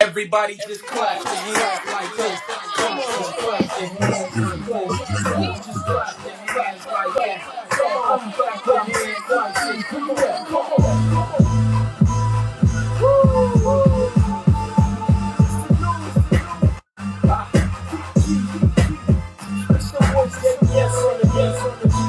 Everybody just clap your hands like this. Clap and clap your hands and clap. Push the voice, get the yes on the yes on the beat.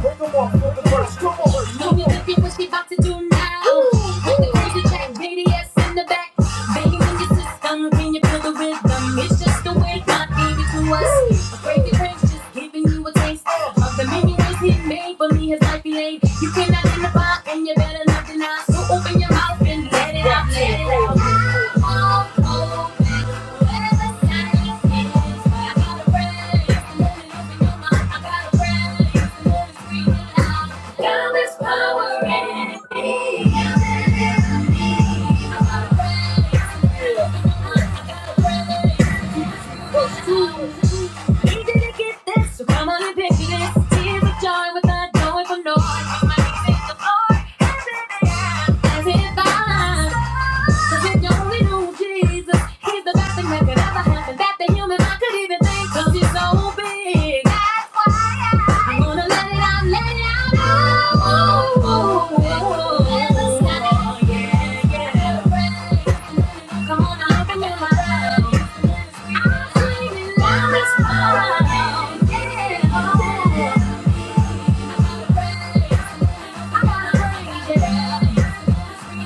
Bring 'em off with the verse, come on. You know what the what she about to do now. With the crazy track, BDS in the back. Banging in your system, can you feel the rhythm? It's just the way God gave it to us. A crazy prince just giving you a taste of the many ways he made for me. His life he laid. You cannot deny, and you better not deny. So open your mouth. Thank you. We didn't get this, so come on and pick this. Tears of joy without knowing for no one. Come on and thank the Lord. As in the Cause if you only knew Jesus, he's the best thing that could ever happen. That the human mind could even think. Cause he's so big. That's why I- I'm gonna let it out, let it out. Oh, oh, oh, oh, oh, oh, yeah, yeah. Come on, now, open your mind. Yeah.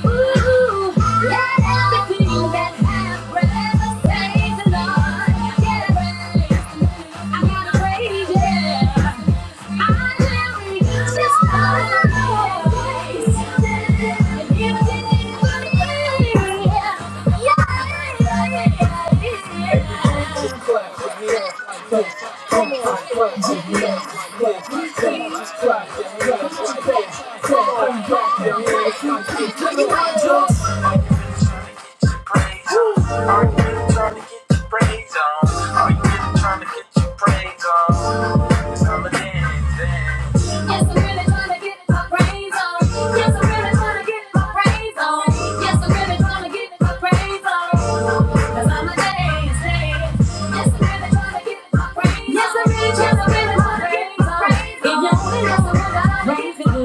Ooh, let everything that happens ever stays the same. I gotta pray, yeah. I just pray that you'll always stay in this beautiful place. Yeah, yeah, yeah, yeah. Are you really trying to get your praise on? It's time to dance, dance. Yes, i really trying to get my praise on. Yes, i really trying to get my praise on. Yes, i really trying to get my praise on. Cause I'm a dance, Yes, i really trying to get my praise on. Yes, i really trying to get my praise on. If you only know what I need to do.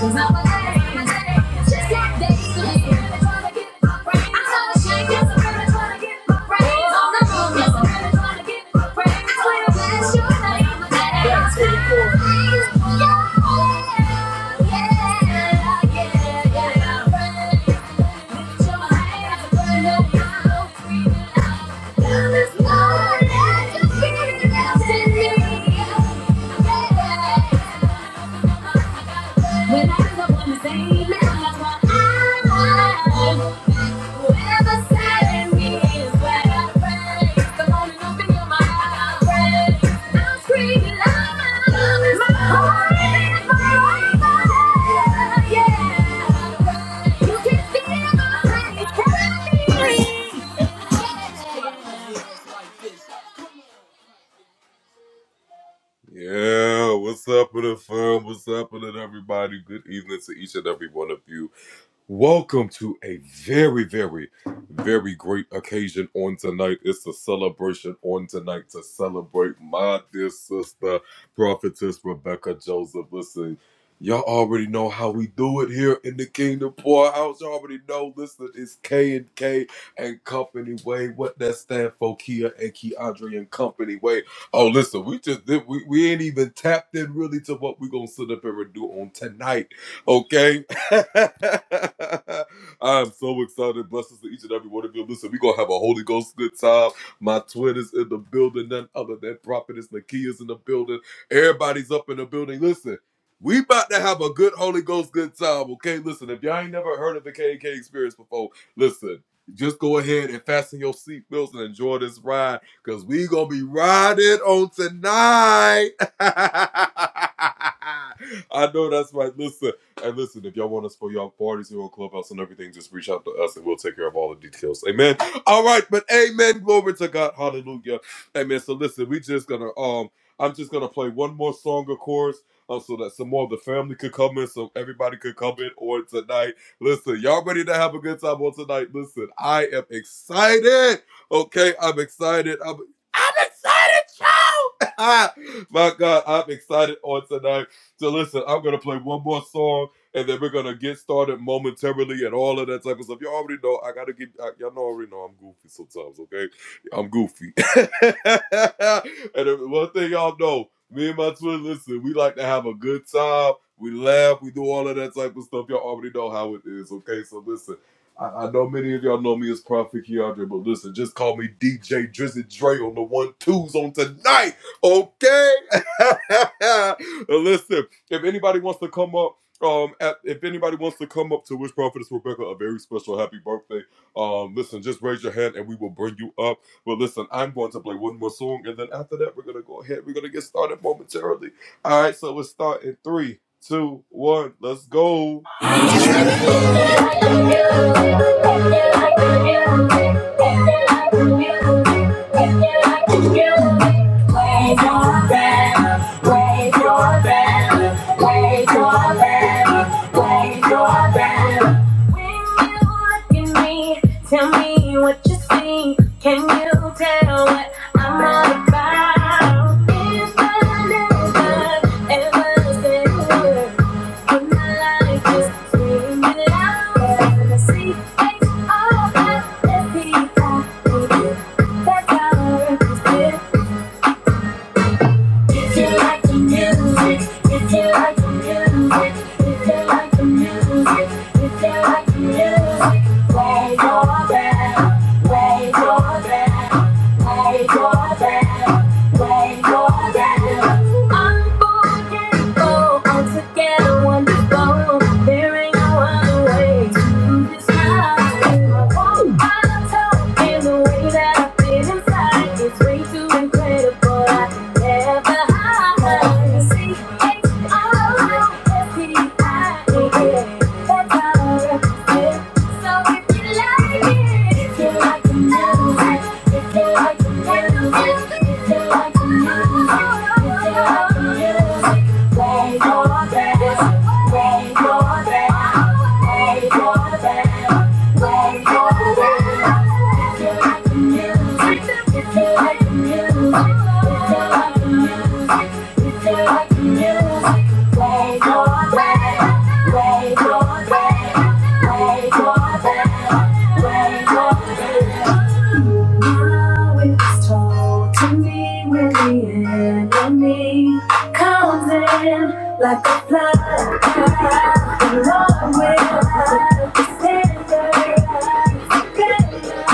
Cause I'm a dance, dance. Just got to live. I'm trying to get my praise on. Yeah. When I was up on the same that's what I Whoever said me is where I praise. Come on and open your mouth. I praise. I'm screaming loud. My love is my heart is my life. Yeah. I praise. You can feel my praise. Praise. Tell me what you see. Can you tell what I'm all about? If I never, ever said a word, when my life is screaming out, and I see all at the peak, I need it. That's how I if you like the music, if you like the music, if you like the music, if you like the music, raise your banner, raise your banner, raise your banner, raise your banner. Unforgettable, altogether wonderful, bearing our way to the sky. I won't tell in the way that I feel inside, it's way too incredible. Wait for that. Now it's told to me when the enemy comes in like a flood. The Lord will defend us.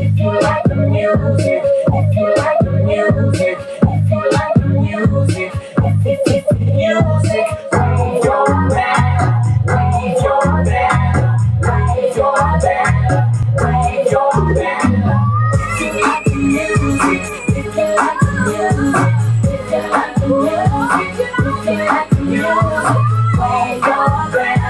If you like the music, if you like the music, if you like the music, if you like the music, raise your band, raise your band, raise your band, raise your band. If you like the music, if you like the music, if you like the music, if you like the music. Play for them, Play for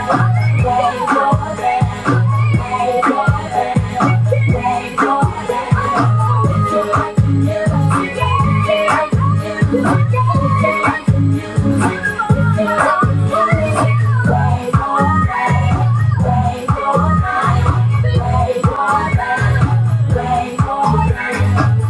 them.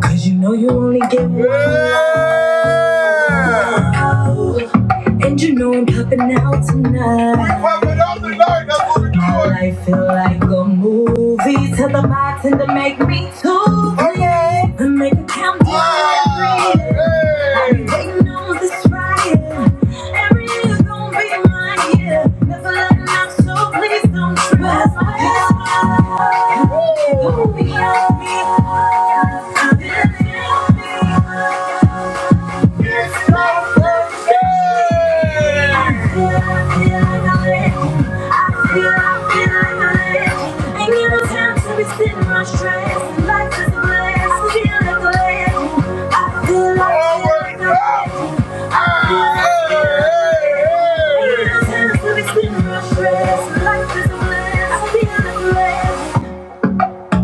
Cause you know you only get one. out, And you know I'm popping out tonight. I feel like a movie. Tell the bartender to make me two. And make a count Sitting my stress, life is a blast. Feel the blast. I feel.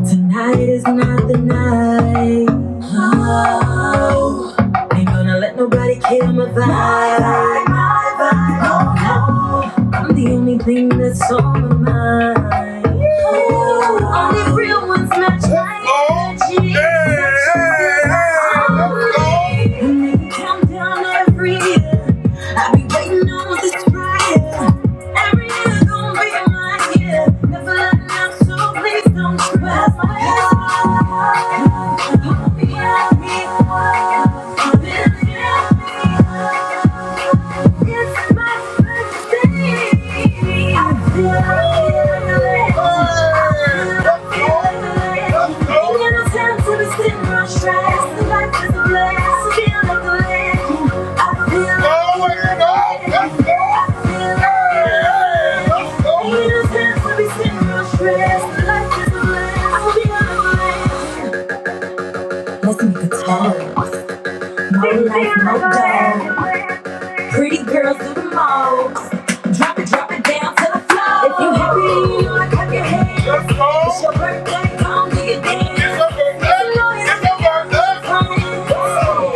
Tonight is not the night. Oh, ain't gonna let nobody kill my vibe. My vibe, my vibe. Oh, no. I'm the only thing that's on my mind. Ooh, only real ones match like me. And they come down every year. I've been waiting on this fire. Every year gonna be my year. Never let out, so please don't try. Hold me up, I've been It's my birthday. I feel like I'm Ain't got no time to be sitting on stress. The life is a blast. Feel like a legend. I feel Let's go! Hey, let's go! Innocence will Listen to Taz. No life, no death. Pretty girls do the most. Drop it, drop it down to the floor. If you happy, you wanna clap your hands. your birthday, come do your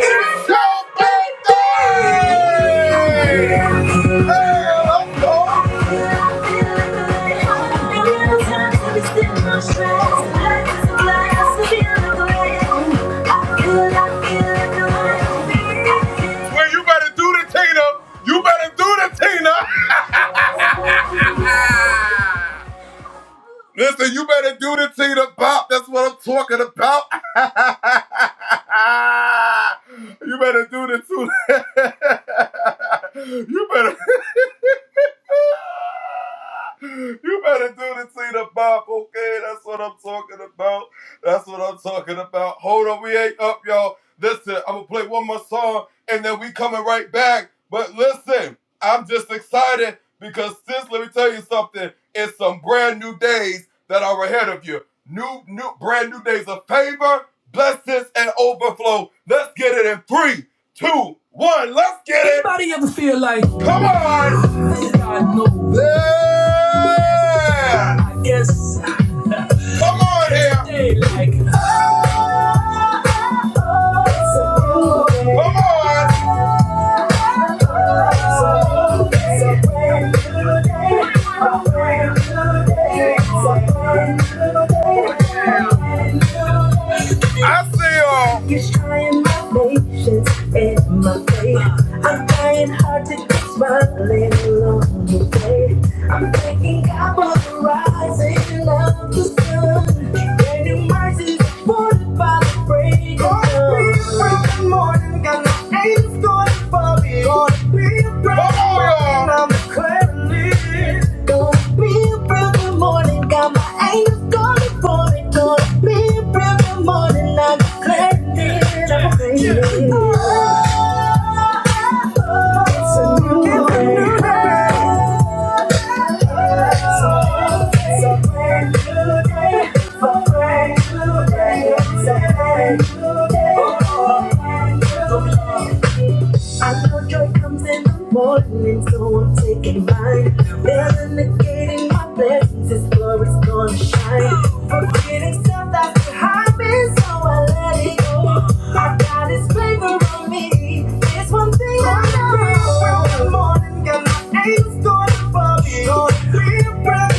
dance. Yes, hey, like, oh, it's a new day. Oh, it's a brand new day. A brand new day. It's a brand new day. A brand new day. He's trying my patience and my faith. I'm trying hard to get smiling along the way. I'm thanking God for the rising of the sun. And in mercy, supported by the break of dawn. I'm gonna be a brother morning. Got my angels calling for me. Gonna be a brother morning. I declare. it. It's a brand new day. It's a brand new day. It's a brand I know joy comes in the morning, so I'm taking mine. They're indicating my blessings, His glory's gonna shine. Forgetting stuff that's behind me, so I let it go. I got His favor on me. It's one thing I know. From the morning, got my angels going above me. gonna be a brand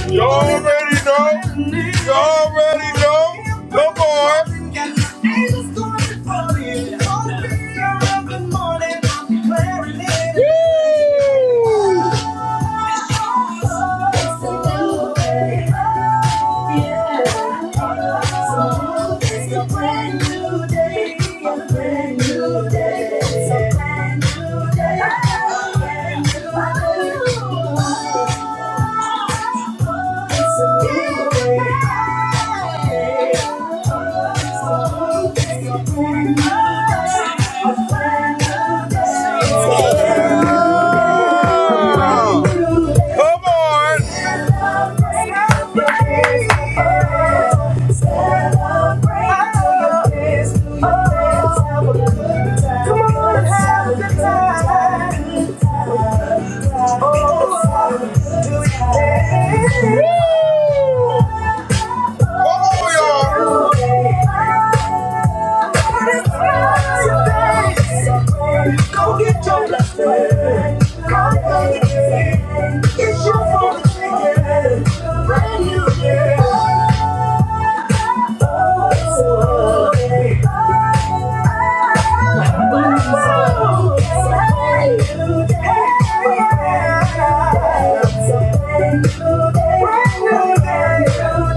Woo! a brand brand new day. a brand new day. Woo! Go get your blessing. God It's your fault for Brand new day. Oh, hey. Oh, hey. Brand new day.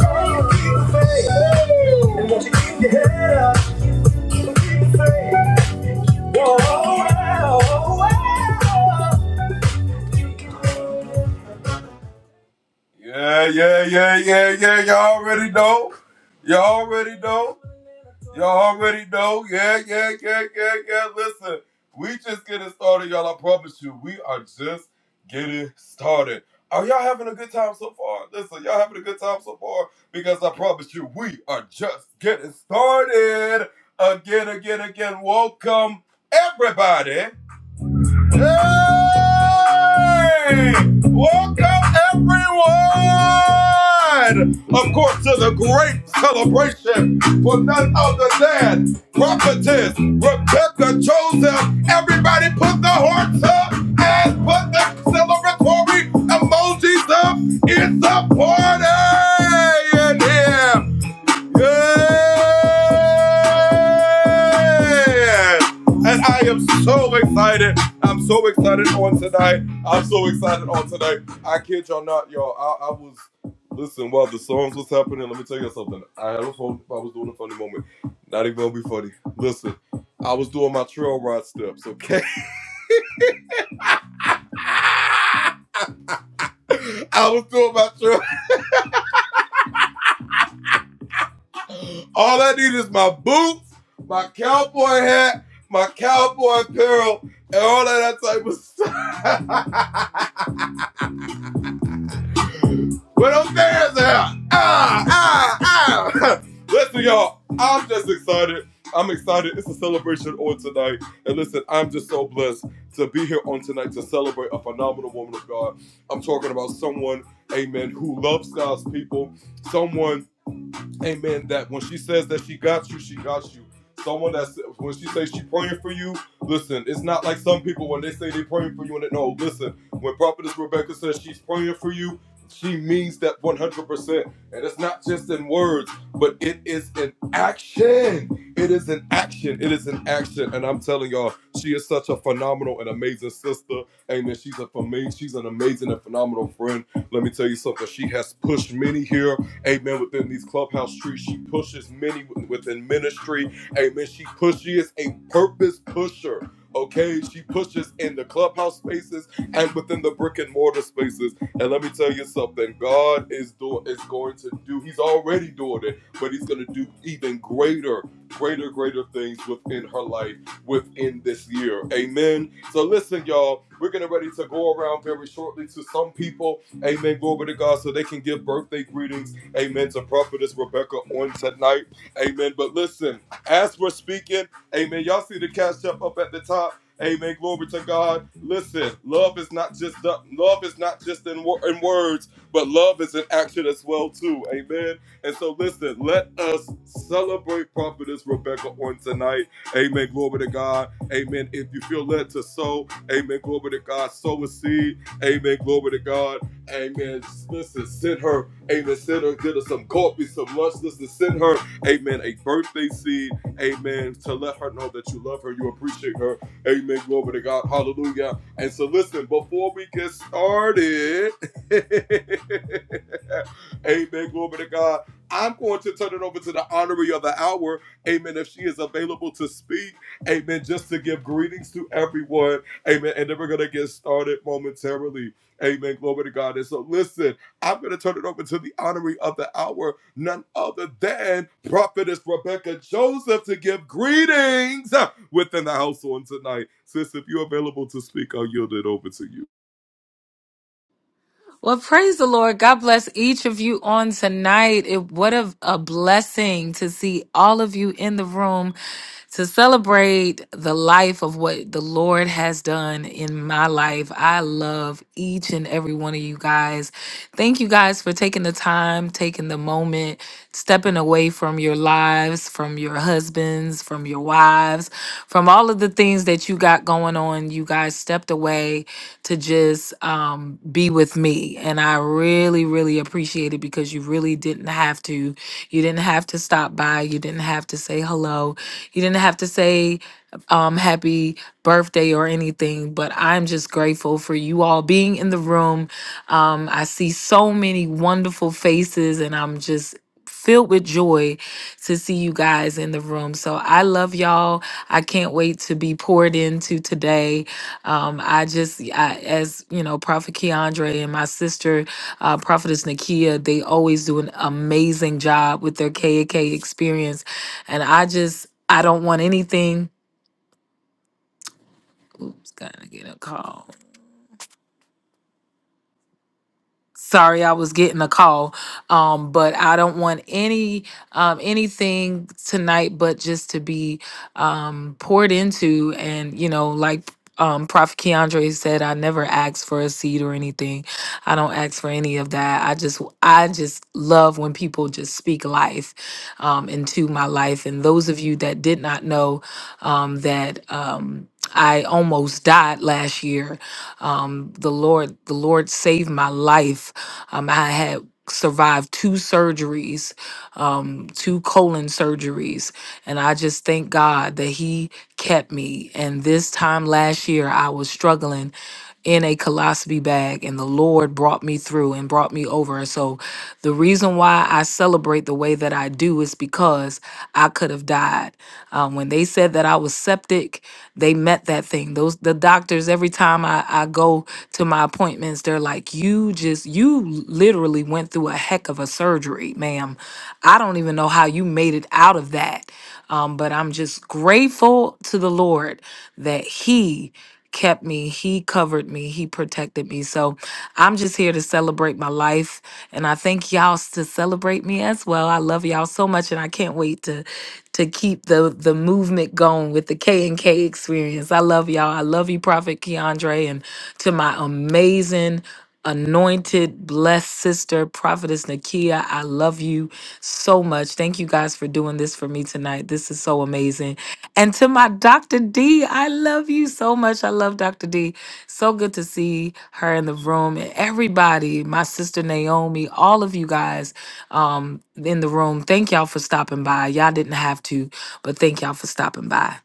Well, praise the Lord. God bless each of you on tonight. It, what a, a blessing to see all of you in the room to celebrate the life of what the Lord has done in my life. I love each and every one of you guys. Thank you guys for taking the time, taking the moment, stepping away from your lives, from your husbands, from your wives, from all of the things that you got going on. You guys stepped away to just um, be with me. And I really, really appreciate it because you really didn't have to. You didn't have to stop by. You didn't have to say hello. You didn't have to say um, happy birthday or anything. But I'm just grateful for you all being in the room. Um, I see so many wonderful faces, and I'm just filled with joy to see you guys in the room. So I love y'all. I can't wait to be poured into today. Um, I just, I, as you know, Prophet Keandre and my sister, uh, Prophetess Nakia, they always do an amazing job with their KAK experience. And I just, I don't want anything. Oops, gotta get a call. sorry i was getting a call um but i don't want any um anything tonight but just to be um poured into and you know like um prophet keandre said i never ask for a seat or anything i don't ask for any of that i just i just love when people just speak life um into my life and those of you that did not know um that um I almost died last year um, the Lord, the Lord saved my life. Um, I had survived two surgeries, um, two colon surgeries, and I just thank God that He kept me. And this time last year, I was struggling in a colostomy bag, and the Lord brought me through and brought me over. And so, the reason why I celebrate the way that I do is because I could have died. Um, when they said that I was septic, they met that thing. Those the doctors. Every time I, I go to my appointments, they're like, "You just you literally went through a heck of a surgery, ma'am. I don't even know how you made it out of that." Um, but I'm just grateful to the Lord that He kept me. He covered me. He protected me. So I'm just here to celebrate my life. And I think y'all s- to celebrate me as well. I love y'all so much and I can't wait to to keep the the movement going with the K and K experience. I love y'all. I love you, Prophet Keandre, and to my amazing anointed, blessed sister, prophetess Nakia. I love you so much. Thank you guys for doing this for me tonight. This is so amazing. And to my Dr. D, I love you so much. I love Dr. D. So good to see her in the room and everybody, my sister Naomi, all of you guys um, in the room. Thank y'all for stopping by. Y'all didn't have to, but thank y'all for stopping by.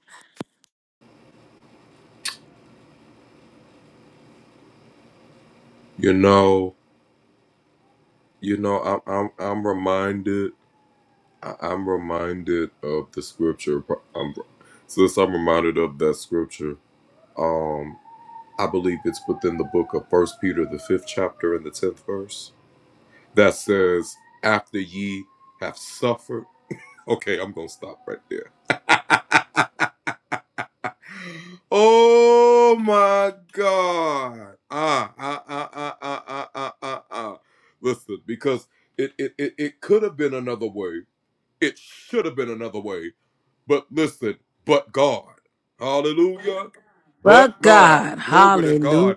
But God, hallelujah.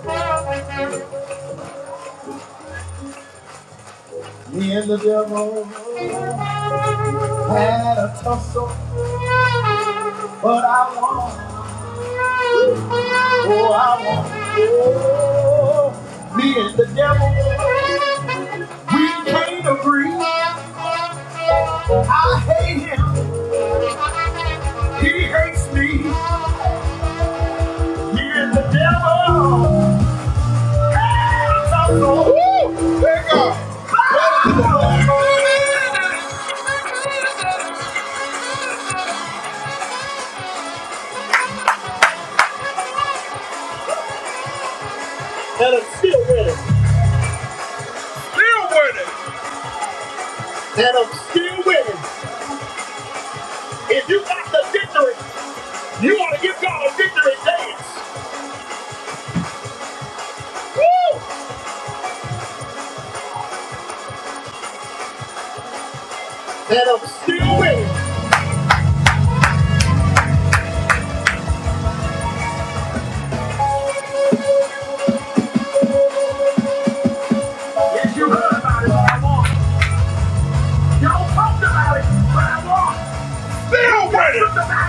Brand new day. Had a tussle, but I won. Oh, I won. Oh, me and the devil, we can't agree. I hate him, he hates me. Me and the devil had a tussle. Woo! There you go. And I'm still winning. If you got the victory, you want to give God a victory. today. And I'm still with it. Yes, you heard about it, but I won. Y'all talked about it, but I won. Still with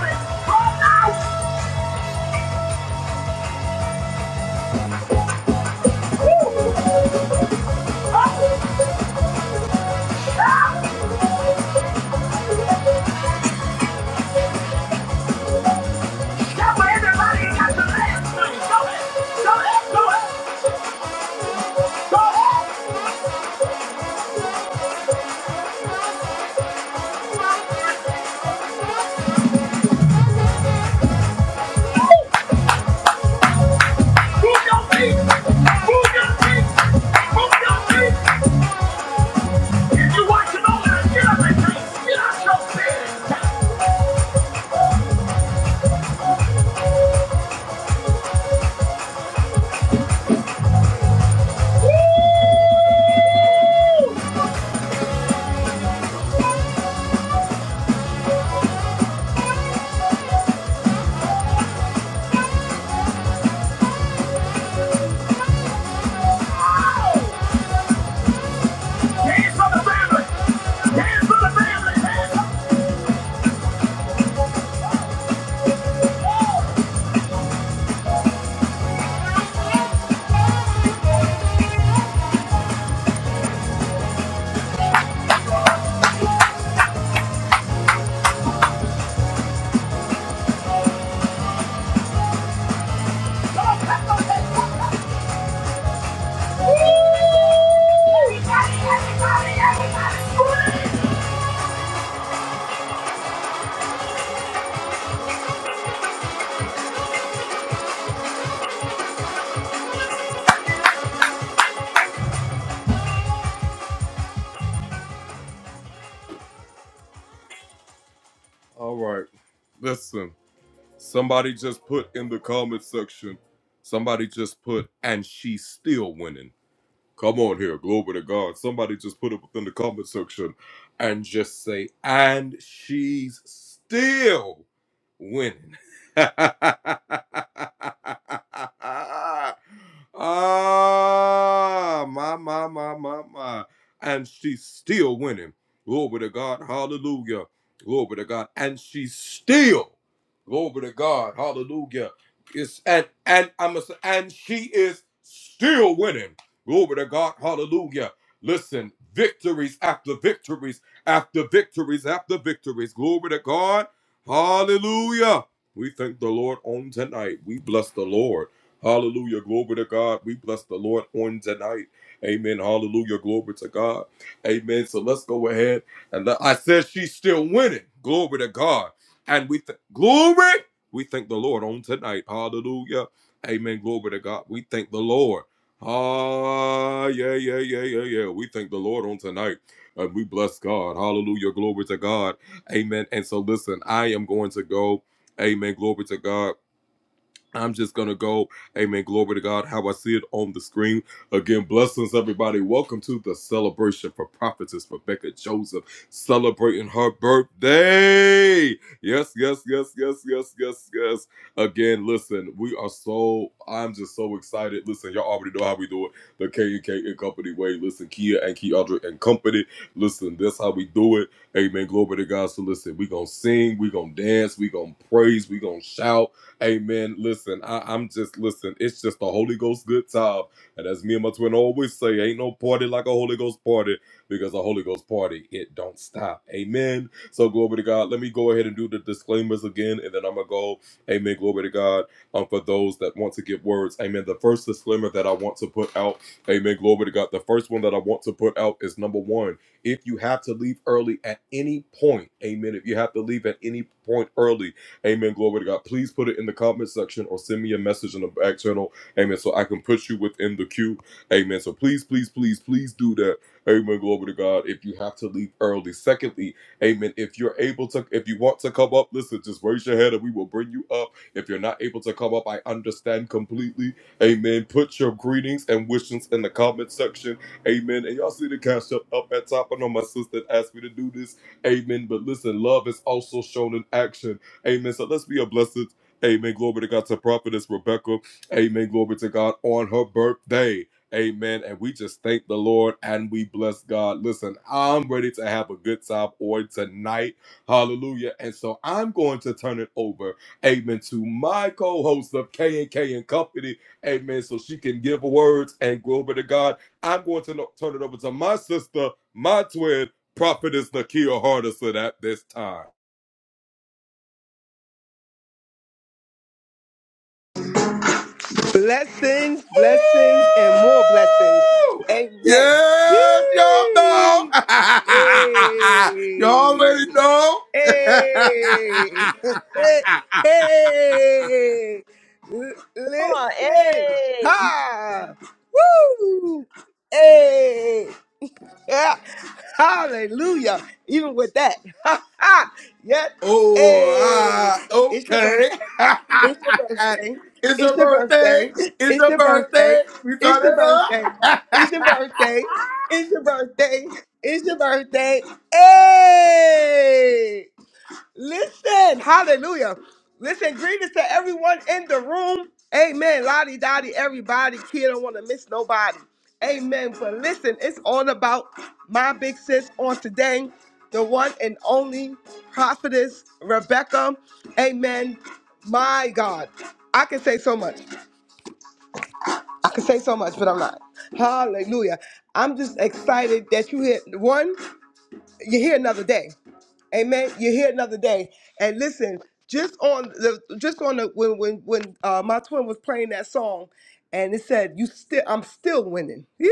Blessings, blessings, and more blessings. Amen. Yay! Hey! Hey! Hey! L- Come on, listen! hey, Ha! Woo! Hey! Yeah. Hallelujah. Even with that. yep. Hey, it's your birthday. It's your birthday. It's your birthday. It's your birthday. It's your birthday. It's your birthday. It's your birthday. It's your birthday. Hey! Listen, hallelujah. Listen, greetings to everyone in the room. Amen. Lottie Dottie, everybody. Kid don't want to miss nobody. Amen. But listen, it's all about my big sis on today, the one and only prophetess Rebecca. Amen. My God. I can say so much. I can say so much, but I'm not. Hallelujah. I'm just excited that you hit one, you hear another day. Amen. You're here another day. And listen, just on the just on the when when when uh, my twin was playing that song, and it said, "You still, I'm still winning." Yeah,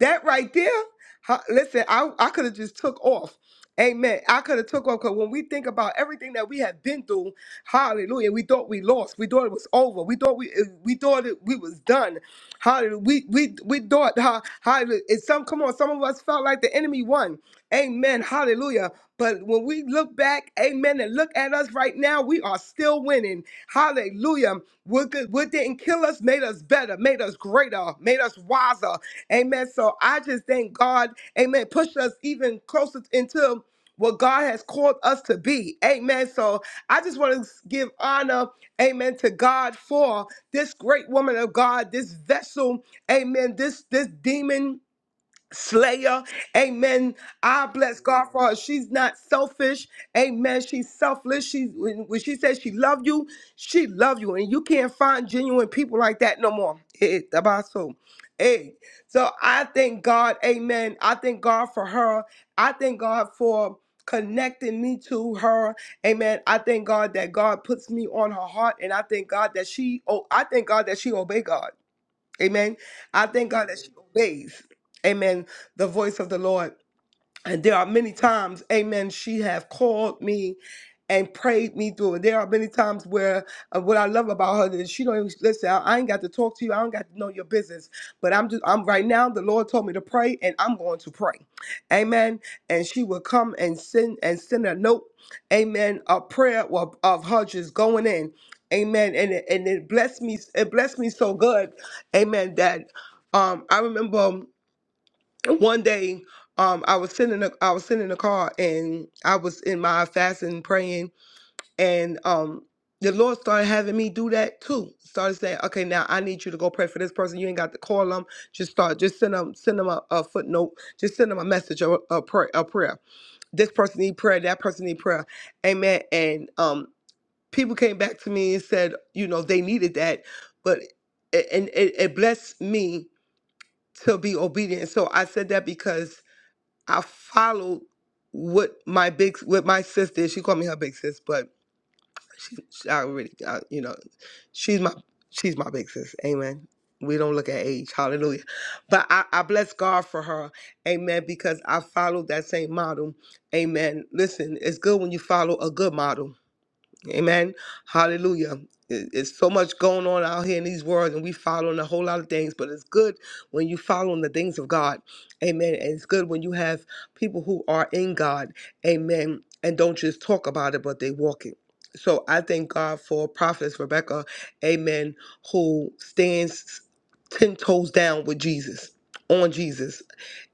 that right there. Ha- Listen, I I could have just took off. Amen. I could have took off because when we think about everything that we have been through, hallelujah, we thought we lost. We thought it was over. We thought we we thought it, we was done. Hallelujah. We we we thought how hallelujah. And some come on, some of us felt like the enemy won. Amen. Hallelujah. But when we look back, amen, and look at us right now, we are still winning. Hallelujah. What, good, what didn't kill us made us better, made us greater, made us wiser. Amen. So I just thank God, amen, pushed us even closer into what God has called us to be. Amen. So I just want to give honor, amen, to God for this great woman of God, this vessel, amen, this this demon. Slayer. Amen. I bless God for her. She's not selfish. Amen. She's selfless. She when when she says she love you, she love you. And you can't find genuine people like that no more. Eh, tabaso. Hey. So I thank God. Amen. I thank God for her. I thank God for connecting me to her. Amen. I thank God that God puts me on her heart. And I thank God that she oh I thank God that she obey God. Amen. I thank God that she obeys. Amen. The voice of the Lord. And there are many times, amen, she have called me and prayed me through. And there are many times where uh, what I love about her is she don't even listen, I, I ain't got to talk to you. I don't got to know your business. But I'm just I'm right now, the Lord told me to pray and I'm going to pray. Amen. And she would come and send and send a note, amen, a prayer of, of her just going in. Amen. And it, and it blessed me, it blessed me so good. Amen. That um I remember one day um i was sending a i was sitting in a car and i was in my fasting praying and um the lord started having me do that too started saying okay now i need you to go pray for this person you ain't got to call them just start just send them send them a, a footnote just send them a message or a prayer a prayer this person need prayer that person need prayer amen and um people came back to me and said you know they needed that but it, and it, it blessed me to be obedient so i said that because I followed what my big what my sister is. She called me her big sis, but she, she- I already I, you know she's my she's my big sis. Amen. We don't look at age. Hallelujah. But I, I bless God for her. Amen. Because I followed that same model. Amen. Listen, it's good when you follow a good model. Amen. Hallelujah. It- It's so much going on out here in these worlds, and we following a whole lot of things. But it's good when you following the things of God, Amen. And it's good when you have people who are in God, Amen, and don't just talk about it, but they walk it. So I thank God for Prophetess Rebecca, Amen, who stands ten toes down with Jesus, on Jesus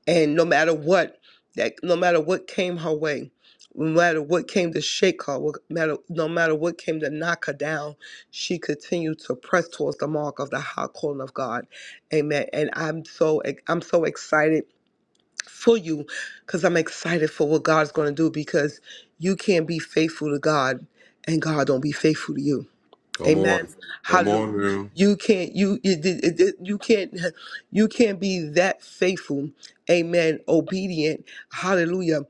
and no matter what that no matter what came her way no matter what came to shake her what no matter, no matter what came to knock her down she continued to press towards the mark of the high calling of god amen and i'm so i'm so excited for you because i'm excited for what god's going to do because you can't be faithful to god and god don't be faithful to you Amen. Hallelujah. You can't you you did- it- it- you can't you can't be that faithful, amen, obedient, hallelujah,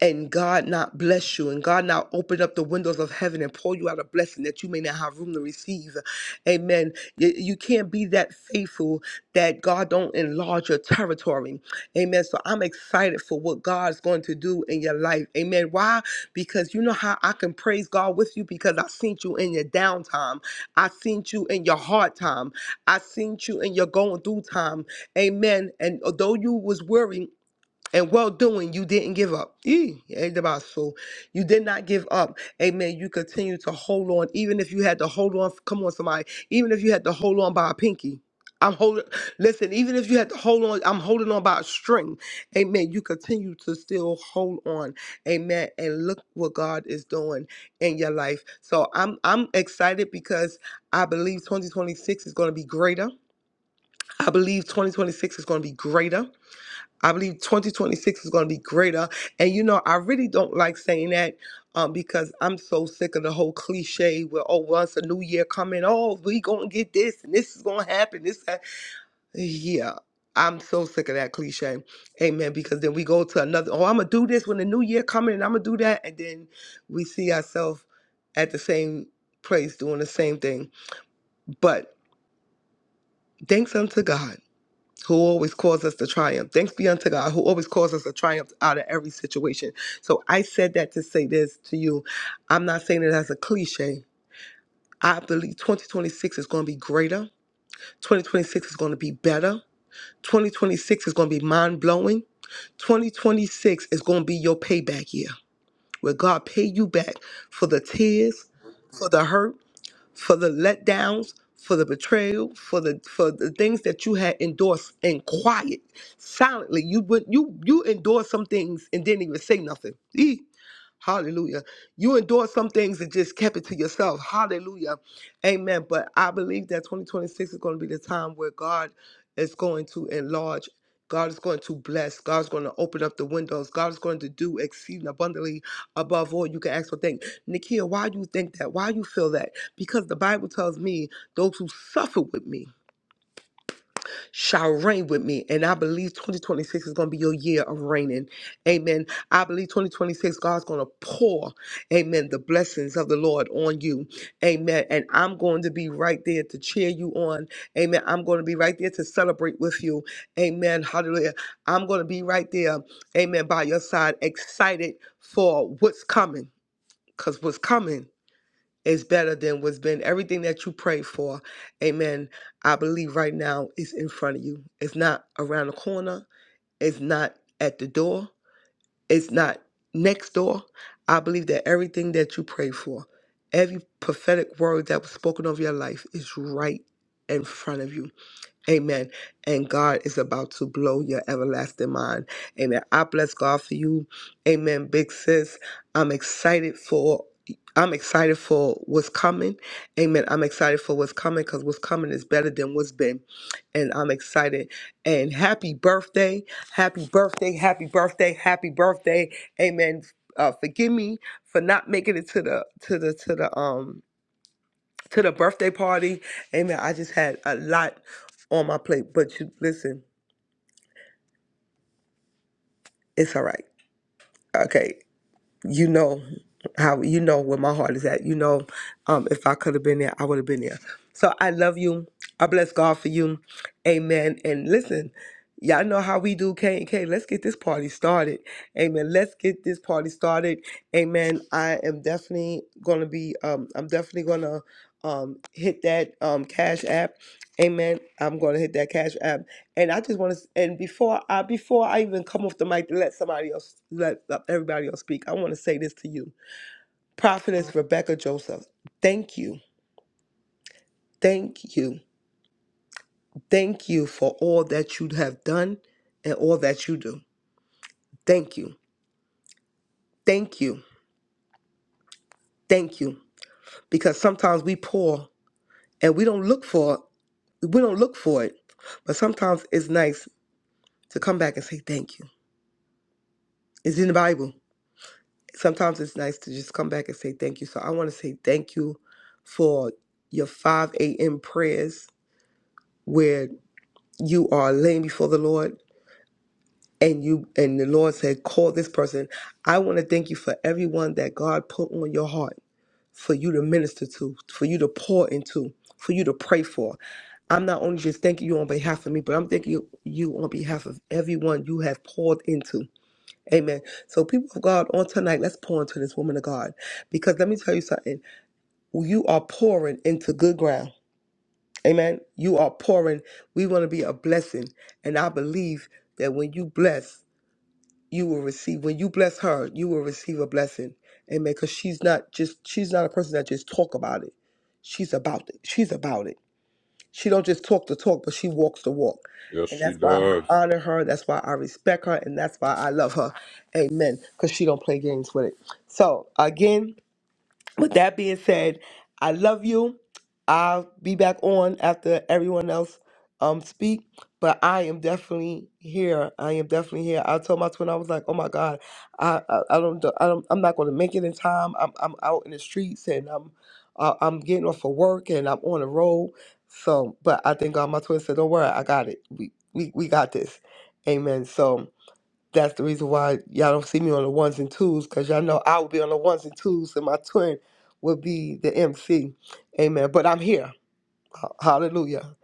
and God not bless you and God not open up the windows of heaven and pour you out a blessing that you may not have room to receive. Amen. You, you can't be that faithful that God don't enlarge your territory. Amen. So I'm excited for what God's going to do in your life. Amen. Why? Because you know how I can praise God with you because I seen you in your downtime. I seen you in your hard time. I seen you in your going through time. Amen. And although you was worrying, and well doing, you didn't give up. Ee, ain't about so. You did not give up. Amen. You continue to hold on, even if you had to hold on. Come on, somebody. Even if you had to hold on by a pinky. I'm holding. Listen, even if you had to hold on, I'm holding on by a string. Amen. You continue to still hold on. Amen. And look what God is doing in your life. So I'm I'm excited because I believe 2026 is going to be greater. I believe 2026 is going to be greater. I believe 2026 is going to be greater. And you know, I really don't like saying that um, because I'm so sick of the whole cliche where, oh, once a new year coming, oh, we going to get this and this is going to happen. This, that. Yeah. I'm so sick of that cliche. Amen. Because then we go to another, oh, I'm going to do this when the new year coming and I'm going to do that. And then we see ourselves at the same place doing the same thing. But thanks unto God who always calls us to triumph. Thanks be unto God, who always calls us to triumph out of every situation. So I said that to say this to you. I'm not saying it as a cliche. I believe 2026 is going to be greater. 2026 is going to be better. 2026 is going to be mind blowing. 2026 is going to be your payback year, where God pay you back for the tears, for the hurt, for the letdowns, for the betrayal, for the for the things that you had endorsed in quiet, silently. You would you you endorsed some things and didn't even say nothing. Hallelujah. You endured some things and just kept it to yourself. Hallelujah. Amen. But I believe that 2026 is going to be the time where God is going to enlarge. God is going to bless. God is going to open up the windows. God is going to do exceeding abundantly above all you can ask or think. Nikia, why do you think that? Why do you feel that? Because the Bible tells me those who suffer with me shall reign with me. And I believe 2026 is going to be your year of reigning. Amen. I believe 2026, God's going to pour, amen, the blessings of the Lord on you. Amen. And I'm going to be right there to cheer you on. Amen. I'm going to be right there to celebrate with you. Amen. Hallelujah. I'm going to be right there, amen, by your side, excited for what's coming. Because what's coming is better than what's been everything that you prayed for. Amen. I believe right now is in front of you. It's not around the corner. It's not at the door. It's not next door. I believe that everything that you prayed for, every prophetic word that was spoken over your life is right in front of you Amen. And God is about to blow your everlasting mind. Amen. I bless God for you. Amen. Big sis, I'm excited for. I'm excited for what's coming. Amen. I'm excited for what's coming because what's coming is better than what's been. And I'm excited. And happy birthday. Happy birthday. Happy birthday. Happy birthday. Amen. Uh, forgive me for not making it to the to the to the um to the birthday party. Amen. I just had a lot on my plate, but you listen, it's all right. Okay. you know how you know where my heart is at. You know, um, if I could have been there, I would have been there. So I love you. I bless God for you. Amen. And listen, y'all know how we do K and K. Let's get this party started. Amen. Let's get this party started. Amen. I am definitely gonna be um I'm definitely gonna um hit that um cash app. Amen. I'm gonna hit that cash app. And I just want to, and before I before I even come off the mic to let somebody else, let everybody else speak, I want to say this to you, Prophetess Rebecca Joseph. Thank you, thank you, thank you for all that you have done and all that you do. Thank you, thank you, thank you. Because sometimes we pour and we don't look for we don't look for it, but sometimes it's nice to come back and say thank you. It's in the Bible. sometimes it's nice to just come back and say thank you. So I want to say thank you for your 5 a.m. prayers where you are laying before the Lord and you and the Lord said, call this person. I want to thank you for everyone that God put on your heart for you to minister to, for you to pour into, for you to pray for. I'm not only just thanking you on behalf of me, but I'm thanking you on behalf of everyone you have poured into. Amen. So, people of God, on tonight, let's pour into this woman of God. Because let me tell you something. You are pouring into good ground. Amen. You are pouring. We want to be a blessing. And I believe that when you bless, you will receive. When you bless her, you will receive a blessing. Amen. Because she's not just, she's not a person that just talk about it. She's about it. She's about it. She don't just talk the talk, but she walks the walk. And that's why I honor her. That's why I respect her, and that's why I love her. Amen. Because she don't play games with it. So again. With that being said, I love you. I'll be back on after everyone else um speak, but I am definitely here. I am definitely here. I told my twin I was like, "Oh my God, I I, I don't do- I don't I'm not going to make it in time. I'm I'm out in the streets and I'm uh, I'm getting off of work and I'm on the road. So, but I think uh, my twin said, "Don't worry, I got it. We we we got this." Amen. So that's the reason why y'all don't see me on the ones and twos, because y'all know I will be on the ones and twos, and my twin will be the MC. Amen. But I'm here. H- Hallelujah.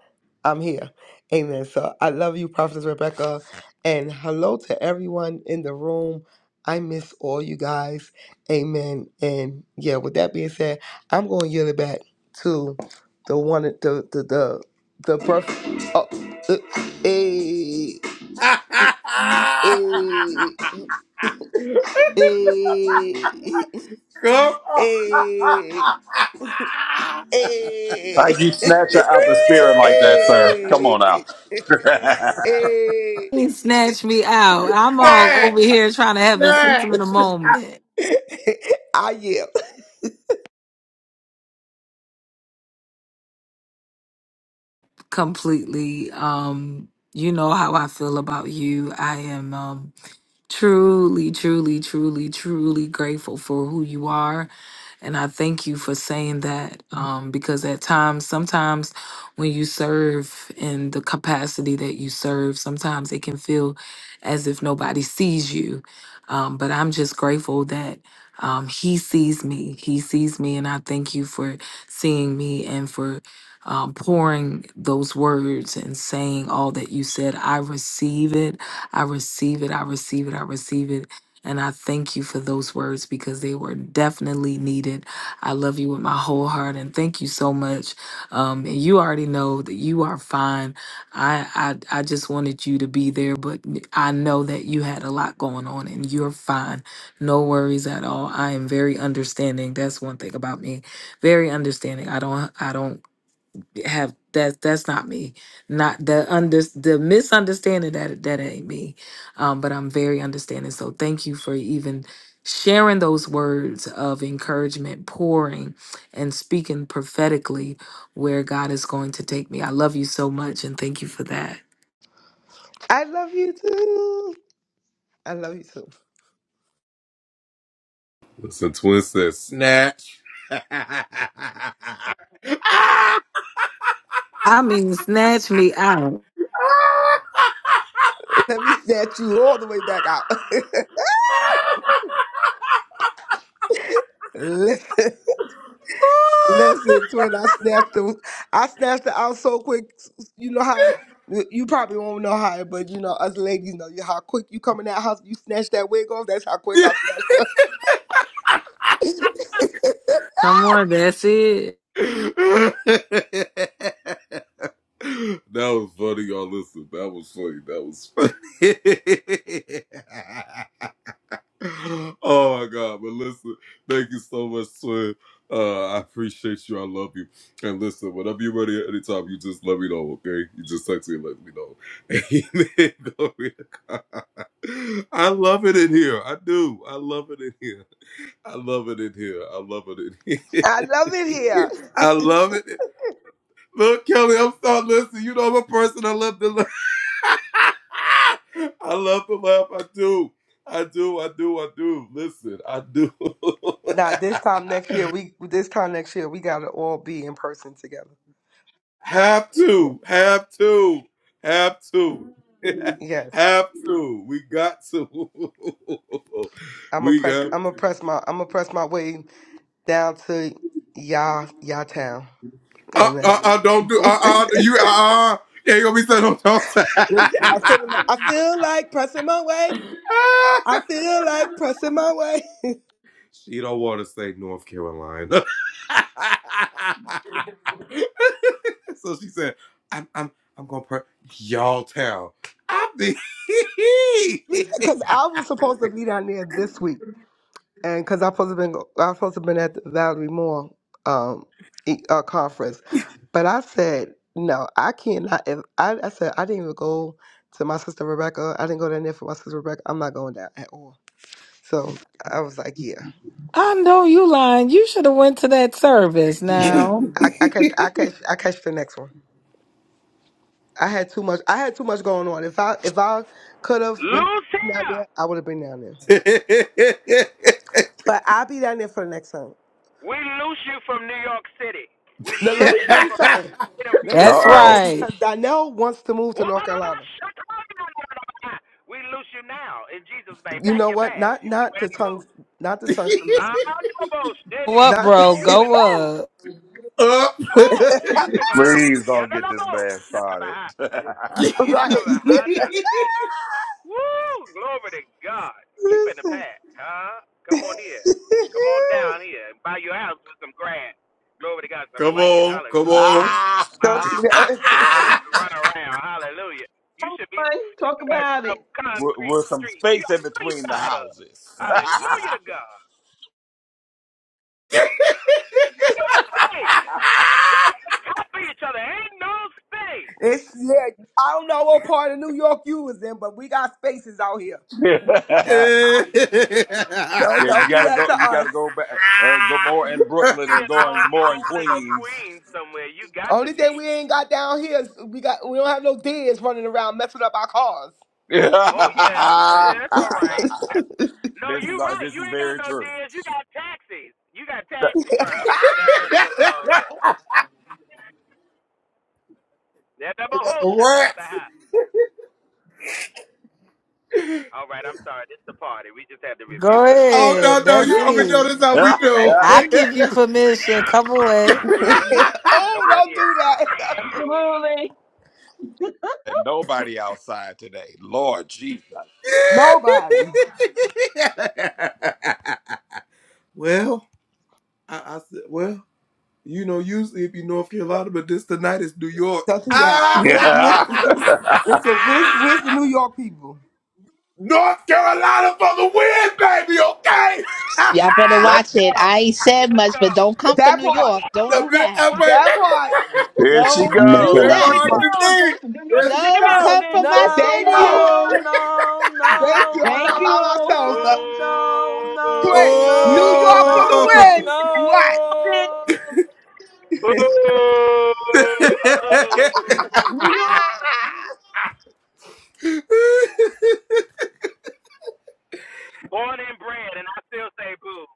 I'm here. Amen. So I love you, Prophetess Rebecca. And hello to everyone in the room. I miss all you guys. Amen. And yeah, with that being said, I'm going to yield it back to the one, the, the, the, the birth. Oh, uh, eh, eh. Hey, it. Up hey, hey, hey, How you snatch her out the spirit like that, sir? Come on hey. now. He snatched me out. I'm Ah, all over here trying to have a sentimental moment. I yeah. Completely. Um, you know how I feel about you. I am. Um, Truly, truly, truly, truly grateful for who you are. And I thank you for saying that um, because at times, sometimes when you serve in the capacity that you serve, sometimes it can feel as if nobody sees you. Um, but I'm just grateful that um, He sees me. He sees me. And I thank you for seeing me and for um, pouring those words and saying all that you said. I receive it. I receive it. I receive it. I receive it. And I thank you for those words because they were definitely needed. I love you with my whole heart and thank you so much. Um, and you already know that you are fine. I, I I just wanted you to be there, but I know that you had a lot going on and you're fine. No worries at all. I am very understanding. That's one thing about me. Very understanding. I don't I don't have that that's not me not the under the misunderstanding that that ain't me um but i'm very understanding so thank you for even sharing those words of encouragement pouring and speaking prophetically where god is going to take me i love you so much and thank you for that I love you too. I love you too. next. i mean snatch me out Let me snatch you all the way back out. listen, listen to it. I snatched them. I snatched it out so quick. You know how. You probably won't know how, but you know us ladies know you how quick you come in that house. You snatch that wig off. That's how quick I snatched her. come on that's it I love it here. Now this time next year, we this time next year we gotta all be in person together. Yeah. Yes, I'm gonna press. I'm gonna press my. I'm gonna press my way down to y'all y'all town. Amen. I feel, my- I feel like pressing my way. I feel like pressing my way because I was supposed to be down there this week. and because I supposed to been I supposed to been at the Valerie Moore um e- uh, conference, but I said no, I cannot. If I, I said I didn't even go to my sister Rebecca, I didn't go down there for my sister Rebecca. I'm not going down at all. So I was like, yeah, i know you lying you should have went to that service yeah. now I, I catch I catch I catch the next one. I had too much. I had too much going on. If I if I could have went Loose down here. there, I would have been down there. But I'll be down there for the next time. We loose you from New York City. We Now let me loose you tell you from the something. state of New Let me uh tell that's York. you oh. something right because Donnell wants to move to North Carolina. We loose you now in Jesus' name. You Pack know your what? bags. Not You can not ready the to move. tongues, not the tongues to loosen. Honorable go City. up Not bro You go finna move. up Ho! You finna move. Please don't get this Yadanabo. man Shut started. up. right. Yadanabahada. Woo! Glory to God. You finna Listen. pack, huh? Come on here. Come on down here and buy your house with some grass. Glory to God, some land. Hallelujah. ah, Don't Huh? do ah, Let them that. grandbabies run around. Hallelujah. You should be Come on, talk sitting at about some it. with, concrete with some streets. You, space I in know you're between the tired of. houses. Hallelujah to God. No space. Y'all talk each other. Ain't no space. It's yeah. I don't know what part of New York you was in, but we got spaces out here. yeah, I'll Don't you don't do gotta that go. to You gotta us. go back. Uh, go more in Brooklyn be and in going Long more in Island or Queens. Queens somewhere. You got to Only be. thing we ain't got down here is we got we don't have no deers running around messing up our cars. this Oh yeah, that's all right. That's, no, you is uh, right. this You is ain't got very no true. deals. You got taxis. You got taxi drivers that mess your car up. That's a whole shit All right, I'm sorry. This is the party. We just had to Go rebuke her and loose her ahead. real quick, That's Abe. it. I give you permission. Come on. oh, Come on don't here. do that. Absolutely. Come and nobody outside today. Lord Jesus. Nobody. Don't do that. Where's where's listen, where's with the New York people. Y'all better Let's watch it. go. I ain't said Let's much, go. but don't come for That New part. York. Don't do that. What? That part. There she Don't on, North do goes. New York is Carolina, in that. That the bro. part. building. New York is in Don't the come for building. my No, Thank Come city. no, on. you. no, Thank you. no, I'm Thank not by no, you. myself. So. no, no, Boo. no, Twitch. New no, York for the no, win. What? no. Boo. New York Ah! Born and bred, and I still say boo.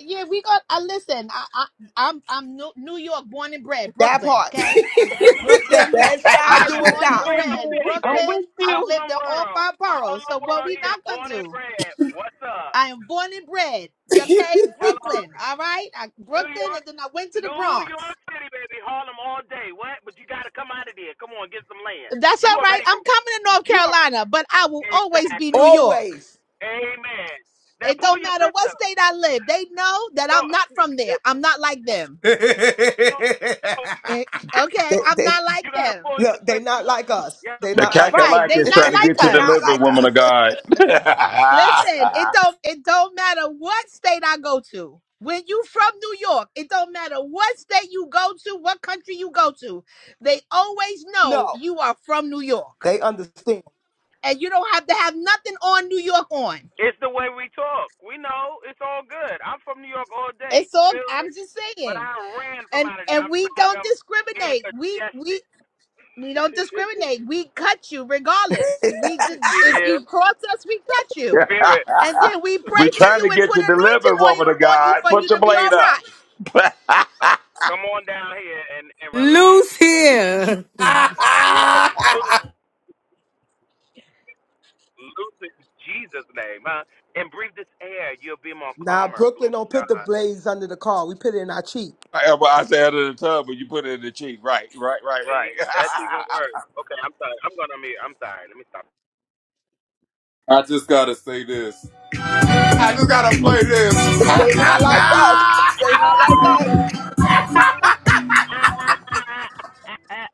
Yeah, we got. Uh, listen, I, I, I'm I'm New, New York, born and bred, that Brooklyn. part. Okay, Brooklyn. Best Come side do I'm here, or born is die. and New in the York bred, building. City, I'm baby. Brooklyn. with I've you. lived Harlem in all World. five boroughs. Harlem So what World we here. not gonna Born and do? bred. What's up? I am born and bred. Okay, Hello? Brooklyn. All right, I, New Brooklyn, York. and then I went to the New Bronx. York City, baby. Harlem all day. What? But you got to come out of there. Come on, get some land. That's You all right. already moved. I'm coming to North You are Carolina, but I will always be exactly. New York. Always. Amen. Now It pull don't your matter what sister. state I live. They know that So I'm not from there. I'm not like them. Eh, Okay, They, I'm they, not you like gotta them. pull your look, they not sister. like us. Yes, They we're The from not out of like that us. Right? New cackalack They is they York not trying to street. like get you not us. delivered, like woman of us. God. Listen, it don't it don't matter what state I go to. When you from New York, it don't matter what state you go to, what country you go to. They always know No. you are from New York. They understand. And you don't have to have nothing on New York on. It's the way we talk. We know it's all good. I'm from New York all day. It's You all feel I'm me? just But saying. I ran from and out of there. and I'm we tired of don't them being discriminate. We congested. we we don't discriminate. We cut you regardless. We did, See if there, you cross us, we cut you, spirit, and then we we pray for spirit. trying to you and get put you delivered, anointing woman oil of on you God. for Put you your to be blade all up. right. Oh, Come on down here and and relax. Loose And here. Come yes, Loose in Jesus' name, huh? And breathe this air. You'll be more Nah, calmer. Brooklyn Glory don't to put the God. blades under the car. We put it in our cheek. I well, I said under the tub, but you put it in the cheek. Right, right, right, right. See, that's even worse. Okay, I'm sorry. I'm going to mute. I'm sorry. Let me stop. They not like us. They not like us. Uh,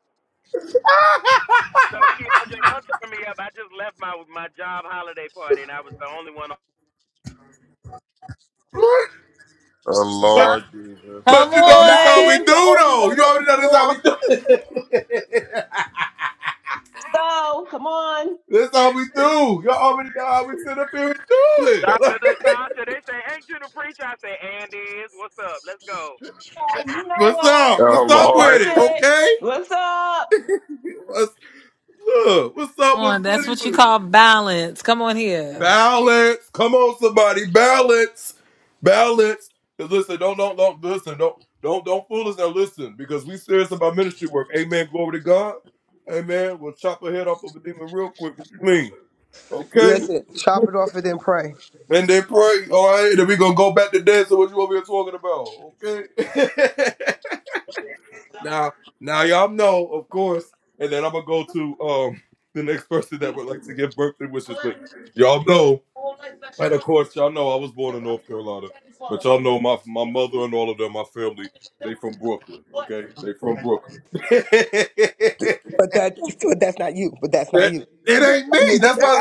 So, Keandre, don't turn me up. I just left my my job holiday party, and I was the only one. On. oh, Nah, Lord Jesus. nah. he on. was the only one on the floor. So, come on. Dr. Natasha, they say, ain't you the preacher? I say, Andy is. What's up? Let's go. Uh, you know what? Oh, That's Lord. it. What's up? Come on, that's what you call balance. Come on here. Listen, chop it off and then pray. But that but that's not you. But that's not you. You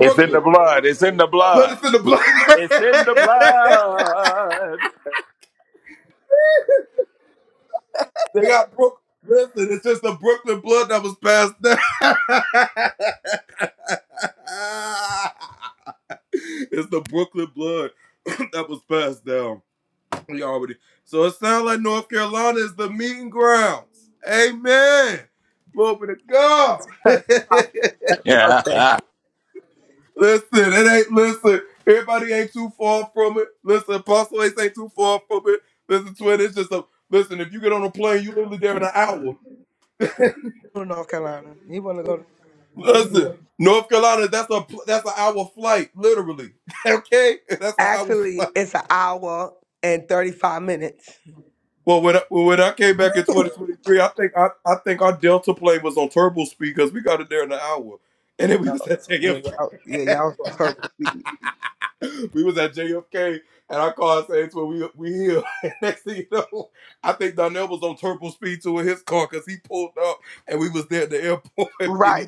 It's in the blood. It's in the blood. It's in the blood. because it's Prophet Rebecca's birthday. To North Carolina. He wanna go to Actually it's an hour and thirty five minutes. Oh, yeah, y'all yeah, y'all was on purpose. Right.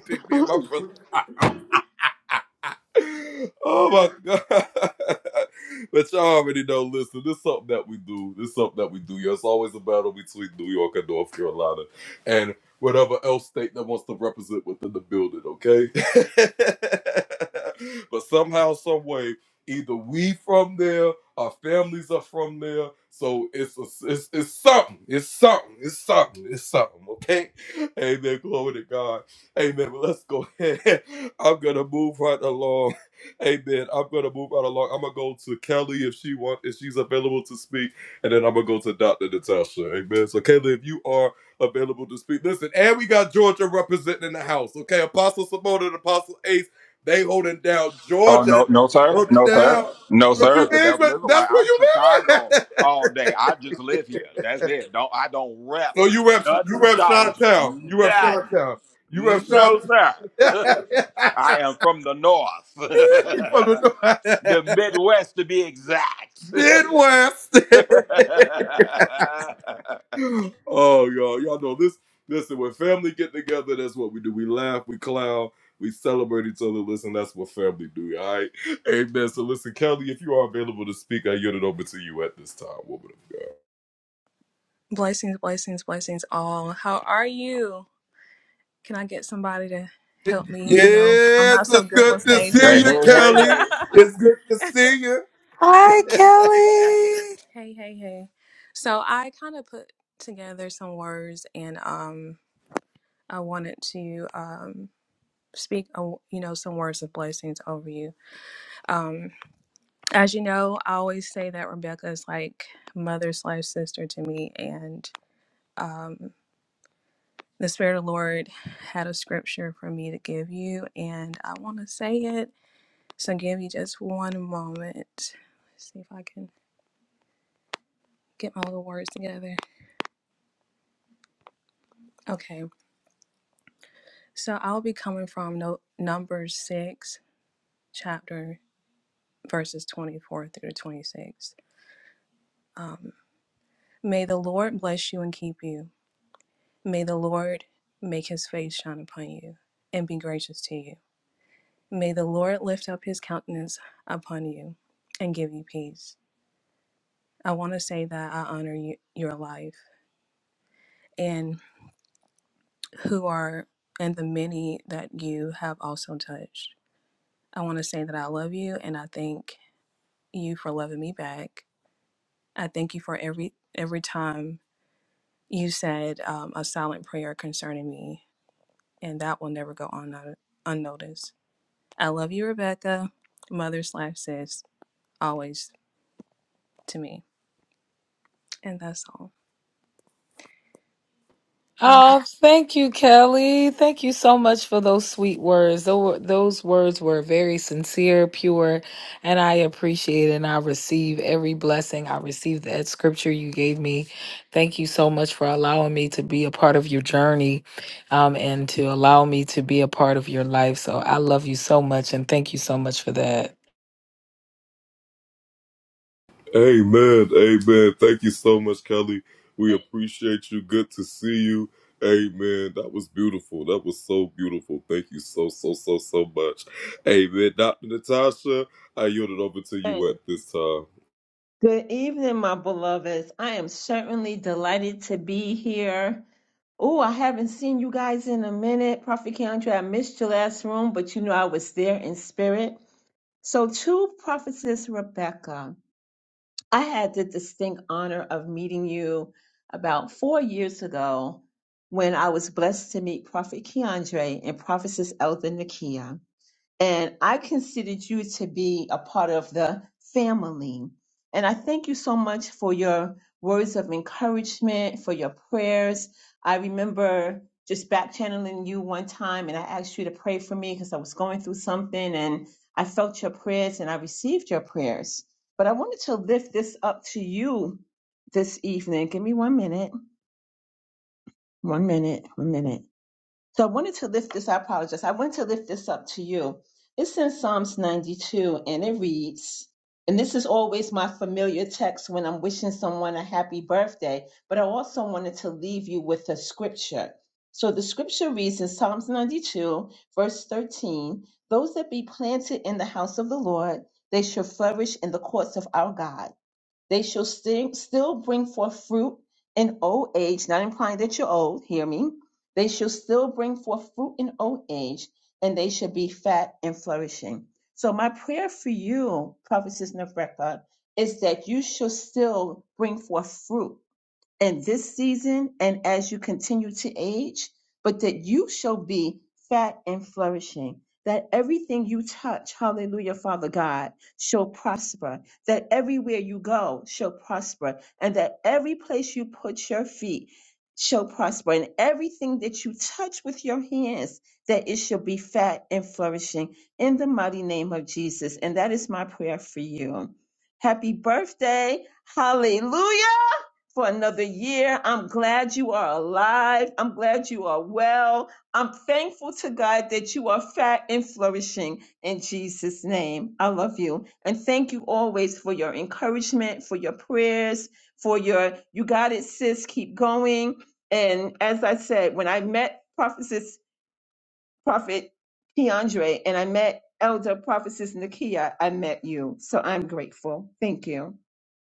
Oh no, no sir, no sir, no sir. The devil is a lie. I'm Chicago all day. I just live here. That's it. Don't I don't rep nothing Georgia, nothing. No sir, I am from the north, the Midwest to be exact. hey Blessings, blessings, blessings all. How are you? Can I get somebody to help me? You know, I'm not so good with stage presence. hey hey hey! Hi, um, Kelly. hey, hey, hey. So I kind of put together some words and um I wanted to um speak uh, you know some words of blessings over you. Um as you know, I always say that Rebecca is like mother slash sister to me and um. The Spirit of the Lord had a scripture for me to give you, and I want to say it. So give me just one moment. Let's see if I can get my little words together. Okay, so I'll be coming from no, Numbers 6, chapter verses 24 through 26. Um, May the Lord bless you and keep you. May the Lord make his face shine upon you and be gracious to you. May the Lord lift up his countenance upon you and give you peace. I want to say that I honor you, your life and who are and the many that you have also touched. I want to say that I love you and I thank you for loving me back. I thank you for every every time you said um, a silent prayer concerning me, and that will never go on un- unnoticed. I love you, Rebecca, mother slash sis, always to me, and that's all. I hope. Oh, thank you, Kelly. Thank you so much for those sweet words. Those, those words were very sincere, pure, and I appreciate and I receive every blessing. I receive that scripture you gave me. Thank you so much for allowing me to be a part of your journey um, and to allow me to be a part of your life. So I love you so much and thank you so much for that. Hey. Good evening, my beloveds. I am certainly delighted to be here. Oh, I haven't seen you guys in a minute. Prophet Keandre, I missed your last room, but you know I was there in spirit. So, to Prophetess Rebecca, I had the distinct honor of meeting you about four years ago when I was blessed to meet Prophet Keandre and Prophetess Elder Nakia and I considered you to be a part of the family. And I thank you so much for your words of encouragement, for your prayers. I remember just back channeling you one time, and I asked you to pray for me because I was going through something, and I felt your prayers and I received your prayers. But I wanted to lift this up to you this evening. Give me one minute, one minute, one minute. So I wanted to lift this, I apologize. I wanted to lift this up to you. It's in Psalms 92 and it reads, and this is always my familiar text when I'm wishing someone a happy birthday, but I also wanted to leave you with a scripture. So the scripture reads in Psalms 92, verse 13 Those that be planted in the house of the Lord, they shall flourish in the courts of our God. They shall sti- still bring forth fruit in old age, not implying that you're old, hear me. They shall still bring forth fruit in old age, and they shall be fat and flourishing. So, my prayer for you, Prophetess Nevreka, is that you shall still bring forth fruit in this season and as you continue to age, but that you shall be fat and flourishing. That everything you touch, hallelujah, Father God, shall prosper. That everywhere you go shall prosper. And that every place you put your feet shall prosper. And everything that you touch with your hands, that it shall be fat and flourishing in the mighty name of Jesus. And that is my prayer for you. Happy birthday. Hallelujah for another year. I'm glad you are alive. I'm glad you are well. I'm thankful to God that you are fat and flourishing in Jesus' name. I love you. And thank you always for your encouragement, for your prayers, for your, you got it, sis, keep going. And as I said, when I met prophetess, prophet Keandre, and I met elder prophetess Nakia, I met you. So I'm grateful. Thank you.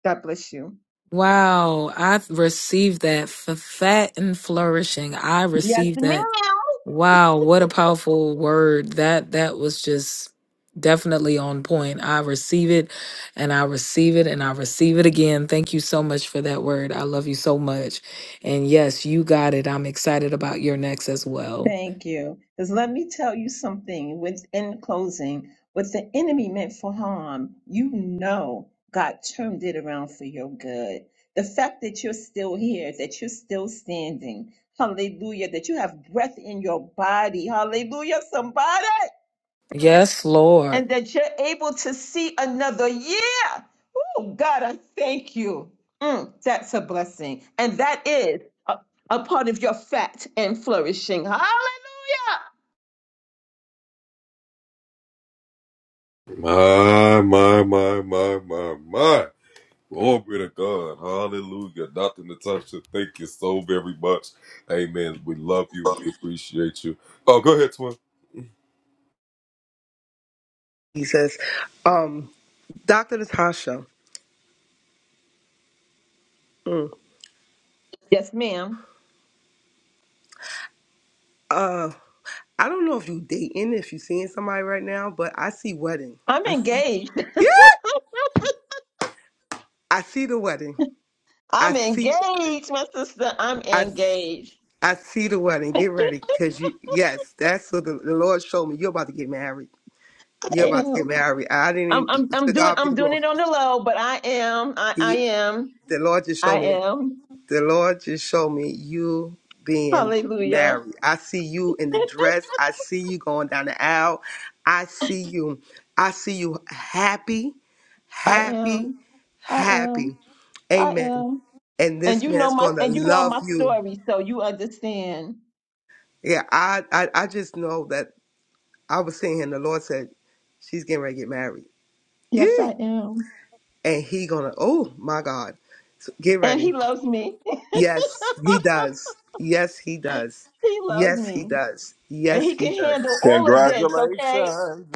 God bless you. Wow, I received that for fat and flourishing. I Yes, received that ma'am. Wow, what a powerful word. That that was just definitely on point. I receive it and I receive it and I receive it again. Thank you so much for that word. I love you so much. And yes, you got it. I'm excited about your next as well. Thank you. Because let me tell you something with in closing, what the enemy meant for harm, you know God turned it around for your good. The fact that you're still here, that you're still standing, hallelujah, that you have breath in your body, hallelujah, somebody, Yes, Lord. and that you're able to see another year. Oh, God, I thank you. Mm, that's a blessing. And that is a, a part of your fat and flourishing. Hallelujah. He says, um, Dr. Natasha. mm, Yes, ma'am. uh, I don't know if you dating, if you seeing somebody right now, but I see wedding. I'm I see, engaged. yeah, I see the wedding. I I'm see the wedding. engaged, my sister. I'm I engaged. I see the wedding. Get ready, cause you yes, that's what the, the Lord showed me. You're about to get married. I You're about to get am. married. I didn't. I'm Even, I'm I'm to doing God be I'm the doing glory. it on the low, but I am. I, I He- am. the Lord just showed I me that. am. The Lord just showed me you being Hallelujah. married. I see you in the dress. I see you going down the aisle. I see you. I see you happy. I happy, am. I am. happy. I Amen. am. And And this you know man's my gonna and you know love my you. story, so you understand. Yeah, I, I, I just know that I was sitting here and the Lord said, She's getting ready to get married. Yes, Yeah. I am. And he gonna, oh my God. So get And he ready. loves me. Yes, he does. Yes, he does. he loves Yes, he me. does. And Yes, he he can does. handle all of this, okay? Congratulations.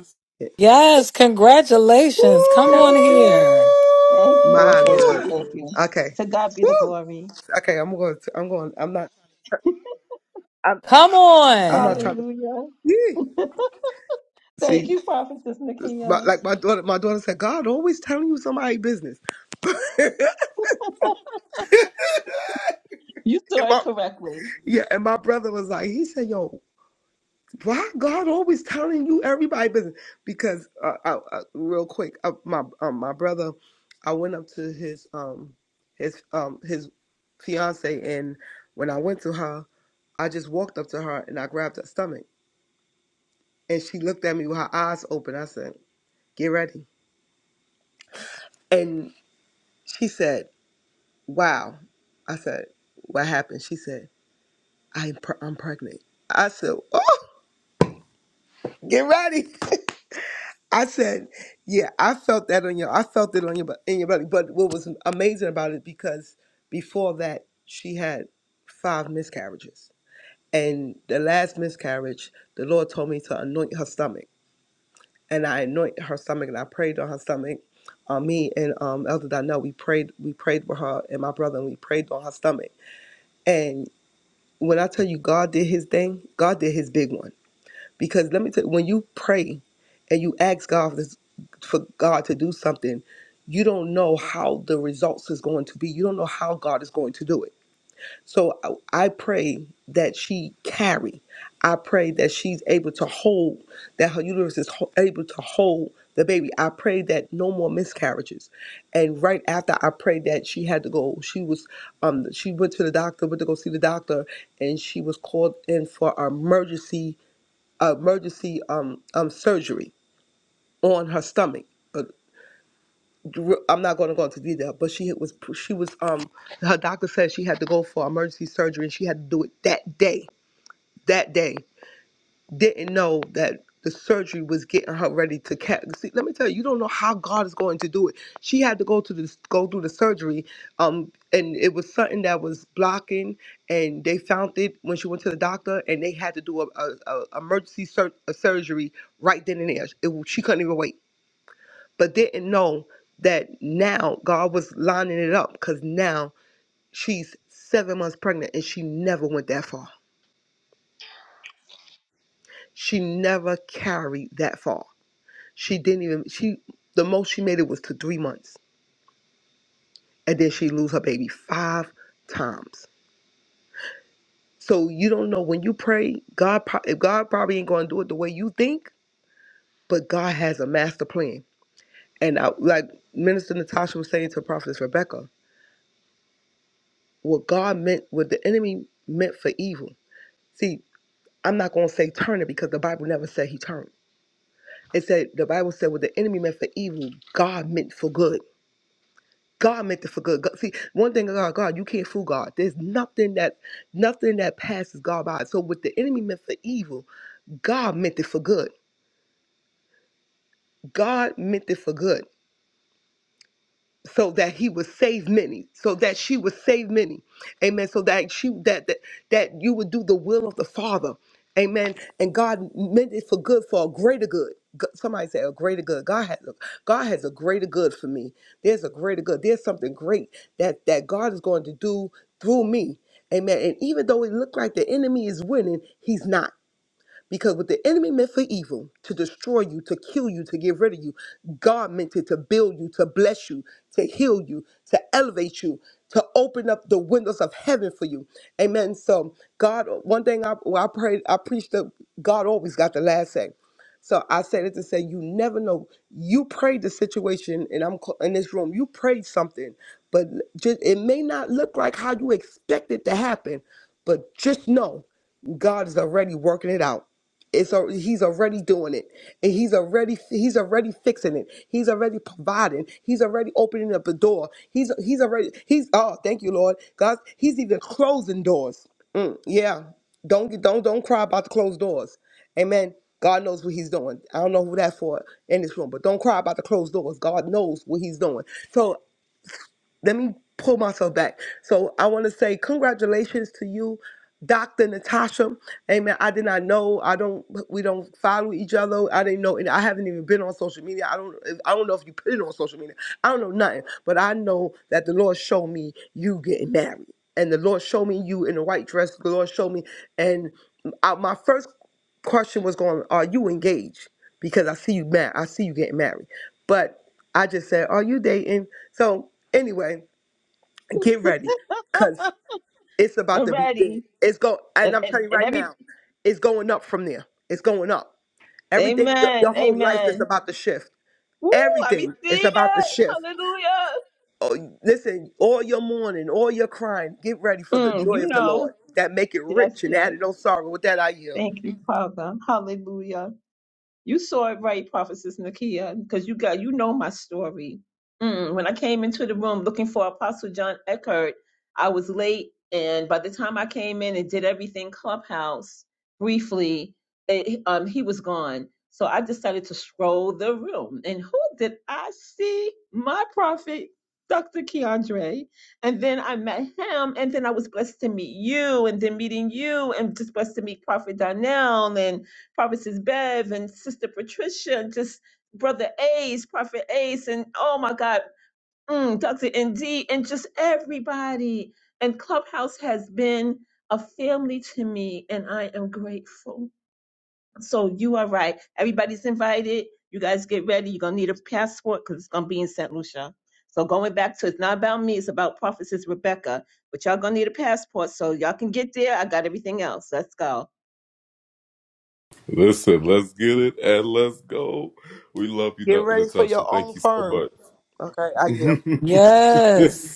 Yes, congratulations. Come on Thank Yes. you. here. Thank you, My thank you, Lord. thank you. Okay. To God be the Woo! glory. Okay, I'm going to, I'm going, I'm not, Come I'm not on. trying to, Hallelujah. yeah. Thank See, you, Prophetess My, Nakia. like my daughter, my daughter said, God always telling you somebody business. You And saw it my- correctly. yeah, and my brother was like, he said, yo, why God always telling you everybody business? Because uh, I, I, real quick, uh, my um, my brother, I went up to his um his um his fiance, and when I went to her, I just walked up to her and I grabbed her stomach, and she looked at me with her eyes open. I said, get ready, and she said, wow. I said, what happened? She said. I'm, pre- I'm pregnant. I said, oh, get ready. I said, yeah, I felt that on your, I felt it on your, bu- in your belly. But what was amazing about it because before that, she had five miscarriages, and the last miscarriage, the Lord told me to anoint her stomach, and I anointed her stomach, and I prayed on her stomach. Uh, me and um, Elder Donnell, we prayed, we prayed with her and my brother, and we prayed on her stomach. And when I tell you God did His thing, God did His big one Because let me tell you, when you pray and you ask God for, this, for God to do something, you don't know how the results is going to be. You don't know how God is going to do it. So I I pray that she carry. I pray that she's able to hold, that her uterus is ho- able to hold the baby. I pray that no more miscarriages. And right after I prayed that she had to go, she was, um, she went to the doctor, went to go see the doctor, and she was called in for an emergency emergency um, um surgery on her stomach. Uh, dr- I'm not going to go into detail, but she was she was um her doctor said she had to go for emergency surgery and she had to do it that day. That day didn't know that the surgery was getting her ready to catch. See, let me tell you, you don't know how God is going to do it. She had to go to this, go through the surgery, um, and it was something that was blocking, and they found it when she went to the doctor, and they had to do a, a, a emergency sur- a surgery right then and there. It, she couldn't even wait, but didn't know that now God was lining it up because now she's seven months pregnant, and she never went that far. She never carried that far She didn't even she the most she made it was to three months. And then she lose her baby five times. So you don't know when you pray, God pro- if God probably ain't gonna do it the way you think, but God has a master plan. And I, like Minister Natasha was saying to Prophetess Rebecca, what God meant, what the enemy meant for evil. See, I'm not gonna say turn it because the Bible never said he turned. It said the Bible said what the enemy meant for evil, God meant for good. God meant it for good. God, see, one thing about God, you can't fool God. There's nothing that nothing that passes God by. So what the enemy meant for evil, God meant it for good. God meant it for good. so that he would save many so that she would save many amen so that she that that, that you would do the will of the father amen and god meant it for good for a greater good G- somebody say a greater good god has a, god has a greater good for me there's a greater good there's something great that that god is going to do through me amen and even though it looked like the enemy is winning he's not because what the enemy meant for evil, to destroy you, to kill you, to get rid of you, God meant it to build you, to bless you, to heal you, to elevate you, to open up the windows of heaven for you. Amen. So God, one thing I, well, I prayed, I preached that God always got the last say. So I said it to say, you never know. You prayed the situation, and I'm cl- in this room. You prayed something, but just it may not look like how you expect it to happen. But just know, God is already working it out. It's al- he's already doing it, and he's already he's already fixing it. He's already providing. He's already opening up a door. He's he's already he's oh thank you Lord God. He's even closing doors. Mm, yeah, don't get don't don't cry about the closed doors. Amen. God knows what he's doing. I don't know who that's for in this room, but don't cry about the closed doors. God knows what he's doing. So let me pull myself back. So I want to say congratulations to you, Dr. Natasha. Amen. I did not know. I don't we don't follow each other. I didn't know and I haven't even been on social media. I don't I don't know if you put it on social media. I don't know nothing. But I know that the Lord showed me you getting married. And the Lord showed me you in the white dress. The Lord showed me and I, my first question was going, are you engaged? Because I see you mad. I see you getting married. But I just said, are you dating? So anyway, get ready. Cause it's about to be big. Already. It's go And, and I'm and, telling you and right every now, it's going up from there. It's going up. Everything your your Amen. whole life is Amen. about to shift. Woo, I receive Everything is about to shift. it. Oh, listen, all your mourning, all your crying, get ready Hallelujah. for the Mm, joy you of the Lord know. that make it Yes, rich and yes. add it no sorrow. With that, I yield. Thank you, Father. Hallelujah. You saw it right, Prophetess Nakia, because you got you know my story. Mm, when I came into the room looking for Apostle John Eckert, I was late, and by the time I came in and did everything Clubhouse briefly, it, um, he was gone. So I decided to stroll the room, and who did I see? My prophet, Dr. Keandre, and then I met him, and then I was blessed to meet you, and then meeting you, and just blessed to meet Prophet Donnell, and Prophetess Bev and Sister Patricia, and just Brother Ace, Prophet Ace, and oh my God, mm, Dr. ND, and just everybody. And Clubhouse has been a family to me, and I am grateful. So you are right. Everybody's invited. You guys get ready. You're gonna need a passport because it's gonna be in St. Lucia. So going back to it's not about me, it's about Prophetess Rebecca. But y'all gonna need a passport so y'all can get there. I got everything else. Let's go. Get ready for your own firm. Okay, I yield. Yes.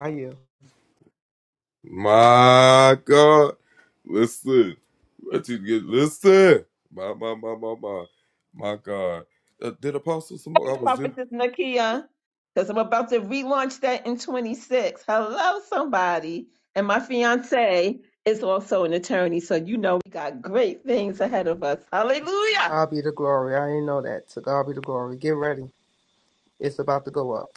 I yield. morning, Prophetess Nakia, because I'm about to relaunch that in 26. Hello, somebody. And my fiance is also an attorney, so you know we got great things ahead of us. Hallelujah. God be the glory. I didn't know that. So God be the glory. Get ready. It's about to go up.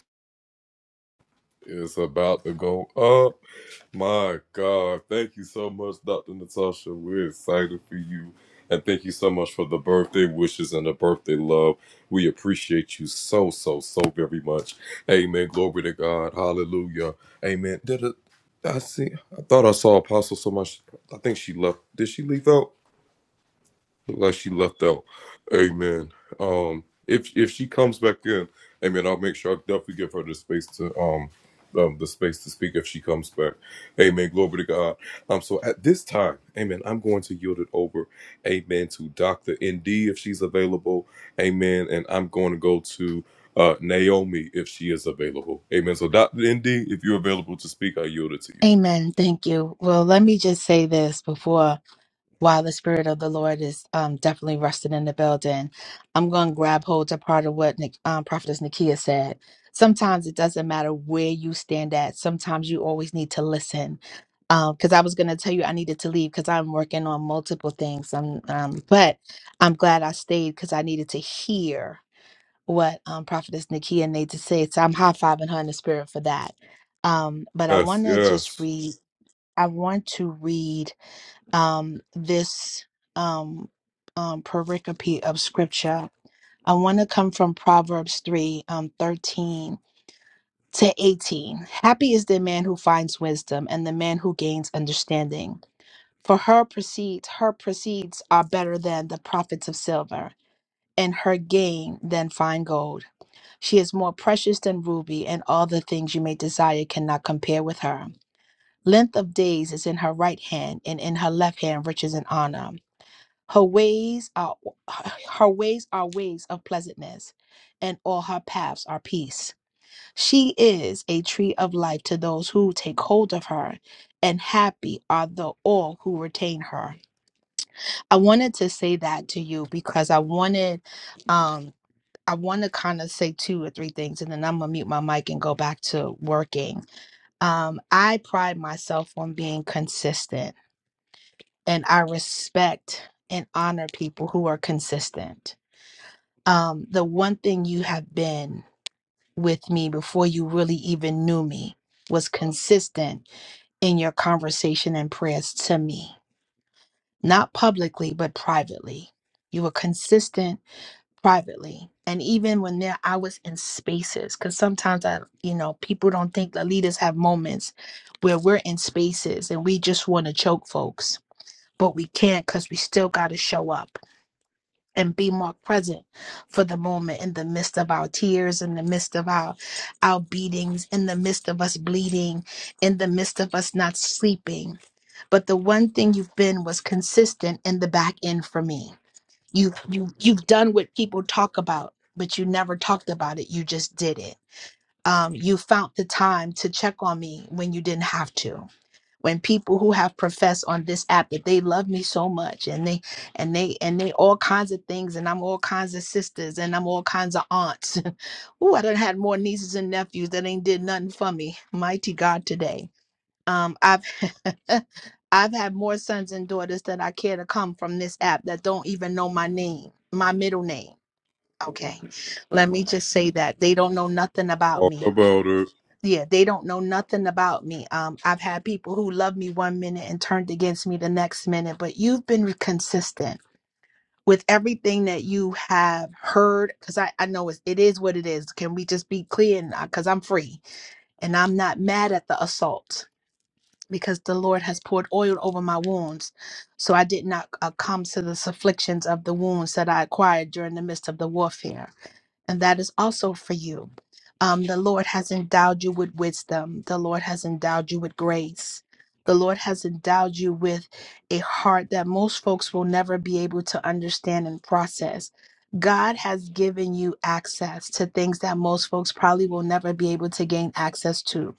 Amen. Thank you. Well, let me just say this before. While the spirit of the Lord is um, definitely resting in the building. I'm going to grab hold to part of what Nic- um, Prophetess Nakia said. Sometimes it doesn't matter where you stand at. Sometimes you always need to listen. Because I was going to tell you I needed to leave because I'm working on multiple things. Um, um, but I'm glad I stayed because I needed to hear what um, Prophetess Nakia needed to say. So I'm high fiving her in the spirit for that. Um, but I want to just read. I want to read um, this um, um, pericope of scripture. I want to come from Proverbs 3 um, 13 to 18. Happy is the man who finds wisdom and the man who gains understanding. For her proceeds, her proceeds are better than the profits of silver, and her gain than fine gold. She is more precious than ruby, and all the things you may desire cannot compare with her. Length of days is in her right hand, and in her left hand riches and honor. Her ways are her ways are ways of pleasantness, and all her paths are peace. She is a tree of life to those who take hold of her, and happy are the all who retain her. I wanted to say that to you because I wanted um I want to kind of say two or three things and then I'm gonna mute my mic and go back to working. Um, I pride myself on being consistent and I respect and honor people who are consistent um, the one thing you have been with me before you really even knew me was consistent in your conversation and prayers to me, not publicly, but privately. You were consistent privately. And even when there, I was in spaces, because sometimes I, you know, people don't think the leaders have moments where we're in spaces and we just want to choke folks, but we can't because we still got to show up and be more present for the moment in the midst of our tears in the midst of our our beatings in the midst of us bleeding in the midst of us not sleeping but the one thing you've been was consistent in the back end for me you you you've done what people talk about but you never talked about it you just did it um, you found the time to check on me when you didn't have to when people who have professed on this app that they love me so much and they and they and they all kinds of things and I'm all kinds of sisters and I'm all kinds of aunts. Ooh, I done had more nieces and nephews that ain't did nothing for me. Mighty God today. Um I've I've had more sons and daughters that I care to come from this app that don't even know my name, my middle name. Okay. Let me just say that. They don't know nothing about me yeah they don't know nothing about me um i've had people who loved me one minute and turned against me the next minute but you've been consistent with everything that you have heard because I, I know it's, it is what it is can we just be clear because i'm free and i'm not mad at the assault because the lord has poured oil over my wounds so i did not uh, come to the afflictions of the wounds that i acquired during the midst of the warfare and that is also for you. Um, the Lord has endowed you with wisdom. The Lord has endowed you with grace. The Lord has endowed you with a heart that most folks will never be able to understand and process. God has given you access to things that most folks probably will never be able to gain access to.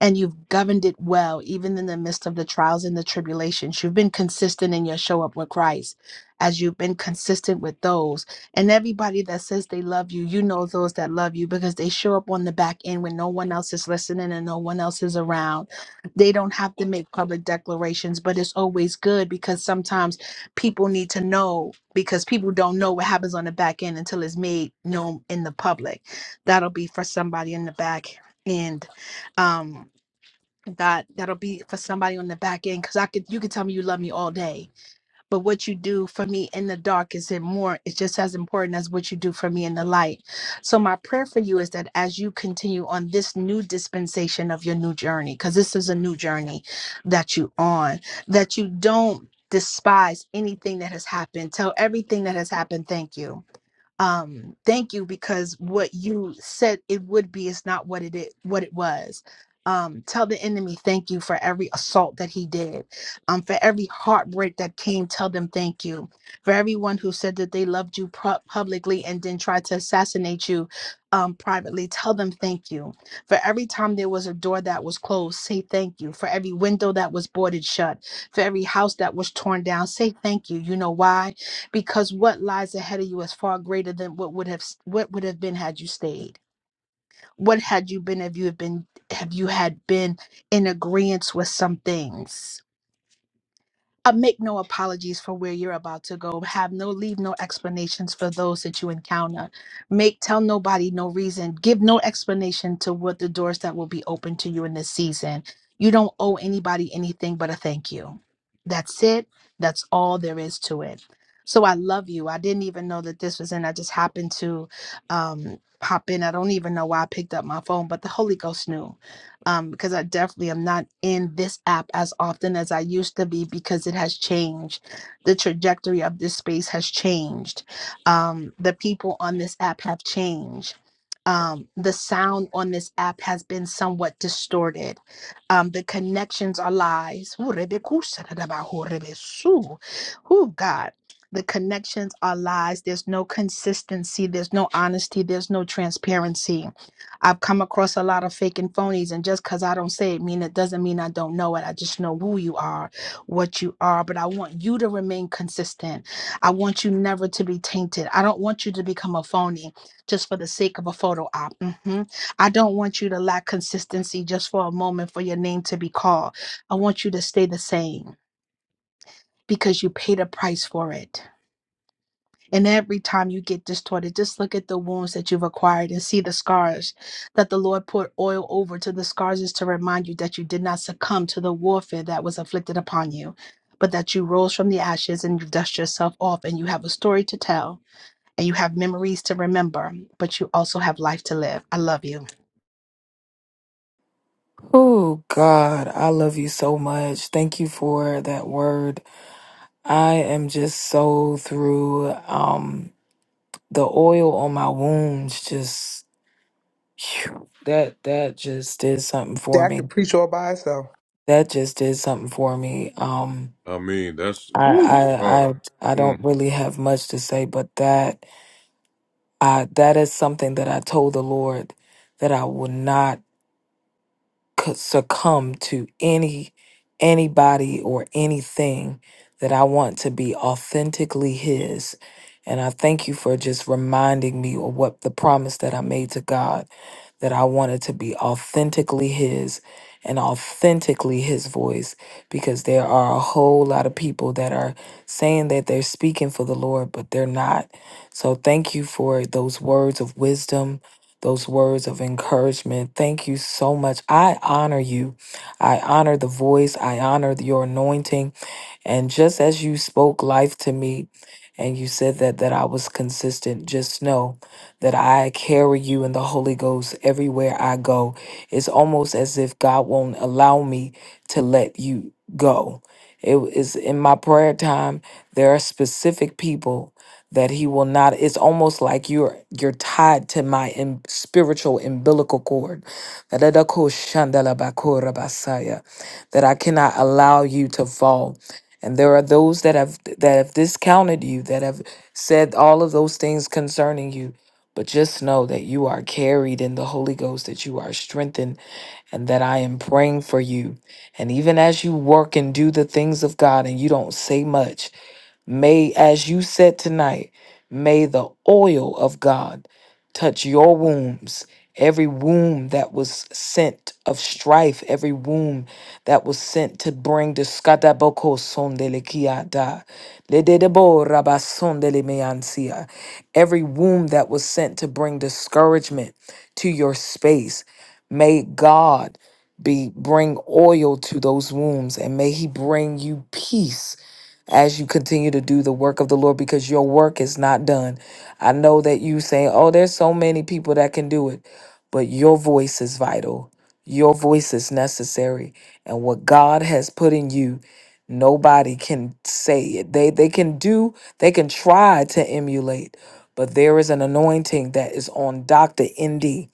And you've governed it well, even in the midst of the trials and the tribulations. You've been consistent in your show up with Christ as you've been consistent with those. And everybody that says they love you, you know those that love you because they show up on the back end when no one else is listening and no one else is around. They don't have to make public declarations, but it's always good because sometimes people need to know because people don't know what happens on the back end until it's made known in the public. That'll be for somebody in the back end. Um that that'll be for somebody on the back end because I could you could tell me you love me all day but what you do for me in the dark is it more it's just as important as what you do for me in the light so my prayer for you is that as you continue on this new dispensation of your new journey because this is a new journey that you on that you don't despise anything that has happened tell everything that has happened thank you um thank you because what you said it would be is not what it is, what it was um tell the enemy thank you for every assault that he did um for every heartbreak that came tell them thank you for everyone who said that they loved you pu- publicly and then tried to assassinate you um privately tell them thank you for every time there was a door that was closed say thank you for every window that was boarded shut for every house that was torn down say thank you you know why because what lies ahead of you is far greater than what would have what would have been had you stayed what had you been if you had been have you had been in agreement with some things uh, make no apologies for where you're about to go have no leave no explanations for those that you encounter make tell nobody no reason give no explanation to what the doors that will be open to you in this season you don't owe anybody anything but a thank you that's it that's all there is to it so i love you i didn't even know that this was in i just happened to um pop in i don't even know why i picked up my phone but the holy ghost knew um, because I definitely am not in this app as often as I used to be because it has changed. The trajectory of this space has changed. Um, the people on this app have changed. Um, the sound on this app has been somewhat distorted. Um, the connections are lies. Ooh, rebekusatadabahu, Ooh, God. The connections are lies. There's no consistency. There's no honesty. There's no transparency. I've come across a lot of fake and phonies, and just because I don't say it, mean it doesn't mean I don't know it. I just know who you are, what you are. But I want you to remain consistent. I want you never to be tainted. I don't want you to become a phony just for the sake of a photo op. Mhm. I don't want you to lack consistency just for a moment for your name to be called. I want you to stay the same because you paid a price for it. And every time you get distorted, just look at the wounds that you've acquired and see the scars that the Lord poured oil over to the scars is to remind you that you did not succumb to the warfare that was afflicted upon you, but that you rose from the ashes and you've dusted yourself off and you have a story to tell and you have memories to remember, but you also have life to live. I love you. Oh God, I love you so much. Thank you for that word. I am just so through um the oil on my wounds just phew, that that just did something for That could me. preach all by itself. That just did something for me. Um I I I I don't really have much to say but that I that is something that I told the Lord that I will not c- succumb to any anybody or anything that I want to be authentically his. And I thank you for just reminding me of what the promise that I made to God that I wanted to be authentically his and authentically his voice because there are a whole lot of people that are saying that they're speaking for the Lord but they're not. So thank you for those words of wisdom those words of encouragement. Thank you so much. I honor you. I honor the voice. I honor your anointing. And just as you spoke life to me and you said that that I was consistent, just know that I carry you in the Holy Ghost everywhere I go. It's almost as if God won't allow me to let you go. It is in my prayer time, there are specific people that he will not it's almost like you're you're tied to my im- spiritual umbilical cord that I cannot allow you to fall and there are those that have that have discounted you, that have said all of those things concerning you. But just know that you are carried in the Holy Ghost, that you are strengthened, and that I am praying for you. And even as you work and do the things of God and you don't say much, May, as you said tonight, may the oil of God touch your wombs. Every womb that was sent of strife, every womb that was sent to bring discataboko sondelekiada, lededebo rabasondelemeansia, every womb that was sent to bring discouragement to your space, may God be bring oil to those wombs and may He bring you peace as you continue to do the work of the Lord because your work is not done. I know that you say, "Oh, there's so many people that can do it." But your voice is vital. Your voice is necessary. And what God has put in you, nobody can say it. They they can do, they can try to emulate, but there is an anointing that is on Dr. Indy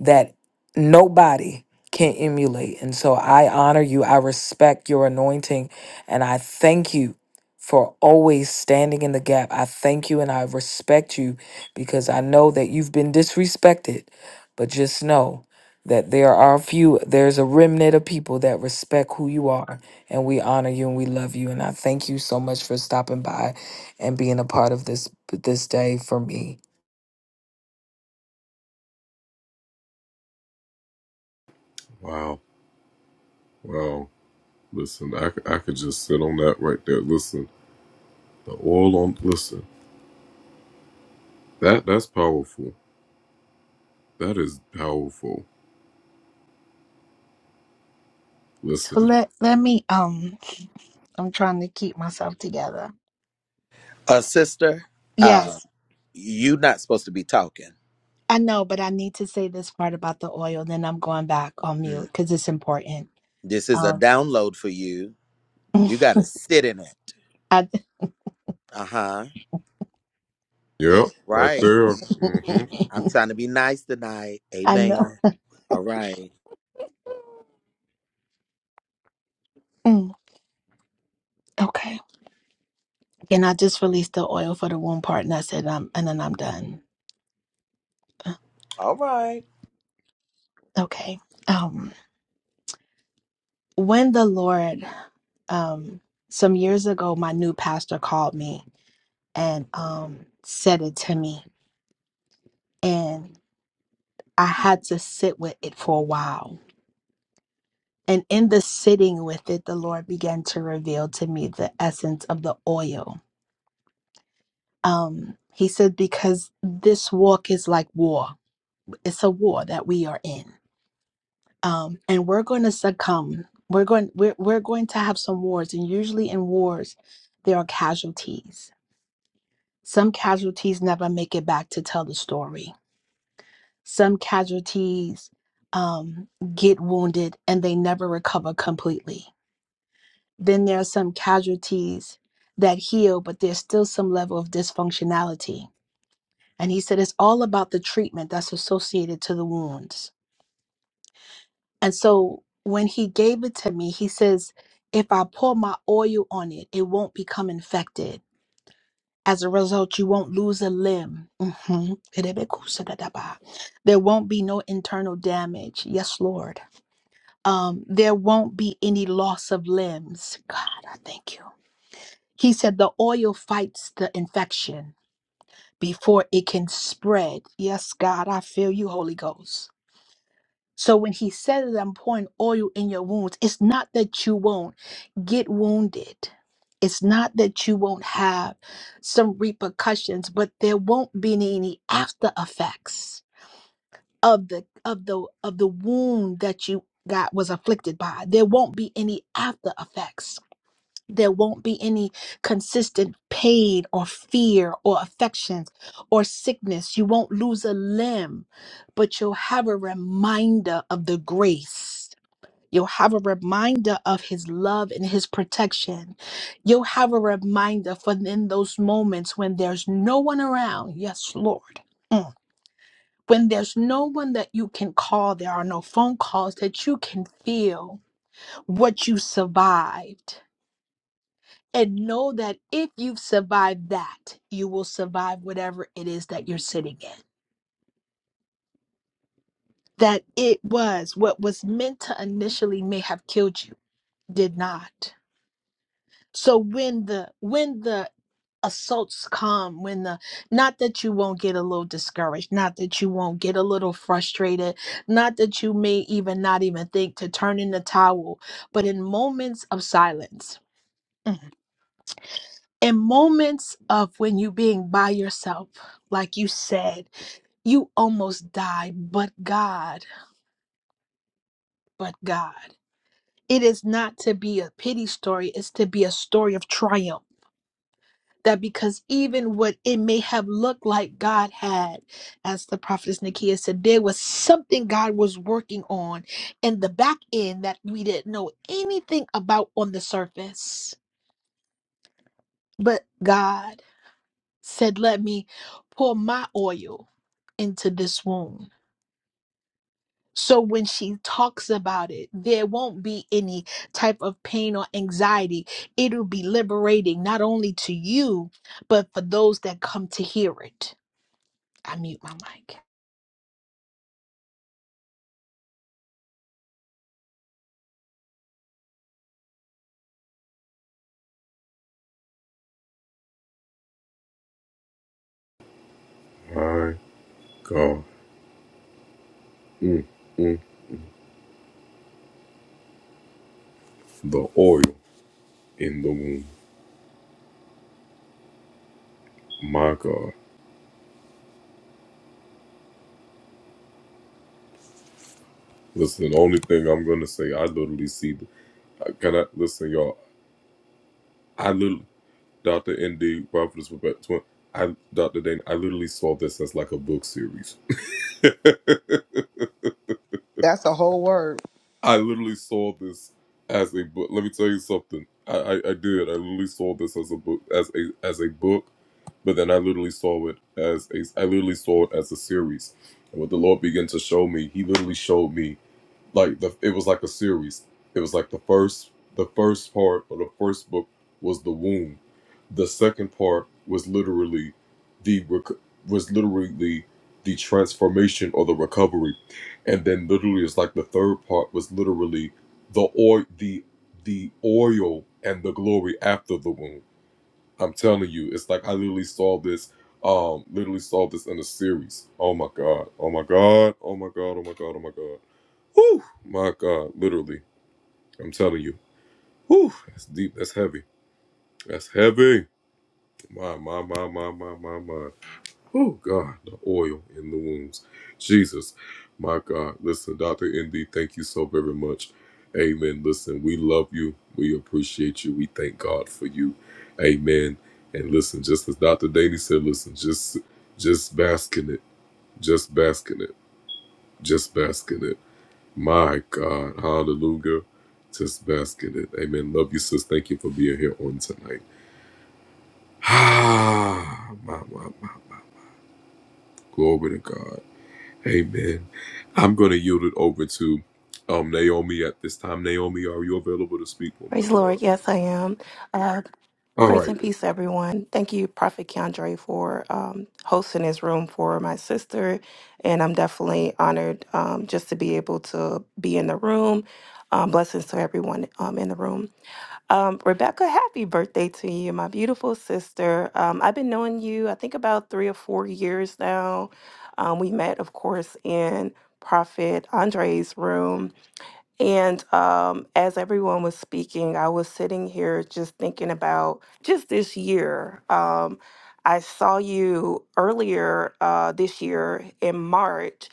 that nobody can emulate. And so I honor you. I respect your anointing. And I thank you for always standing in the gap. I thank you and I respect you because I know that you've been disrespected. But just know that there are a few, there's a remnant of people that respect who you are. And we honor you and we love you. And I thank you so much for stopping by and being a part of this this day for me. So let let me um I'm trying to keep myself together. Uh, sister, uh, Yes, you not supposed to be talking. I know, but I need to say this part about the oil, then I'm going back on mute Mm. because it's important. This is a Um, download for you. You got to sit in it. I, Uh huh. I'm trying to be nice tonight. I know. Amen. All right. Mm, Okay. And I just released the oil for the womb part, and I said, um, and then I'm done. All right. Okay. Um, when the Lord, um, some years ago, my new pastor called me and um said it to me, and I had to sit with it for a while And in the sitting with it, the Lord began to reveal to me the essence of the oil. Um, he said, because this walk is like war. It's a war that we are in. Um, and we're going to succumb. We're going, we're, we're going to have some wars. And usually in wars, there are casualties. Some casualties never make it back to tell the story. Some casualties um, get wounded and they never recover completely Then there are some casualties that heal, but there's still some level of dysfunctionality. And he said it's all about the treatment that's associated to the wounds. And so when he gave it to me, he says, if I pour my oil on it, it won't become infected. As a result, you won't lose a limb. Mhm. Erebekusadadaba. There won't be no internal damage. Yes, Lord. Um, there won't be any loss of limbs. God, I thank you He said the oil fights the infection before it can spread. Yes, God, I feel you, Holy Ghost. So when he said that I'm pouring oil in your wounds, it's not that you won't get wounded. It's not that you won't have some repercussions, but there won't be any after effects of the of the of the wound that you got was afflicted by. There won't be any after effects there won't be any consistent pain or fear or affections or sickness. You won't lose a limb, but you'll have a reminder of the grace. You'll have a reminder of his love and his protection. You'll have a reminder for in those moments when there's no one around. Yes, Lord. Mm. When there's no one that you can call, there are no phone calls that you can feel what you survived and know that if you've survived that, you will survive whatever it is that you're sitting in. That it was what was meant to initially may have killed you did not. So when the when the assaults come, when the not that you won't get a little discouraged, not that you won't get a little frustrated, not that you may even not even think to turn in the towel, but in moments of silence. mm, in moments of when you being by yourself like you said you almost died but god but god it is not to be a pity story it's to be a story of triumph that because even what it may have looked like god had as the prophetess nikia said there was something god was working on in the back end that we didn't know anything about on the surface but god said let me pour my oil into this wound. So when she talks about it, there won't be any type of pain or anxiety. It'll be liberating, not only to you, but for those that come to hear it. I mute my mic. That's a whole word. Praise the Lord. Yes, I am. Uh, grace and peace, everyone. Thank you, Prophet Keandre, for um, hosting this room for my sister. And I'm definitely honored um, just to be able to be in the room. Um, blessings to everyone um, in the room. Um, Rebecca, happy birthday to you, my beautiful sister. Um, I've been knowing you, I think, about three or four years now. Um, we met, of course, in Prophet Andre's room and um, as everyone was speaking, I was sitting here just thinking about just this year. Um, I saw you earlier uh, this year in March,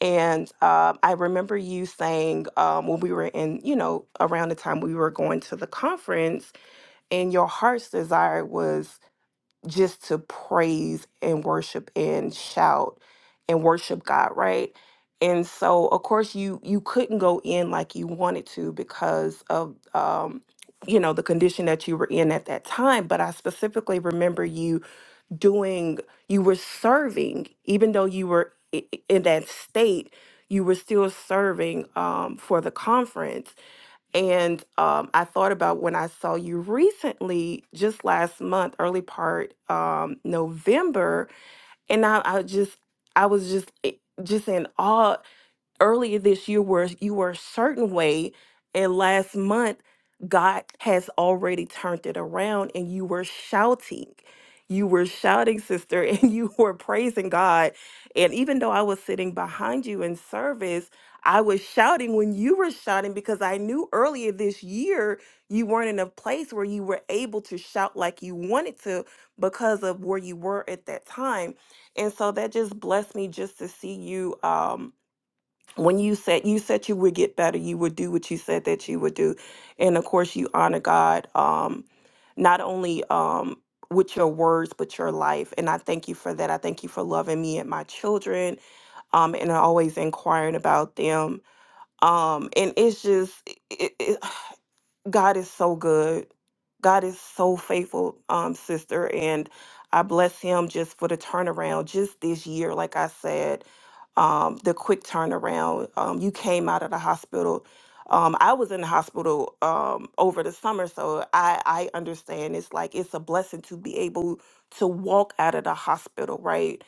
and uh, I remember you saying um, when we were in, you know, around the time we were going to the conference, and your heart's desire was just to praise and worship and shout and worship God, right? And so of course you you couldn't go in like you wanted to because of um you know the condition that you were in at that time but i specifically remember you doing you were serving even though you were i- i- in that state you were still serving um, for the conference and um, I thought about when I saw you recently, just last month, early part um, November, and I, I just I was just i- just in awe earlier this year where you were a certain way and last month God has already turned it around and you were shouting. You were shouting, sister, and you were praising God. And even though I was sitting behind you in service, I was shouting when you were shouting because I knew earlier this year you weren't in a place where you were able to shout like you wanted to because of where you were at that time. And so that just blessed me just to see you um when you said you said you would get better you would do what you said that you would do and of course you honor god um not only um with your words but your life and i thank you for that i thank you for loving me and my children um and always inquiring about them um and it's just it, it, God is so good. God is so faithful, um, sister. And I bless him just for the turnaround just this year, like I said, um, the quick turnaround. Um, you came out of the hospital. Um, I was in the hospital um, over the summer, so I, I understand it's like it's a blessing to be able to walk out of the hospital, right?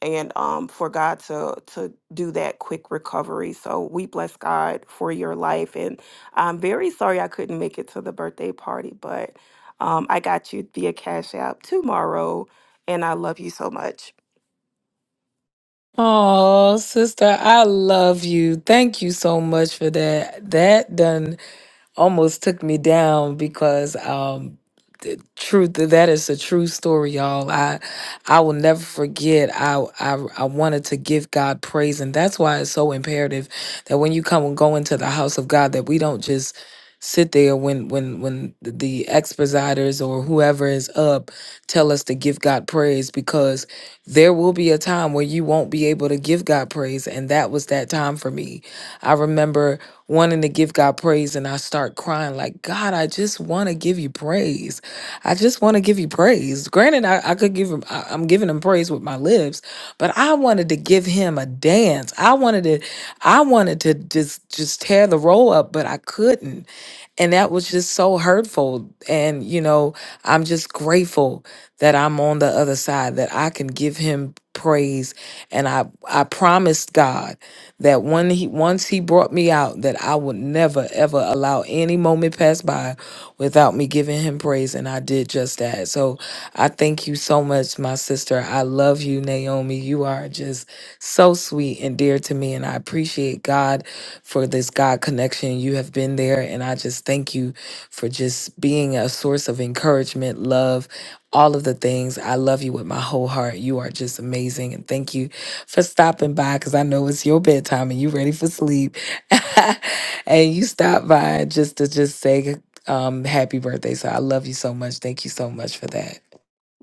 and um, for God to to do that quick recovery. So we bless God for your life, and I'm very sorry I couldn't make it to the birthday party, but um, I got you via Cash App tomorrow, and I love you so much. Oh, sister, I love you. Thank you so much for that. That done almost took me down because um, Truth, that is a true story, y'all. I I will never forget. I I I wanted to give God praise, and that's why it's so imperative that when you come and go into the house of God, that we don't just sit there when when when the the expositors or whoever is up tell us to give God praise because there will be a time where you won't be able to give God praise and that was that time for me. I remember wanting to give God praise and I start crying like God, I just want to give you praise. I just want to give you praise. Granted, I, I could give him, I, I'm giving him praise with my lips, but I wanted to give him a dance. I wanted to, I wanted to just, just tear the roll up, but I couldn't. And that was just so hurtful. And, you know, I'm just grateful that I'm on the other side, that I can give him praise. And I, I promised God that when he, once he brought me out, that I would never, ever allow any moment pass by without me giving him praise. And I did just that. So I thank you so much, my sister. I love you, Naomi. You are just so sweet and dear to me. And I appreciate God for this God connection. You have been there. And I just thank you for just being a source of encouragement, love, all of the things. I love you with my whole heart. You are just amazing. And thank you for stopping by because I know it's your bedtime and you ready for sleep. and you stopped by just to just say um, happy birthday. So I love you so much. Thank you so much for that.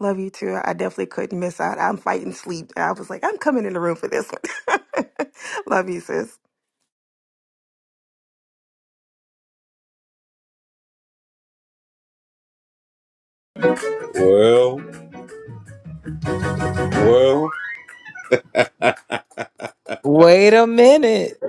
Love you too. I definitely couldn't miss out. I'm fighting sleep. I was like, I'm coming in the room for this one. love you, sis. Wait a minute.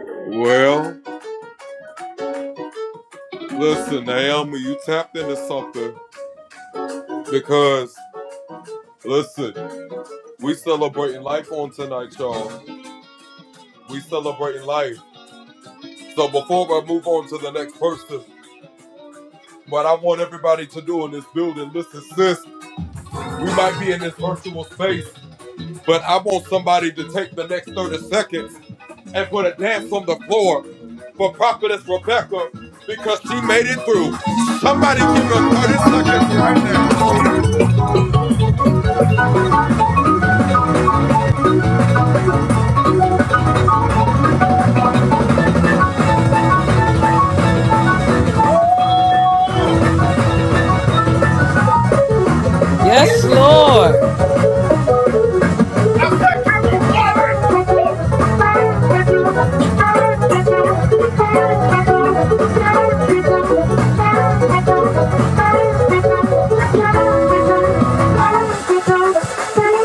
Yes, Thank Lord.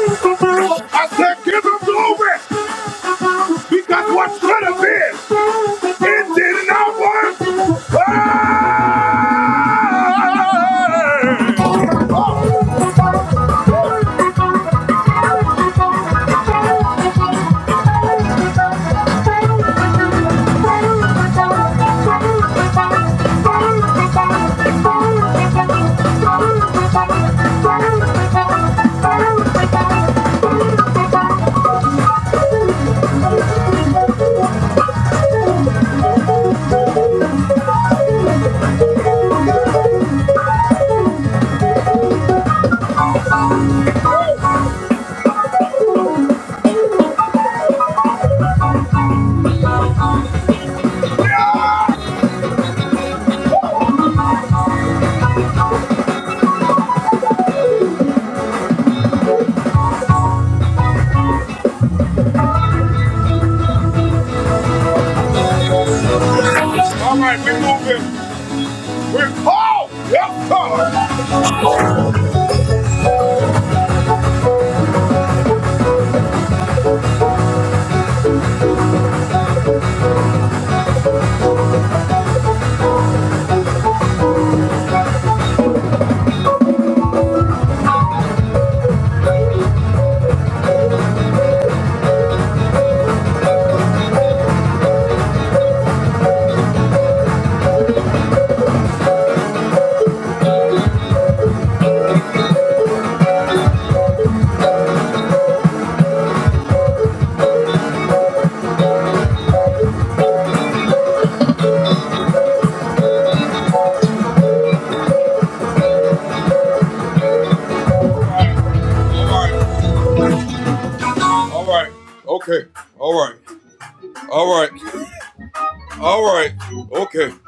you. Thank you.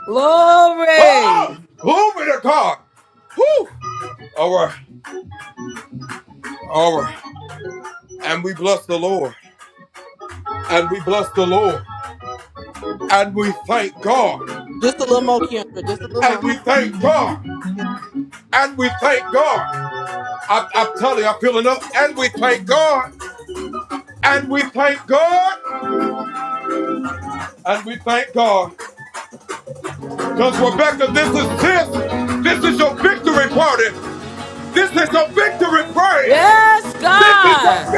Glory. Just a little more, Kendra. Just a little more. Yeah. Yes, God.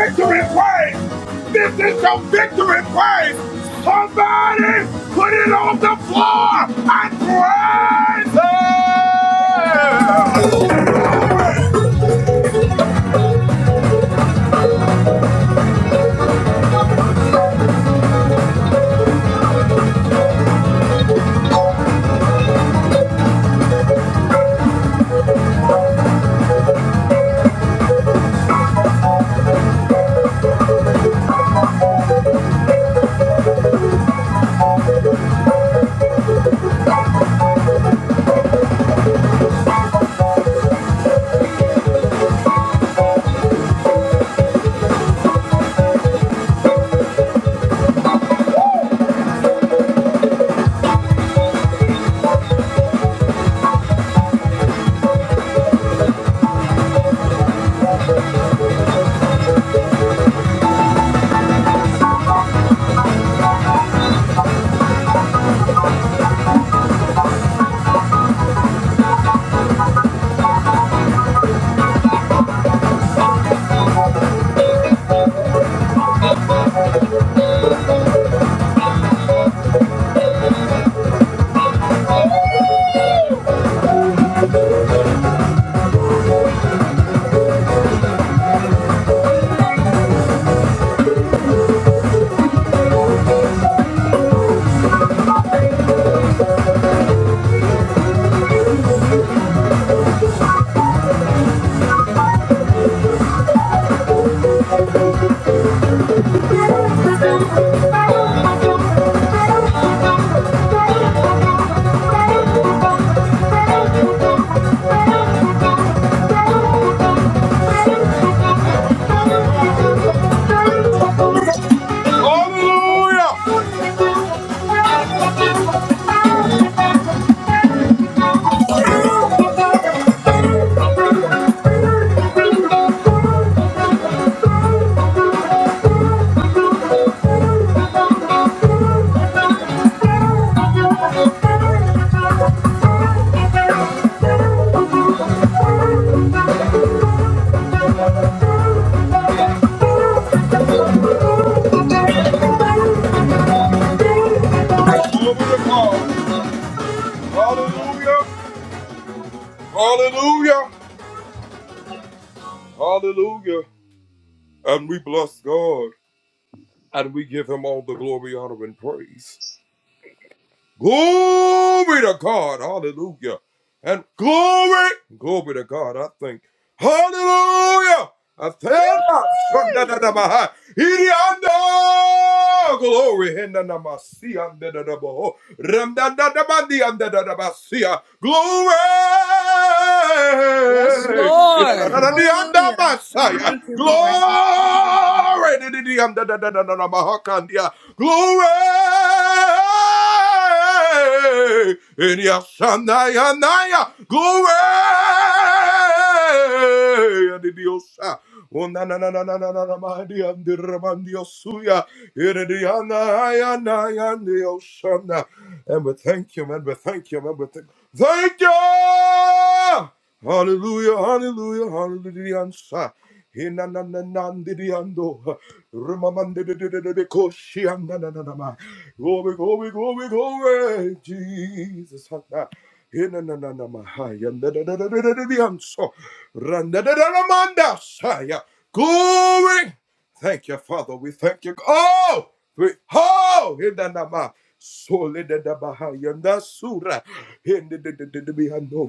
Thank you. Yes, Lord. Thank you.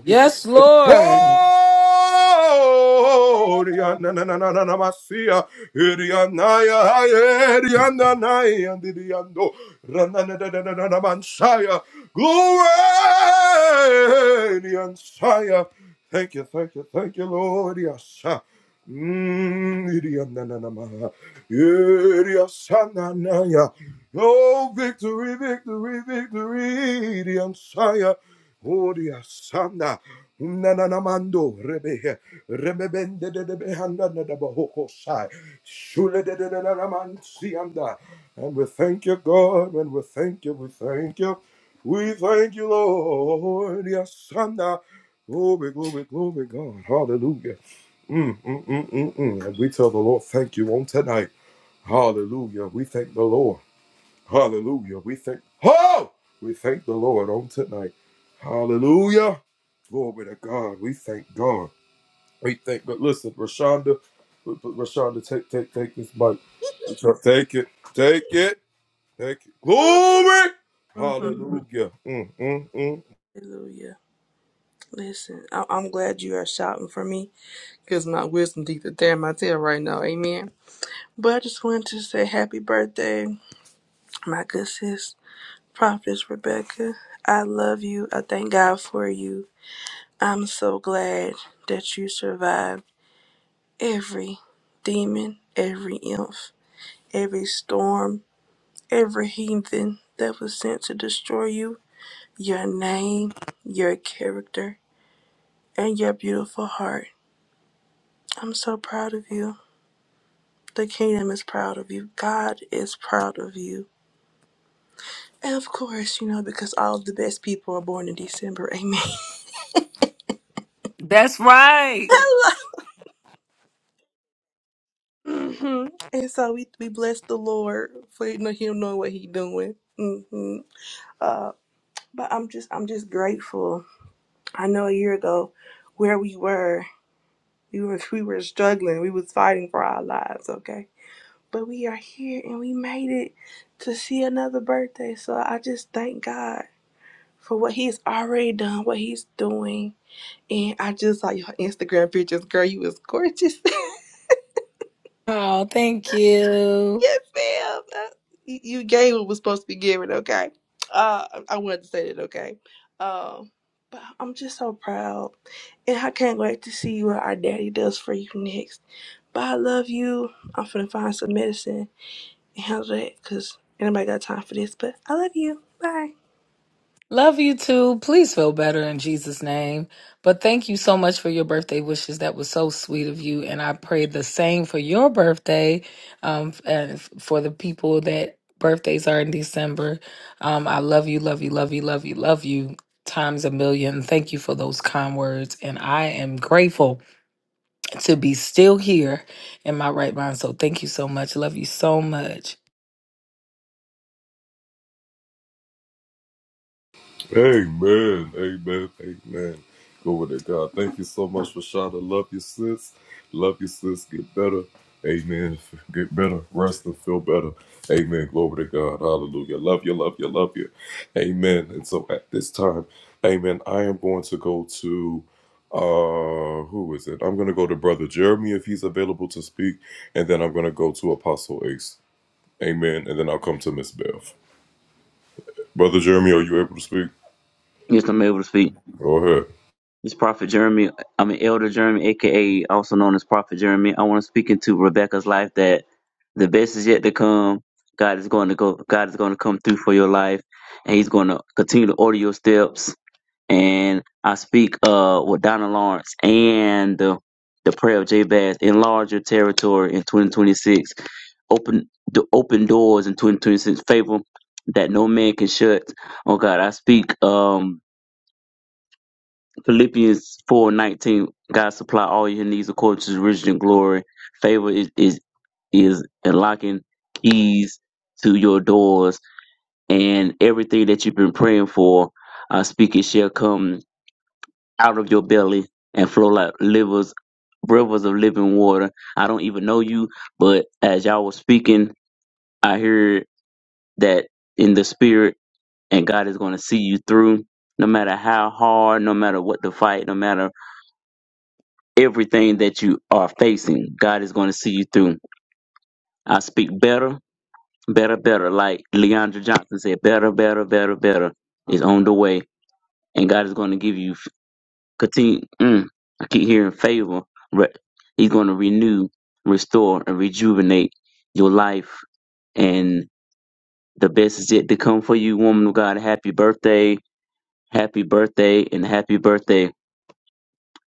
Yes, Lord. Mm-hmm. Hallelujah. Listen, I- I'm glad you are shouting for me because my wisdom teeth are tearing my tail right now. Amen. But I just wanted to say happy birthday, my good sis, Prophetess Rebecca. I love you. I thank God for you. I'm so glad that you survived every demon, every imp, every storm, every heathen that was sent to destroy you your name, your character, and your beautiful heart. I'm so proud of you. The kingdom is proud of you. God is proud of you. And of course, you know, because all of the best people are born in December. Amen. That's right. hmm And so we, we bless the Lord for you know, him knowing what he doing. hmm Uh, but I'm just I'm just grateful. I know a year ago where we were, we were we were struggling. We was fighting for our lives. Okay but we are here and we made it to see another birthday. So I just thank God for what He's already done, what He's doing. And I just saw your Instagram pictures, girl. You was gorgeous. Oh, thank you. yes, ma'am. Uh, You you gave what was supposed to be given, okay? Uh, I I wanted to say that, okay? Um, but I'm just so proud. And I can't wait to see what our daddy does for you next. But I love you. I'm finna find some medicine handle that because anybody got time for this. But I love you. Bye. Love you too. Please feel better in Jesus' name. But thank you so much for your birthday wishes. That was so sweet of you. And I pray the same for your birthday um, f- and f- for the people that birthdays are in December. Um, I love you, love you, love you, love you, love you times a million. Thank you for those kind words. And I am grateful to be still here in my right mind. So thank you so much. Love you so much. Yes, I'm able to speak. It's Prophet Jeremy. I'm an Elder Jeremy, aka also known as Prophet Jeremy. I want to speak into Rebecca's life that the best is yet to come. God is going to go. God is going to come through for your life, and He's going to continue to order your steps. And I speak uh with Donna Lawrence and the, the prayer of Jabez. Enlarge your territory in 2026. Open the open doors in 2026. Favor that no man can shut. Oh God, I speak. Um Philippians four nineteen, God supply all your needs according to his riches and glory. Favor is, is is unlocking keys to your doors and everything that you've been praying for, uh speak it shall come out of your belly and flow like livers rivers of living water. I don't even know you, but as y'all was speaking, I heard that in the spirit and God is gonna see you through no matter how hard, no matter what the fight, no matter everything that you are facing, God is going to see you through. I speak better, better, better. Like Leandra Johnson said, better, better, better, better is on the way, and God is going to give you f- continue. Mm, I keep hearing favor. Re- he's going to renew, restore, and rejuvenate your life, and the best is yet to come for you, woman of God. Happy birthday, happy birthday, and happy birthday.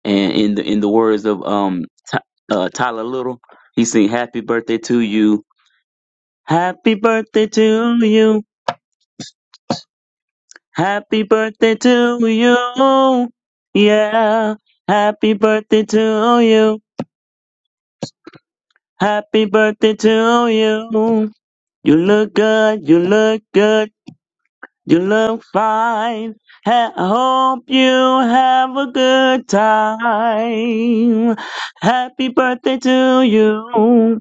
And in the in the words of um Ty uh, Tyler Little, he sing "Happy Birthday to You." Happy birthday to you. Happy birthday to you. Yeah. Happy birthday to you. Happy birthday to you. You look good. You look good. You look fine. Ha- I hope you have a good time. Happy birthday to you.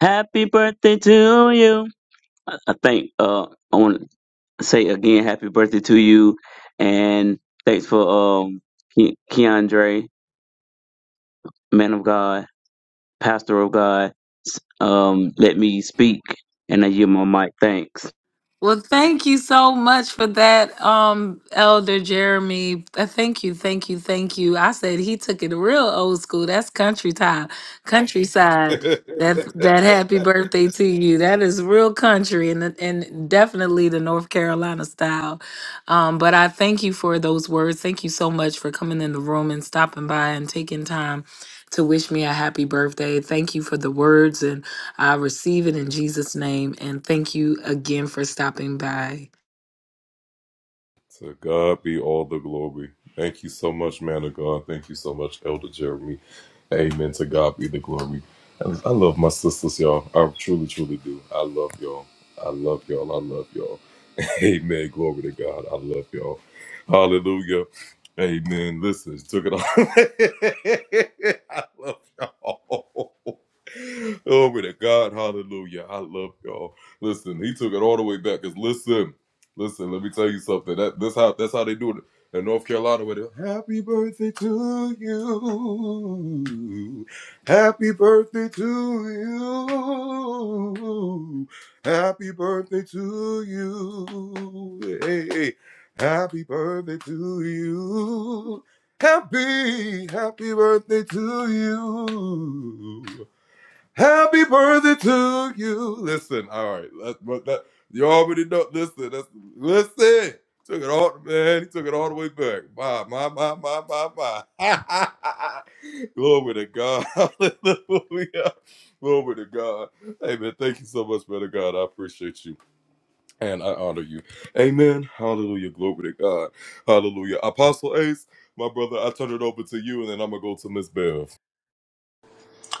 Happy birthday to you. I I think uh, I want to say again, happy birthday to you, and thanks for um, Ke- Keandre, man of God, pastor of God. s- Um, let me speak, and I yield my mic. Thanks. Well, thank you so much for that, um, Elder Jeremy. Uh, Thank you, thank you, thank you. I said he took it real old school. That's country time, countryside. That that happy birthday to you. That is real country and and definitely the North Carolina style. Um, but I thank you for those words. Thank you so much for coming in the room and stopping by and taking time to wish me a happy birthday. Thank you for the words and I receive it in Jesus' name. And thank you again for stopping by.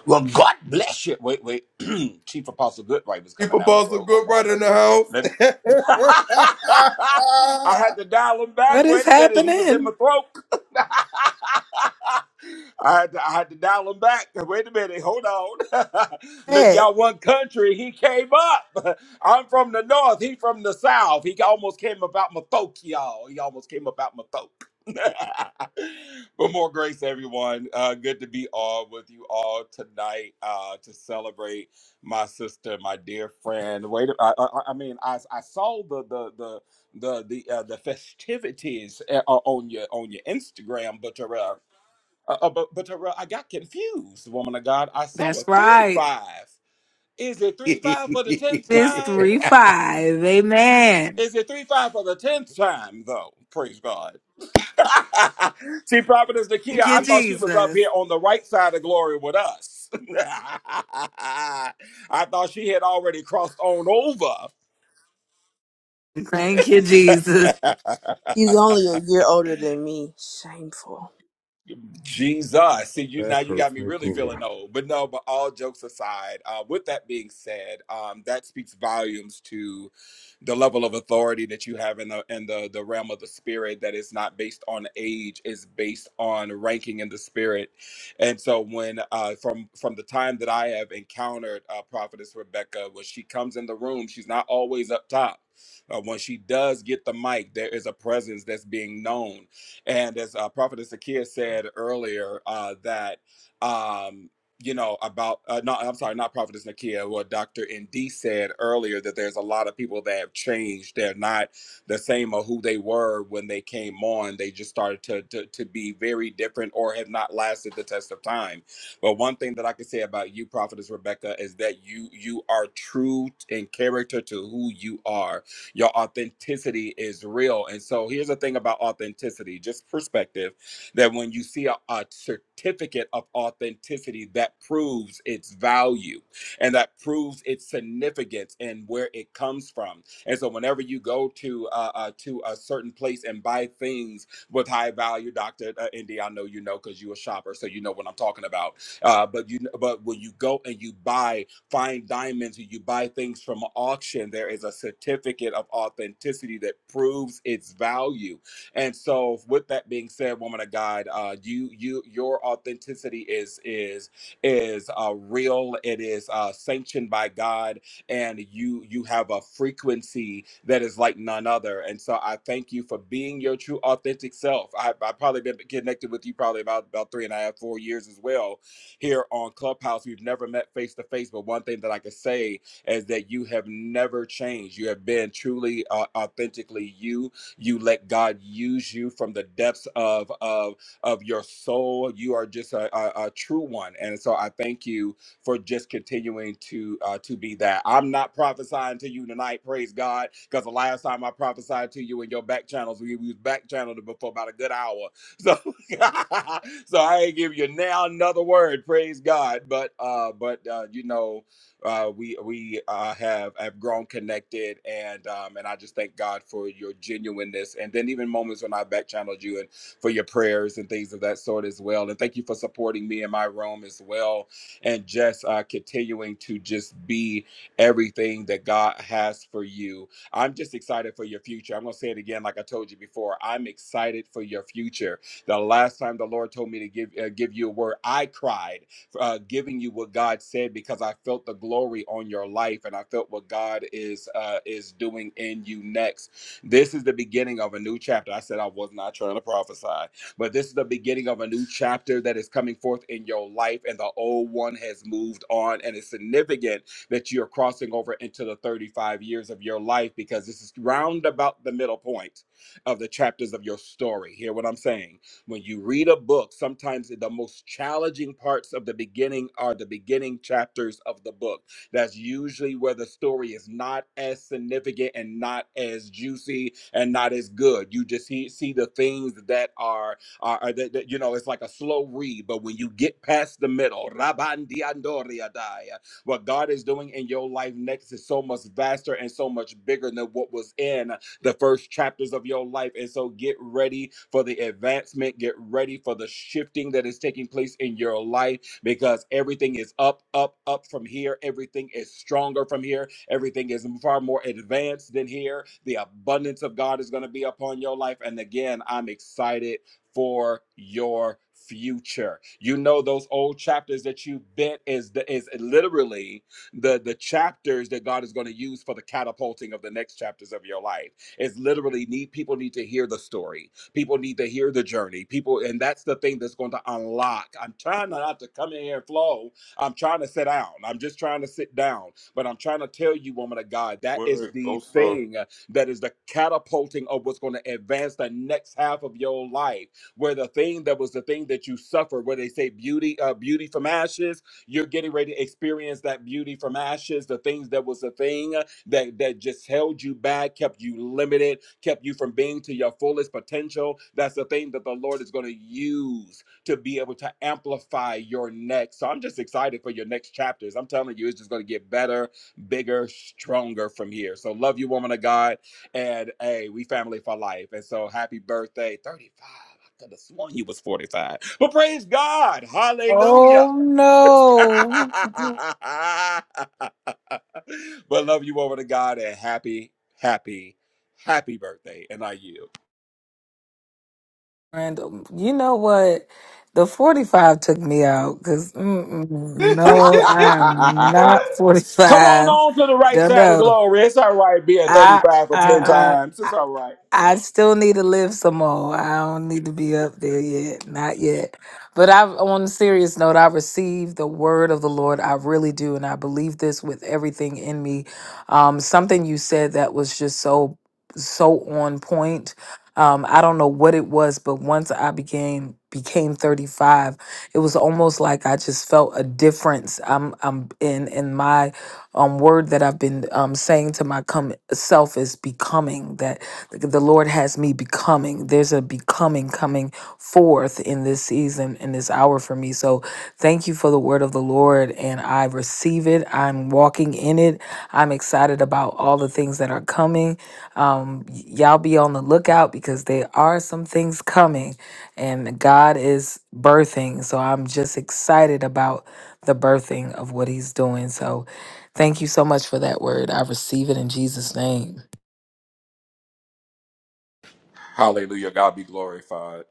Well, God bless you. Wait, wait. Chief Apostle Goodright was coming down my throat. Hold on, let me. Let me. I had to dial him back. What is Wait a minute, he was in my happening? throat. I had to, I had to dial him back. Wait a minute, hold on. Look, Hey, y'all, one country. He came up. I'm from the north. He from the south. He almost came about my throat, y'all. He almost came about my throat. but more grace, everyone. Uh, good to be all with you all tonight uh, to celebrate my sister, my dear friend. Wait, I, I, I mean, I, I saw the the the the the, uh, the festivities uh, on your on your Instagram, but uh, uh, uh, but but uh, I got confused, woman of God. I saw a That's three right. five. Is it three five for the tenth It's time? 3 5. Amen. Is it three five for the tenth time though? Praise God. See, Prophetess Nakia, Thank I you, thought she was up here Jesus. on the right side of glory with us. I thought she had already crossed on over. Thank you, Jesus. He's only a year older than me. Shameful. Jesus. See, you now you got me really feeling old. But no, but all jokes aside, uh, with that being said, um, that speaks volumes to the level of authority that you have in the in the, the realm of the spirit that is not based on age, is based on ranking in the spirit. And so when uh from from the time that I have encountered uh prophetess Rebecca, when she comes in the room, she's not always up top. Uh, when she does get the mic, there is a presence that's being known and as uh, Prophet Zakiya said earlier, uh, that um, you know about uh, not I'm sorry, not Prophetess Nakia, what Dr. ND said earlier that there's a lot of people that have changed. They're not the same or who they were when they came on. They just started to, to to be very different or have not lasted the test of time. But one thing that I can say about you, Prophetess Rebecca, is that you you are true in character to who you are your authenticity is real. And so here's the thing about authenticity, just perspective, that when you see a, a certificate of authenticity that proves its value and that proves its significance and where it comes from. And so whenever you go to uh, uh, to a certain place and buy things with high value, Dr. Uh, Indy, I know you know because you're a shopper, so you know what I'm talking about. Uh, but you but when you go and you buy find diamonds or you buy things from an auction, there is a certificate of authenticity that proves its value. And so, with that being said, woman of God, uh, you you your authenticity is is is uh, real. It is uh, sanctioned by God, and you you have a frequency that is like none other. And so, I thank you for being your true authentic self. I I probably been connected with you probably about about three and a half four years as well here on Clubhouse. We've never met face to face, but one thing that I can say is that you have never changed. You have been truly, uh, authentically you. You let God use you from the depths of of of your soul. You are just a, a, a true one, and so I thank you for just continuing to uh, to be that. I'm not prophesying to you tonight, praise God, because the last time I prophesied to you in your back channels, we, we was back channeled before about a good hour. so I ain't give you now another word. Praise God. But uh, but uh, you know, uh, we we uh, have have grown connected, and um, and I just thank God for your genuineness, and then even moments when I back channeled you and for your prayers and things of that sort as well. And thank you for supporting me in my room as well, and just uh, continuing to just be everything that God has for you. I'm just excited for your future. I'm going to say it again, like I told you before. I'm excited for your future. The last time the Lord told me to give uh, give you a word, I cried, uh, giving you what God said because I felt the glory on your life and I felt what God is uh, is doing in you next. This is the beginning of a new chapter. I said I was not trying to prophesy, but this is the beginning of a new chapter that is coming forth in your life, and the old one has moved on, and it's significant that you're crossing over into the 35 years of your life because this is round about the middle point of the chapters of your story. Hear what I'm saying? When you read a book, sometimes the most challenging parts of the beginning are the beginning chapters of the book. That's usually where the story is not as significant and not as juicy and not as good. You just see, see the things that are are, are that, that, you know it's like a slow read, but when you get past the middle, rabandiandoriadai, what God is doing in your life next is so much vaster and so much bigger than what was in the first chapters of your life. And so get ready for the advancement, get ready for the shifting that is taking place in your life because everything is up, up, up from here. Everything is stronger from here. Everything is far more advanced than here. The abundance of God is going to be upon your life. And again, I'm excited for your future. You know those old chapters that you bent is the, is literally the the chapters that God is going to use for the catapulting of the next chapters of your life is literally need people need to hear the story. People need to hear the journey. People, and that's the thing that's going to unlock. I'm trying not to come in here and flow. I'm trying to sit down. I'm just trying to sit down. But I'm trying to tell you, woman of God, that is the thing that is the catapulting of what's going to advance the next half of your life. Where the thing that was the thing that you suffered, where they say beauty, uh, beauty from ashes, you're getting ready to experience that beauty from ashes. The things that was the thing that, that just held you back, kept you limited, kept you from being to your fullest potential. That's the thing that the Lord is going to use to be able to amplify your next. So I'm just excited for your next chapters. I'm telling you, it's just going to get better, bigger, stronger from here. So love you, woman of God. And hey, we family for life. And so happy birthday, 35. I could have sworn you was 45. But praise God. Hallelujah. Oh, no. but love you over to God and happy, happy, happy birthday. And I yield. Random. You know what? The 45 took me out because no, I am not Come on 45. on to the right No, side of no. glory. It's all right being I, 35 for 10 I, times. I, It's all right. I still need to live some more. I don't need to be up there yet. Not yet. But i on a serious note, I receive the word of the Lord. I really do. And I believe this with everything in me. Um, something you said that was just so so on point. Um, I don't know what it was, but once I became became 35, it was almost like I just felt a difference. I'm I'm in in my um word that I've been um saying to my come self is becoming that the Lord has me becoming. There's a becoming coming forth in this season, in this hour for me. So thank you for the word of the Lord, and I receive it. I'm walking in it. I'm excited about all the things that are coming. Um, y- y'all be on the lookout because there are some things coming, and God is birthing. So I'm just excited about the birthing of what He's doing. So thank you so much for that word. I receive it in Jesus' name. Hallelujah. God be glorified.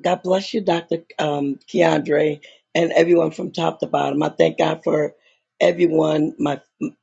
God bless you, Dr. Um, Keandre, and everyone from top to bottom. I thank God for everyone. My,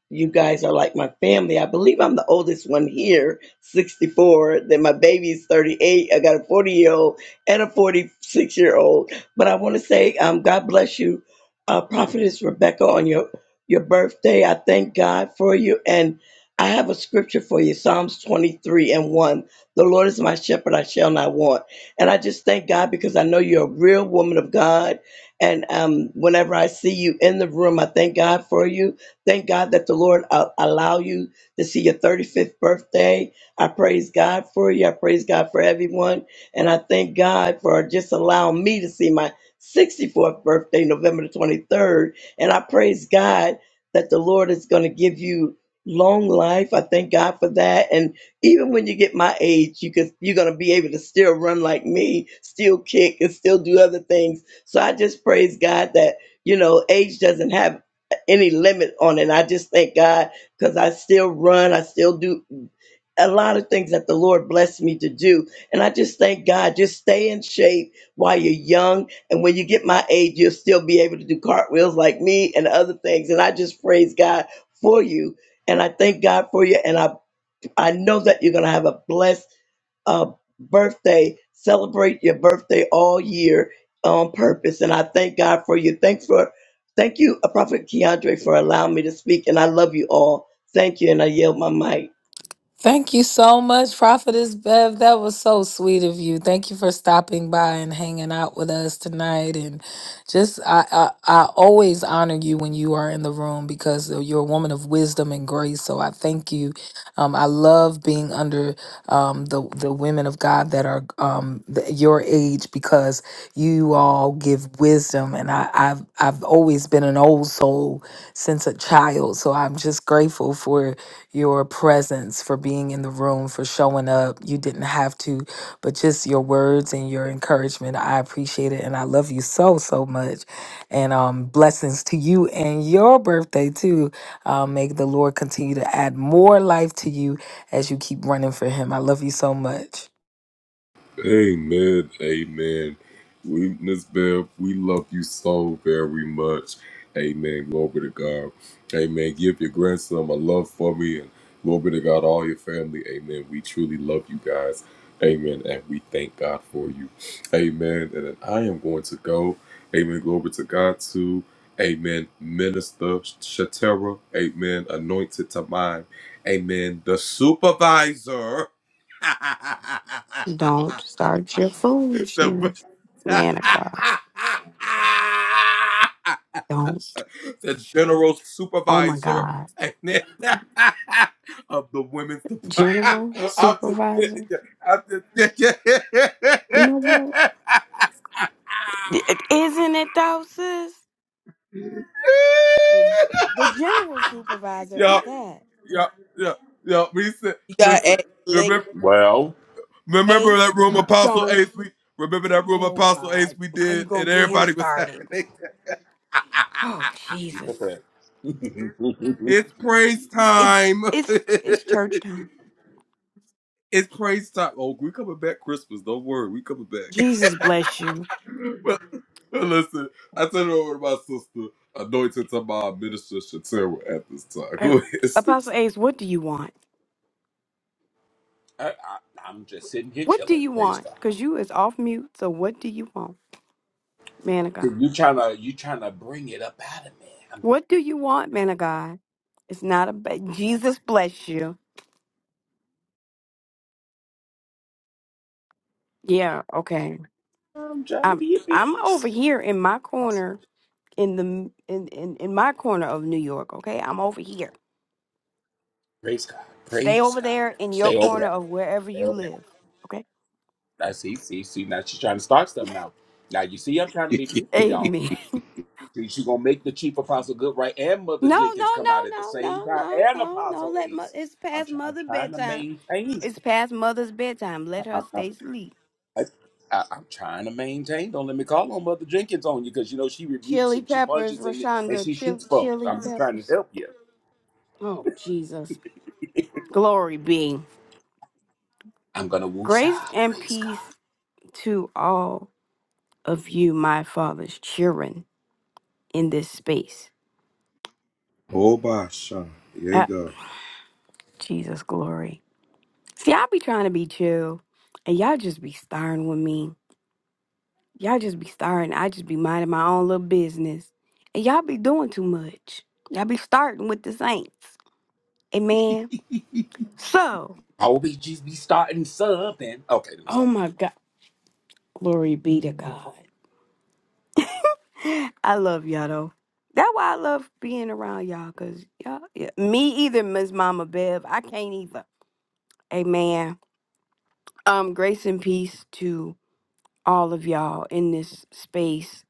you guys are like my family. I believe I'm the oldest one here, 64. Then my baby's 38. I got a 40 year old and a 46 year old. But I want to say, um, God bless you, uh, Prophetess Rebecca, on your your birthday. I thank God for you, and I have a scripture for you, Psalms 23 and 1. The Lord is my shepherd; I shall not want. And I just thank God because I know you're a real woman of God. And um, whenever I see you in the room, I thank God for you. Thank God that the Lord uh, allow you to see your 35th birthday. I praise God for you. I praise God for everyone. And I thank God for just allowing me to see my 64th birthday, November the 23rd. And I praise God that the Lord is going to give you long life. I thank God for that. And even when you get my age, you can you're gonna be able to still run like me, still kick, and still do other things. So I just praise God that you know age doesn't have any limit on it. I just thank God because I still run, I still do a lot of things that the Lord blessed me to do. And I just thank God, just stay in shape while you're young. And when you get my age, you'll still be able to do cartwheels like me and other things. And I just praise God for you. And I thank God for you. And I I know that you're going to have a blessed uh, birthday. Celebrate your birthday all year on purpose. And I thank God for you. Thanks for, thank you, uh, Prophet Keandre, for allowing me to speak. And I love you all. Thank you. And I yield my mic. Thank you so much, Prophetess Bev. That was so sweet of you. Thank you for stopping by and hanging out with us tonight. And just, I, I, I always honor you when you are in the room because you're a woman of wisdom and grace. So I thank you. Um, I love being under um, the the women of God that are um, th- your age because you all give wisdom. And I, I've I've always been an old soul since a child. So I'm just grateful for your presence, for being in the room, for showing up. You didn't have to, but just your words and your encouragement. I appreciate it and I love you so, so much. And um, blessings to you and your birthday too. Uh, may the Lord continue to add more life to you as you keep running for Him. I love you so much. Don't start your foolishness, man of God. Don't. Oh my God. General, supervisor. You know what? D- Isn't it though, sis? The, g- the general supervisor at that. You got to add lick. Well, Ace, don't. Oh God. Now you going to get him started. Oh, be Jesus. prepared. It's, it's, it's church time. Jesus bless you. Uh, Apostle Ace, what do you want? I, I, I'm just sitting here What do chilling. you Praise want? God. Because you is off mute, so what do you want, man of God? You trying to you trying to bring it up out of me. I'm, What do you want, man of God? It's not a ba- Jesus bless you. Yeah, okay. I'm trying to I'm be at I'm peace. over here in my corner in the in, in in my corner of New York, okay? I'm over here. Praise God. Stay Praise over God. there in your Stay over corner there. of wherever Stay you over there. live, okay? I see, see, see. Now she's trying to start stuff now. Now you see, I'm trying to be peaceful, y'all. Amen. See, she's gonna make the chief apostle Goodright and Mother No, Jenkins no, come no, out at the no, same no, time, no, and no, no. Apostle Let mo- Ace. it's I'm, past try- I'm mother's trying to bedtime. maintain. It's past mother's bedtime. Let her I'm, I'm, stay asleep. I- I- I'm trying to maintain. Don't let me call on Mother Jenkins on you because you know she rebukes Chili and she peppers, punches and and Rashonda. she Chili, shoots folks. chili I'm just trying to peppers. help you. Oh Jesus. Glory be. I'm gonna Grace woosah. and Praise God. peace to all of you, my father's children, in this space. Obasha. There you Ah, go. Jesus, glory. See, I be trying to be chill, and y'all just be starring with me. Y'all just be starring. I just be minding my own little business. And y'all be doing too much. Y'all be starting with the saints. Amen. So, I will be just be starting something. Okay, let me oh stop. my God. Glory be to God. I love y'all though. That's why I love being around y'all, cause y'all, yeah. me either, Miss Mama Bev. I can't either. Amen. Um, grace and peace to all of y'all in this space,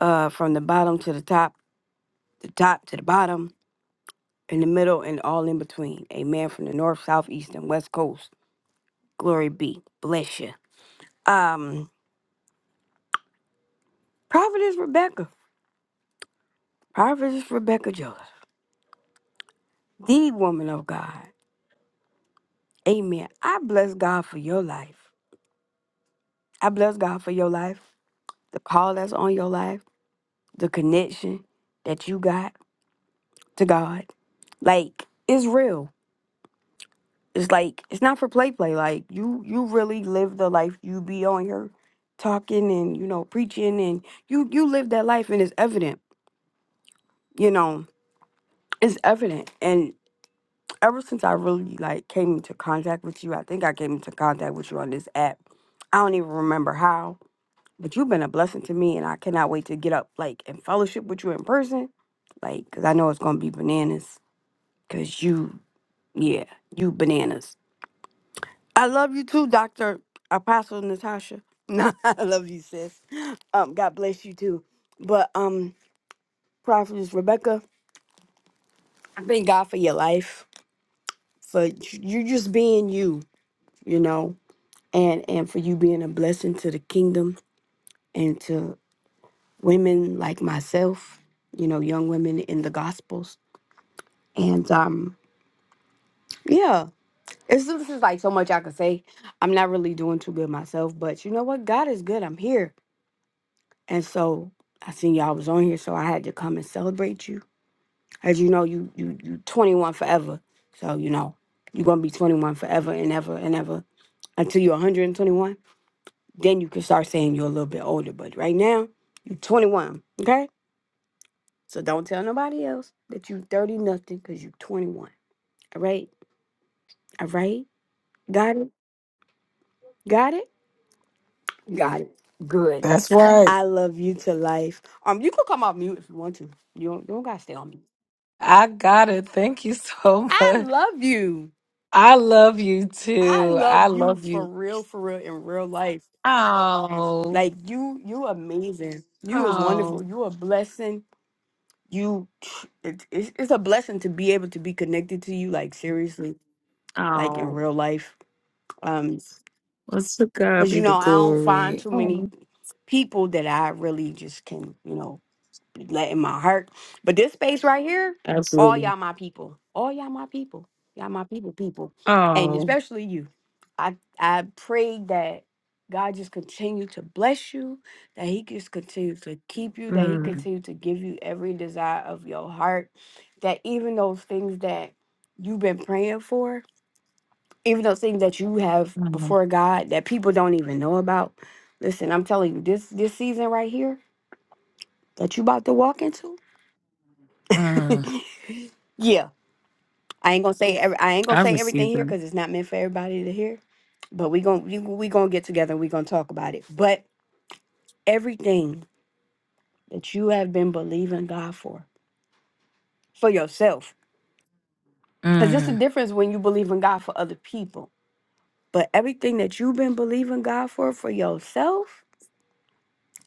uh, from the bottom to the top, the top to the bottom, in the middle, and all in between. Amen. From the north, south, east, and west coast. Glory be. Bless you. Um, Prophetess Rebecca, Prophetess Rebecca Joseph, the woman of God. Amen. I bless God for your life. I bless God for your life, the call that's on your life, the connection that you got to God. Like it's real. It's like it's not for play play. Like you you really live the life you be on here talking and you know preaching and you you live that life and it's evident. You know it's evident. And ever since I really like came into contact with you, I think I came into contact with you on this app. I don't even remember how, But you've been a blessing to me, and I cannot wait to get up like and fellowship with you in person, like because I know it's gonna be bananas. Cause you, yeah, you bananas. I love you too, Doctor Apostle Natasha. Nah, I love you, sis. Um, God bless you too. But um, Prophetess Rebecca, I thank God for your life, for you you just being you, you know, and and for you being a blessing to the kingdom and to women like myself, you know, young women in the Gospels And um, yeah, it's this is like so much I could say. I'm not really doing too good myself, but you know what? God is good. I'm here, and so I seen y'all was on here, so I had to come and celebrate you. As you know, you you you 21 forever, so you know you're gonna be 21 forever and ever and ever until you're 121. Then you can start saying you're a little bit older, but right now you're 21. Okay, so don't tell nobody else that you 30 nothing because you're 21. All right, all right, got it, got it. Got it. Good. That's right. I love you to life. Um, you can come off mute if you want to. You don't, you don't gotta stay on mute. I got it. Thank you so I much. love you. I love you I too. love I you love for you. real, for real, in real life. Oh, Like you, you amazing. You is wonderful. oh, You a blessing. You, it, it's, it's a blessing to be able to be connected to you. Like seriously, like oh. in real life. Um, Well, to God cause you be the know I don't find glory. too many Oh, people that I really just can, you know, letting my heart. But this space right here, all absolutely. y'all my people. All y'all my people. Y'all my people, people. And Oh, especially you. I I pray that God just continue to bless you, that He just continue to keep you, that He mm, continue to give you every desire of your heart. That even those things that you've been praying for, even those things that you have mm, before God that people don't even know about. Listen, I'm telling you, this this season right here that you about to walk into. mm. Yeah, I ain't gonna say every, I ain't gonna I say everything received here that. because it's not meant for everybody to hear. But we gonna we, we gonna get together and we gonna talk about it. But everything that you have been believing God for for yourself, because it's a Mm, difference when you believe in God for other people. But everything that you've been believing God for for yourself,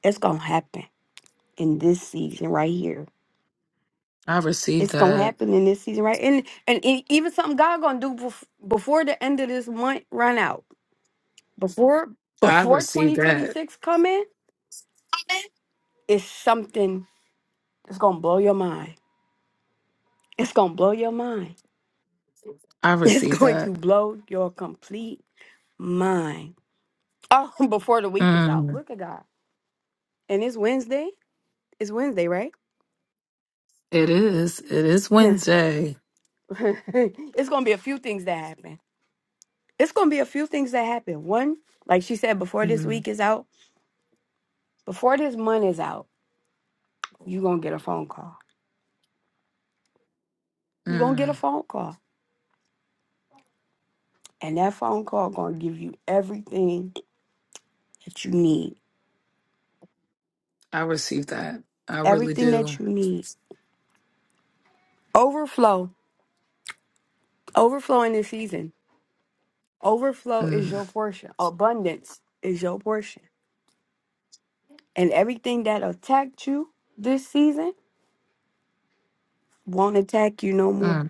it's gonna happen in this season right here. I received It's gonna that. happen in this season right, and and e- even something God gonna do bef- before the end of this month run out. Before I before received that. 2026 come in, it's something that's gonna blow your mind. It's gonna blow your mind. I It's received going to that. blow your complete mind. Oh, before the week is out. Mm. Look at God. And it's Wednesday. It's Wednesday, right? It is. It is Wednesday. it's gonna be a few things that happen. It's gonna be a few things that happen. One, like she said, before this Mm, week is out, before this month is out, you're gonna get a phone call. You're gonna get a mm. phone call. And that phone call gonna give you everything that you need I received that. I really everything that do. you need. Overflow, overflow in this season. Overflow is Mm, your portion. Abundance is your portion. And everything that attacked you this season won't attack you no more. mm, mm,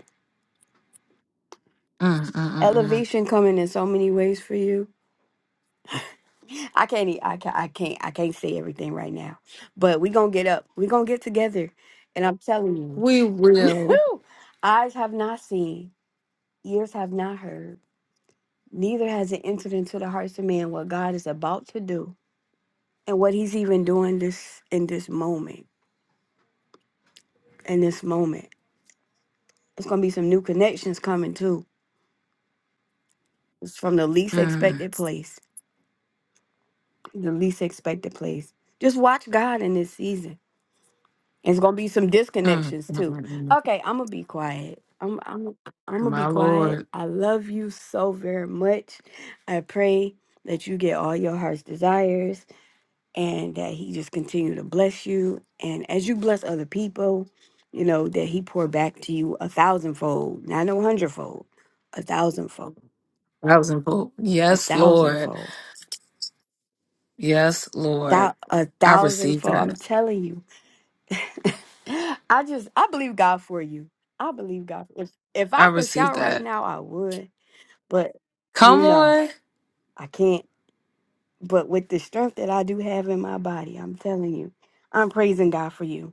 mm, mm, mm. Elevation coming in so many ways for you. I can't. e- I can't. I can't. I can't say everything right now. But we gonna get up. We gonna get together. And I'm telling you, We will. Whew. eyes have not seen, ears have not heard, neither has it entered into the hearts of man what God is about to do and what he's even doing this in this moment in this moment it's gonna be some new connections coming too it's from the least Mm, expected place the least expected place just watch god in this season it's gonna be some mm, disconnections mm, too mm, mm. okay i'm gonna be quiet i'm i'm i'm gonna be My quiet Lord. i love you so very much i pray that you get all your heart's desires and that he just continue to bless you and as you bless other people you know that he pour back to you a thousandfold not a hundredfold a thousandfold Thousandfold. a Yes, Lord. thousandfold Yes, Lord. thou- a I receive thousandfold i'm that. telling you i just i believe god for you i believe god if, if I i could receive shout right that. now i would but you Come know on. i can't but with the strength that i do have in my body i'm telling you i'm praising god for you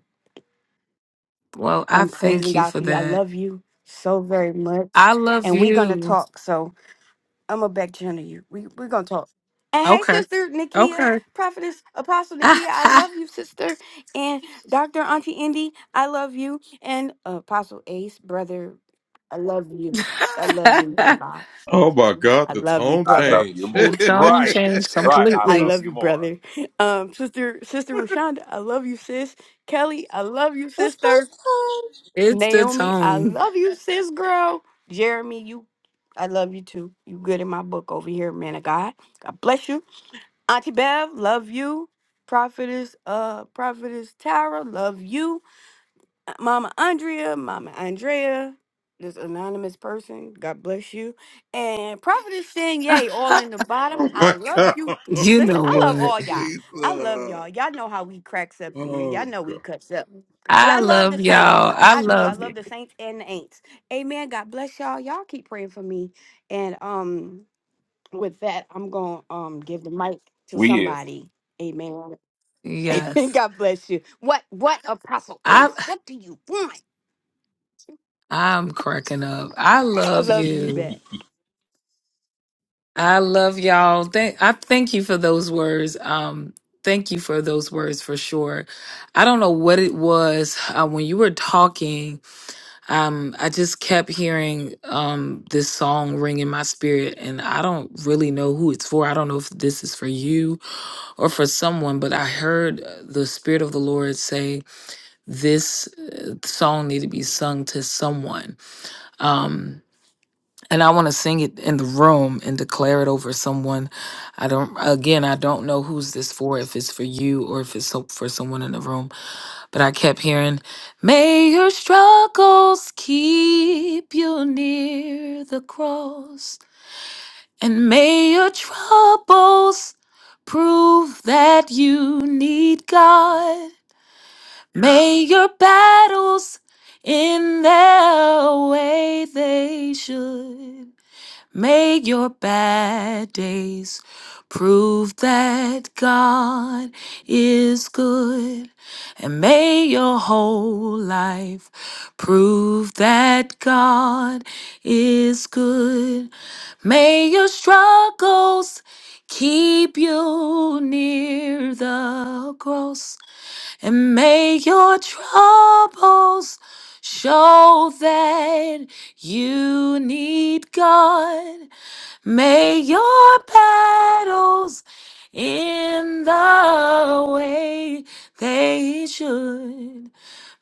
Well, I I'm praising thank you God for for you. I that. love you so very much. I love And we're gonna you. talk. So I'm gonna back channel you. We we're gonna talk. And hey, Okay. sister Nikia, Okay. prophetess, apostle Nikia, I the love you, sister. And Dr. Auntie Indy, I love you. And Apostle Ace, brother, I love you. I love you, man of God. I love you, I brother. love you more. tone Right, changed right. I I completely. love love you you, more. brother. Um, sister, sister Rashonda, I love you, sis. Kelly, I love you, It's sister. post time. It's the Naomi, I tone. love you, sis girl. Jeremy, you I love you too. You good in my book over here, man of God. God bless you. Auntie Bev, love you. Prophetess, uh, Prophetess Tara, love you. Mama Andrea, Mama Andrea, this anonymous person, God bless you. And Prophetess Yay, all in the bottom. I love you. you Listen, know I love what? all y'all. I love Jesus. y'all. Y'all know how we cracks up in here. Y'all know we cuts up. But I I love the love y'all. saints. I I do. I love you. love the saints and the ain'ts. Amen. God bless y'all. Y'all keep praying for me. And um with that, I'm gonna um give the mic to We is somebody. Amen. Amen. Yes. God bless you. What what apostle I ace? What do you want? I'm cracking up. I I love love you you. back. I love y'all. Thank I thank you for those words. Um, thank you for those words for sure. I don't know what it was uh, when you were talking. Um, I just kept hearing um this song ring in my spirit, and I don't really know who it's for. I don't know if this is for you or for someone, but I heard uh, the spirit of the Lord say this uh, song need to be sung to someone. Um, and I want to sing it in the room and declare it over someone. I don't, again, I don't know who's this for, if it's for you or if it's so- for someone in the room, but I kept hearing, May your struggles keep you near the cross, and may your troubles prove that you need God. May your battles in their way they should. Make your bad days prove that God is good. And may your whole life prove that God is good. May your struggles keep you near the cross and make your troubles show that you need God. May your battles in the way they should.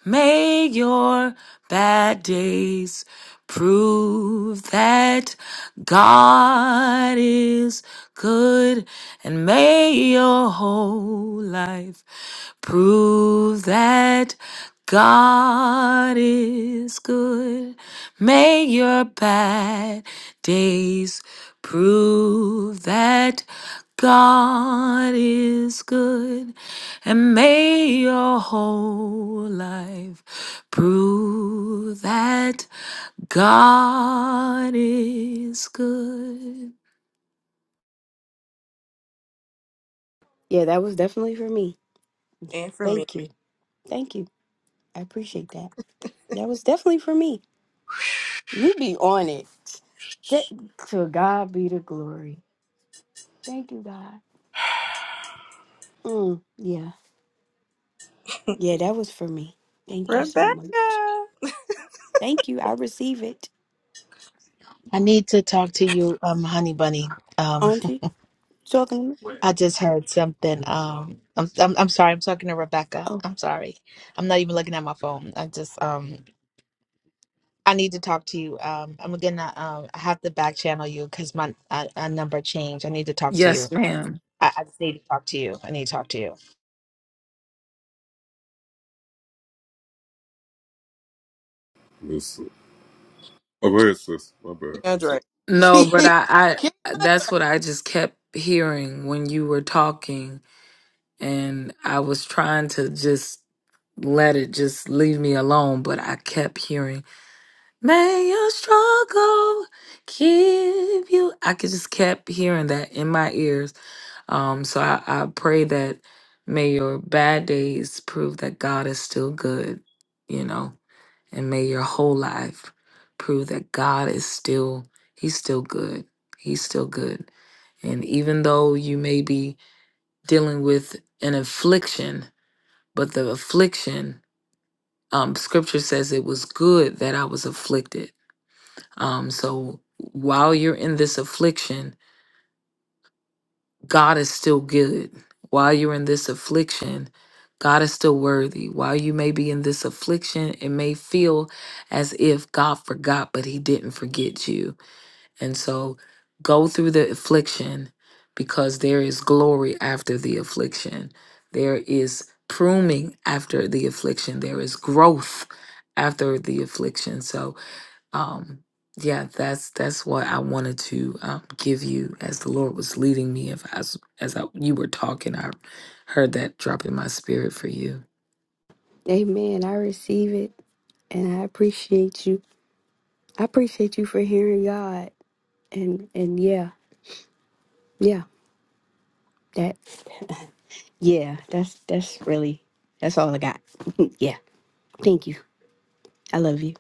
May your bad days prove that God is good, and may your whole life prove that God is good. May your bad days Prove that God is good and may your whole life prove that God is good. Yeah, that was definitely for me. And for me, Thank you. Thank you. I appreciate that. That was definitely for me. You be on it. That, to God be the glory. Thank you, God. Mm, yeah. Yeah, that was for me. Thank you so Rebecca. much. Thank you. I receive it. I need to talk to you, um, honey bunny. Um, Auntie, talking to you. I just heard something. Um, I'm, I'm I'm sorry. I'm talking to Rebecca. Oh, I'm sorry. I'm not even looking at my phone. I just um, I need to talk to you. Um, I'm gonna um, I have to back channel you because my uh, uh, number changed. I need to talk to you. Yes, ma'am. I, I just need to talk to you. I need to talk to you. Keandre. No, but I, I that's what I just kept hearing when you were talking and I was trying to just let it just leave me alone, but I kept hearing May your struggle keep you. I could just kept hearing that in my ears. Um, so I, I pray that may your bad days prove that God is still good, you know, and may your whole life prove that God is still, He's still good. He's still good. And even though you may be dealing with an affliction, but the affliction, um, scripture says it was good that I was afflicted um, so while you're in this affliction, God is still good. While you're in this affliction, God is still worthy. While you may be in this affliction, it may feel as if God forgot, but He didn't forget you. And so go through the affliction because there is glory after the affliction. There is pruning after the affliction. There is growth after the affliction. So um yeah that's that's what i wanted to um, give you as the lord was leading me if as as I, you were talking i heard that drop in my spirit for you amen. I receive it and I appreciate you. I appreciate you for hearing God. And and yeah, yeah. That. Yeah, that's that's really that's all I got. yeah. Thank you. I love you.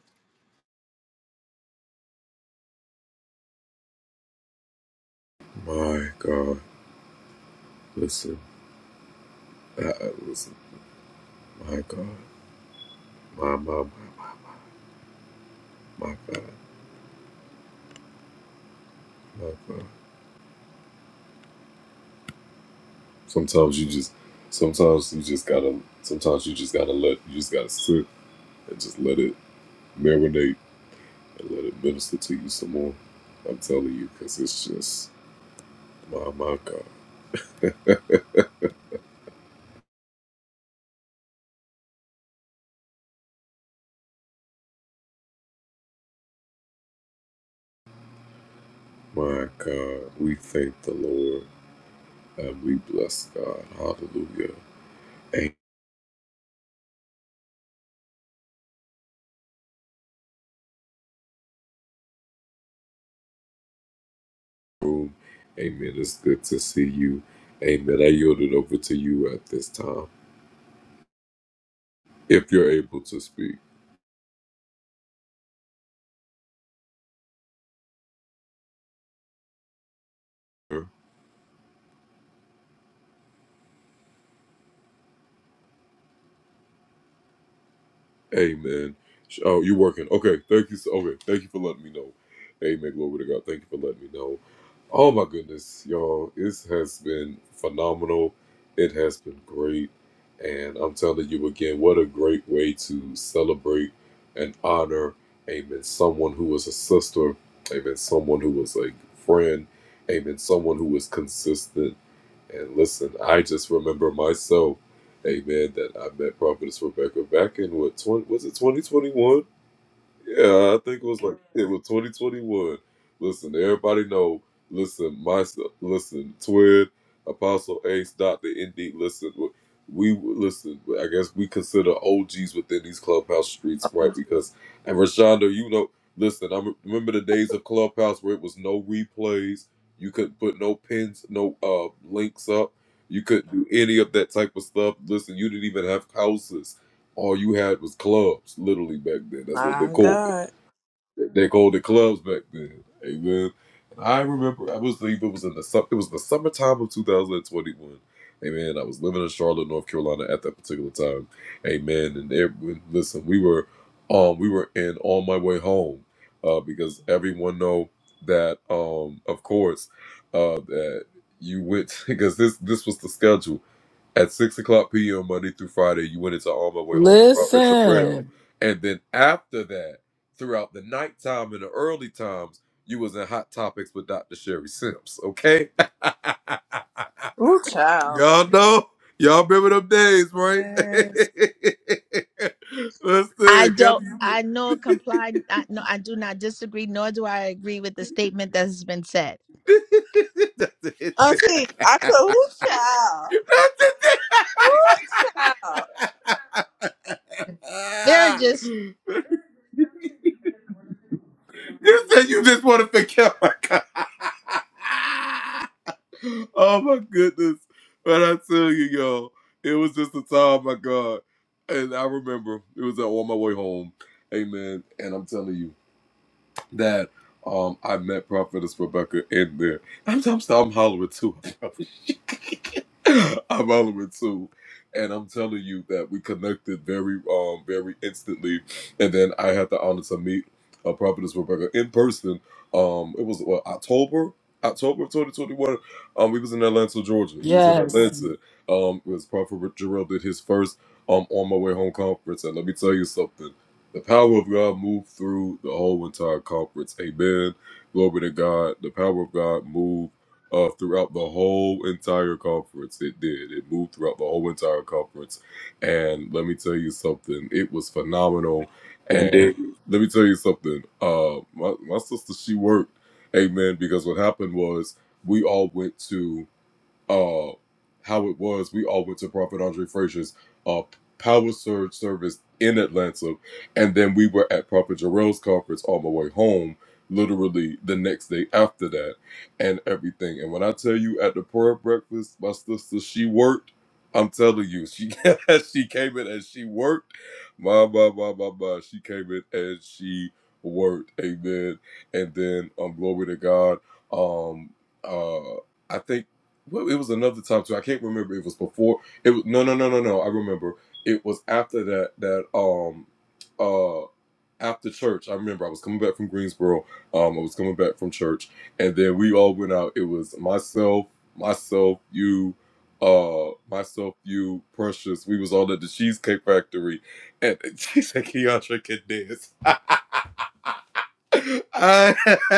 Oh my God. Listen, Ooh, child. Yes. I don't. I know comply. I, no, I do not disagree, nor do I agree with the statement that has been said. Auntie, I could. Ooh, child. Ooh, child. There are just. yes. indeed.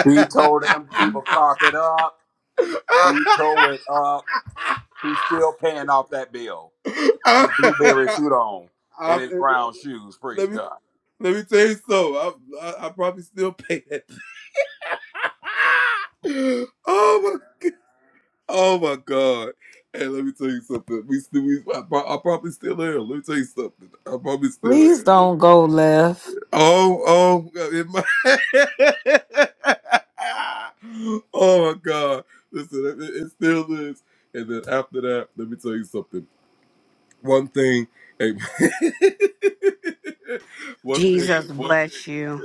He told them people carp it up. He tore it up. He's still paying off that bill. His blueberry suit on and his brown shoes. Praise God. Please don't go left. Jesus bless you.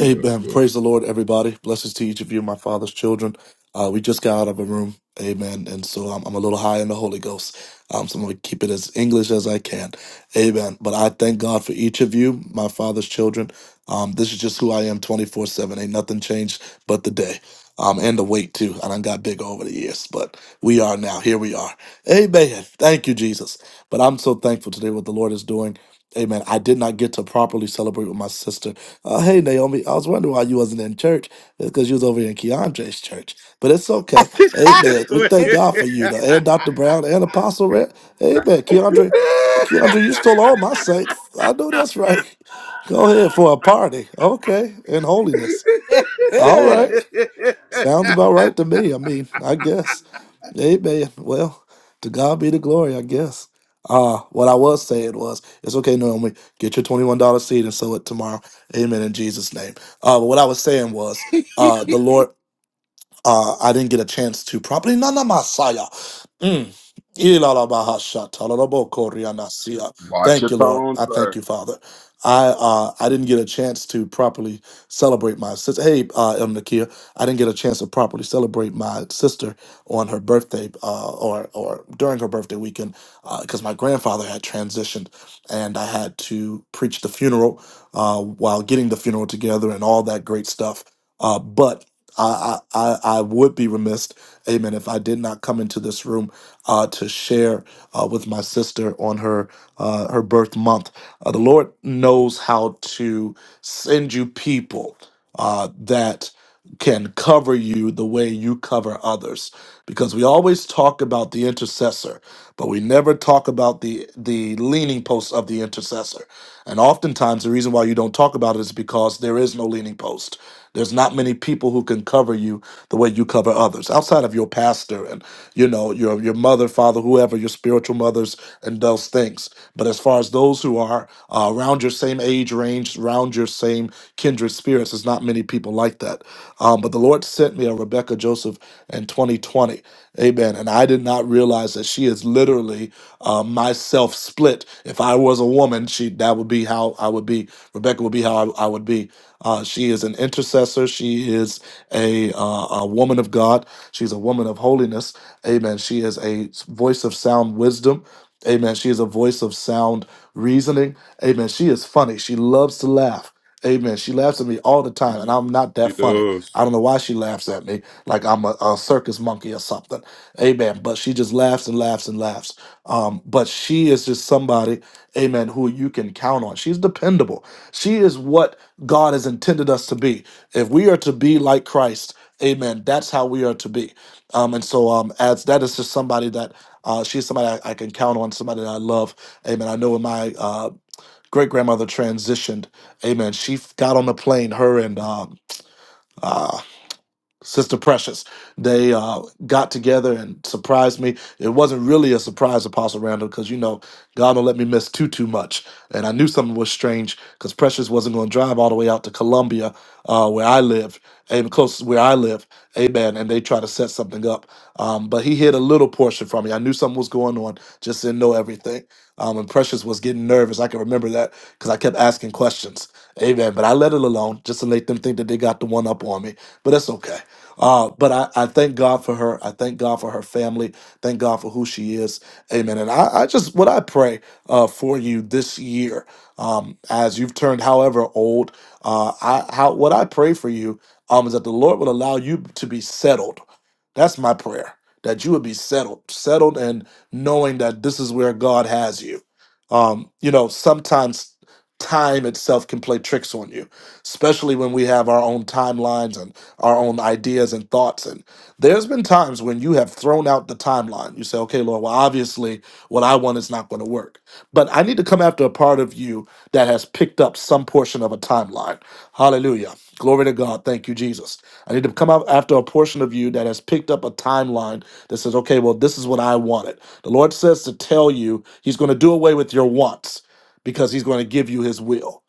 Amen. Praise the Lord, everybody. Blessings to each of you, my father's children. Uh, we just got out of a room. Amen. And so I'm, I'm a little high in the Holy Ghost. Um, so I'm going to keep it as English as I can. Amen. But I thank God for each of you, my father's children. Um, this is just who I am 24 7. Ain't nothing changed but the day. Um, and the weight too. I done got big over the years, but we are now. Here we are. Amen. Thank you, Jesus. But I'm so thankful today what the Lord is doing. Amen. I did not get to properly celebrate with my sister uh, hey Naomi, I was wondering why you wasn't in church. It's because you was over in Keandre's church. But it's okay. Amen. We thank keandre God for you, though. And Dr. Brown and Apostle Red. Amen. Keandre, Keandre, you stole all my saints. I know that's right. Go ahead for a party. Okay. In holiness. All right. Sounds about right to me. I mean, I guess. Amen. Well, to God be the glory, I guess. Uh, what I was saying was, it's okay, Naomi, get your $21 seed and sow it tomorrow. Amen in Jesus' name. Uh, but what I was saying was, uh, the Lord, uh, I didn't get a chance to properly. Nana Masaya. Mm. Ilalabahashatalabokorianasia. Watch Thank your you, Lord. tone, I thank sir. you, Father. I uh, I didn't get a chance to properly celebrate my sister. Hey, uh, El Nakia, I didn't get a chance to properly celebrate my sister on her birthday uh, or or during her birthday weekend because my grandfather had transitioned and I had to preach the funeral uh, while getting the funeral together and all that great stuff. Uh, but I, I, I I would be remiss, amen, if I did not come into this room uh, to share uh, with my sister on her uh, her birth month. Uh, the Lord knows how to send you people uh, that can cover you the way you cover others, because we always talk about the intercessor, but we never talk about the the leaning post of the intercessor. And oftentimes, the reason why you don't talk about it is because there is no leaning post. There's not many people who can cover you the way you cover others, outside of your pastor and you know your your mother, father, whoever, your spiritual mothers and those things. But as far as those who are uh, around your same age range, around your same kindred spirits, there's not many people like that. Um, but the Lord sent me a Rebecca Joseph in 2020, Amen. And I did not realize that she is literally uh, myself split. If I was a woman, she that would be how I would be. Rebecca would be how I, I would be. Uh, she is an intercessor. She is a, uh, a woman of God. She's a woman of holiness. Amen. She is a voice of sound wisdom. Amen. She is a voice of sound reasoning. Amen. She is funny. She loves to laugh. Amen. She laughs at me all the time, and I'm not that funny. I don't know why she laughs at me like I'm a, a circus monkey or something. Amen. But she just laughs and laughs and laughs. Um, but she is just somebody, amen, who you can count on. She's dependable. She is what God has intended us to be. If we are to be like Christ, amen, that's how we are to be. Um, and so um, as that is just somebody that uh, she's somebody I, I can count on, somebody that I love. Amen. I know when my uh, great grandmother transitioned, amen, she f- got on the plane, her and um, uh, Sister Precious. They uh, got together and surprised me. It wasn't really a surprise, Apostle Randall, because you know God don't let me miss too too much. And I knew something was strange because Precious wasn't going to drive all the way out to Columbia, uh, where I live, amen, close to where I live, amen. And they try to set something up, um, but he hid a little portion from me. I knew something was going on, just didn't know everything. Um, and Precious was getting nervous. I can remember that because I kept asking questions. Amen. But I let it alone just to let them think that they got the one up on me. But that's okay. Uh, but I, I thank God for her. I thank God for her family. Thank God for who she is. Amen. And I, I just, what I pray uh, for you this year, um, as you've turned however old, uh, I, how, what I pray for you um, is that the Lord will allow you to be settled that's my prayer that you would be settled, settled, and knowing that this is where God has you. Um, you know, sometimes time itself can play tricks on you, especially when we have our own timelines and our own ideas and thoughts. And there's been times when you have thrown out the timeline. You say, okay, Lord, well, obviously what I want is not going to work. But I need to come after a part of you that has picked up some portion of a timeline. Hallelujah. Glory to God. Thank you, Jesus. I need to come out after a portion of you that has picked up a timeline that says, okay, well, this is what I wanted. The Lord says to tell you, He's going to do away with your wants because He's going to give you His will.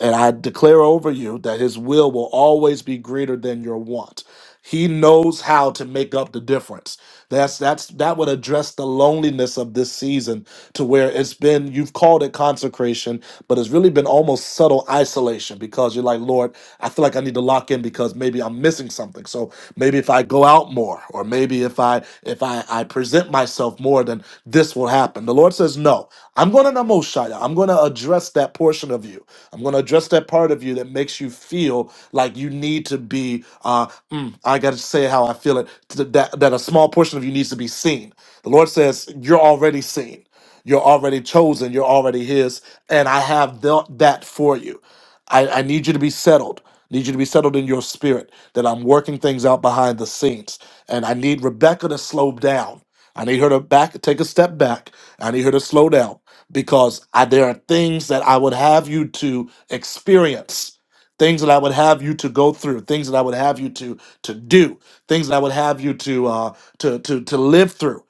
And I declare over you that His will will always be greater than your want. He knows how to make up the difference. That's that's that would address the loneliness of this season to where it's been you've called it consecration, but it's really been almost subtle isolation because you're like, Lord, I feel like I need to lock in because maybe I'm missing something. So maybe if I go out more, or maybe if I if I, I present myself more, then this will happen. The Lord says, No, I'm gonna Namoshaya. I'm gonna address that portion of you. I'm gonna address that part of you that makes you feel like you need to be. Uh, mm, I got to say how I feel it, th- that, that a small portion of you needs to be seen. The Lord says, You're already seen. You're already chosen. You're already His. And I have th- that for you. I, I need you to be settled. Need you to be settled in your spirit that I'm working things out behind the scenes. And I need Rebecca to slow down. I need her to back take a step back. I need her to slow down because I, there are things that I would have you to experience things that I would have you to go through, things that I would have you to to do, things that I would have you to uh, to to to live through.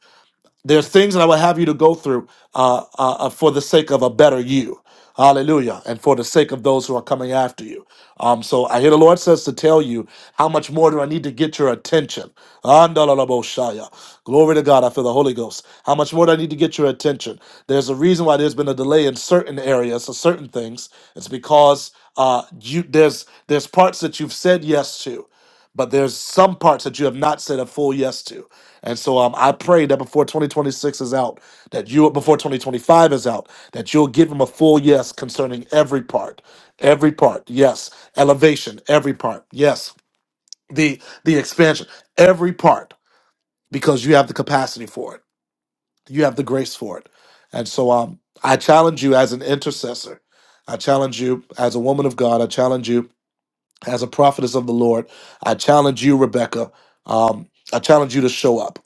There's things that I would have you to go through uh, uh, uh, for the sake of a better you. Hallelujah. And for the sake of those who are coming after you. Um, so I hear the Lord says to tell you, how much more do I need to get your attention? Andalalaboshaya. Glory to God. I feel the Holy Ghost. How much more do I need to get your attention? There's a reason why there's been a delay in certain areas or certain things. It's because uh, you, there's, there's parts that you've said yes to but there's some parts that you have not said a full yes to. And so um, I pray that before 2026 is out, that you before 2025 is out, that you'll give him a full yes concerning every part, every part. Yes, elevation, every part. Yes, the the expansion, every part, because you have the capacity for it. You have the grace for it. And so um, I challenge you as an intercessor. I challenge you as a woman of God. I challenge you as a prophetess of the Lord, I challenge you, Rebecca. Um, I challenge you to show up.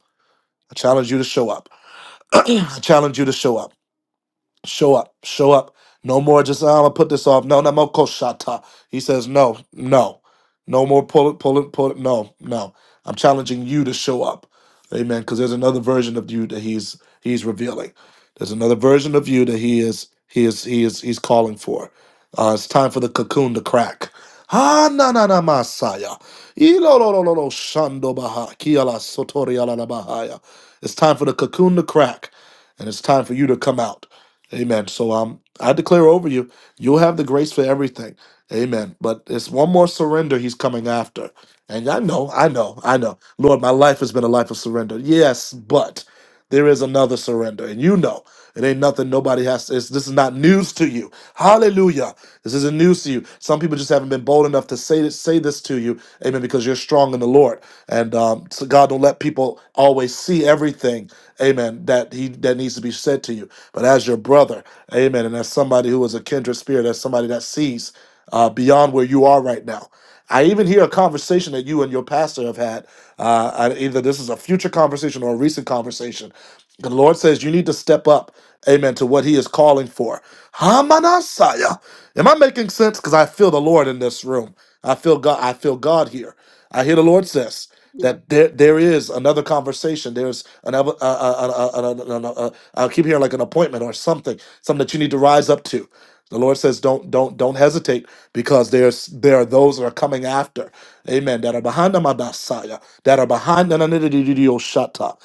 I challenge you to show up. I challenge you to show up. Show up, show up. No more just oh, I'm gonna put this off. No, no more koshata. He says no, no, no more pull it, pull it, pull it. No, no. I'm challenging you to show up, amen. Because there's another version of you that he's he's revealing. There's another version of you that he is he is he is he's calling for. Uh, it's time for the cocoon to crack. Ah, na na na masaya. Ilo lo lo lo lo shando baha kiala sotori ala la bahaya. It's time for the cocoon to crack, and it's time for you to come out. Amen. So um, I declare over you, you'll have the grace for everything. Amen. But it's one more surrender he's coming after. And I know, I know, I know. Lord, my life has been a life of surrender. Yes, but there is another surrender. And you know, it ain't nothing nobody has to, it's, this is not news to you. Hallelujah. This isn't news to you. Some people just haven't been bold enough to say this, say this to you. Amen. Because you're strong in the Lord support. And um, so God don't let people always see everything, amen, that he that needs to be said to you. But as your brother, amen, and as somebody who is a kindred spirit, as somebody that sees uh, beyond where you are right now. I even hear a conversation that you and your pastor have had. Uh, I- either this is a future conversation or a recent conversation. The Lord says you need to step up, amen, to what He is calling for. Hamanasaya. Am I making sense? Because I feel the Lord in this room. I feel God. I feel God here. I hear the Lord says that there there is another conversation. There's another. Uh, uh, uh, uh, uh, uh, uh, uh, uh, I keep hearing like an appointment or something, something that you need to rise up to. The Lord says, "Don't, don't, don't hesitate, because there's there are those that are coming after, Amen. That are behind the Messiah, that are behind the Nanidididioshata,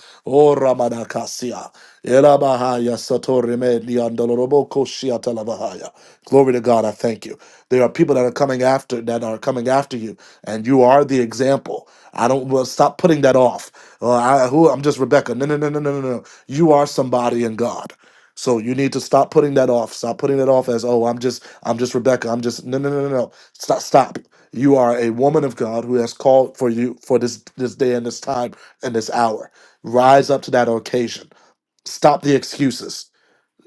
Basia. Erabahaya Satorime Diandoloroboko Shiatalabahaya. Glory to God, I thank you. There are people that are coming after that are coming after you, and you are the example. I don't well, stop putting that off. Uh, I, who I'm just Rebecca. No, no, no, no, no, no, no. You are somebody in God. So you need to stop putting that off. Stop putting it off as oh I'm just I'm just Rebecca. I'm just no no no no no. Stop stop. You are a woman of God who has called for you for this this day and this time and this hour. Rise up to that occasion. Stop the excuses.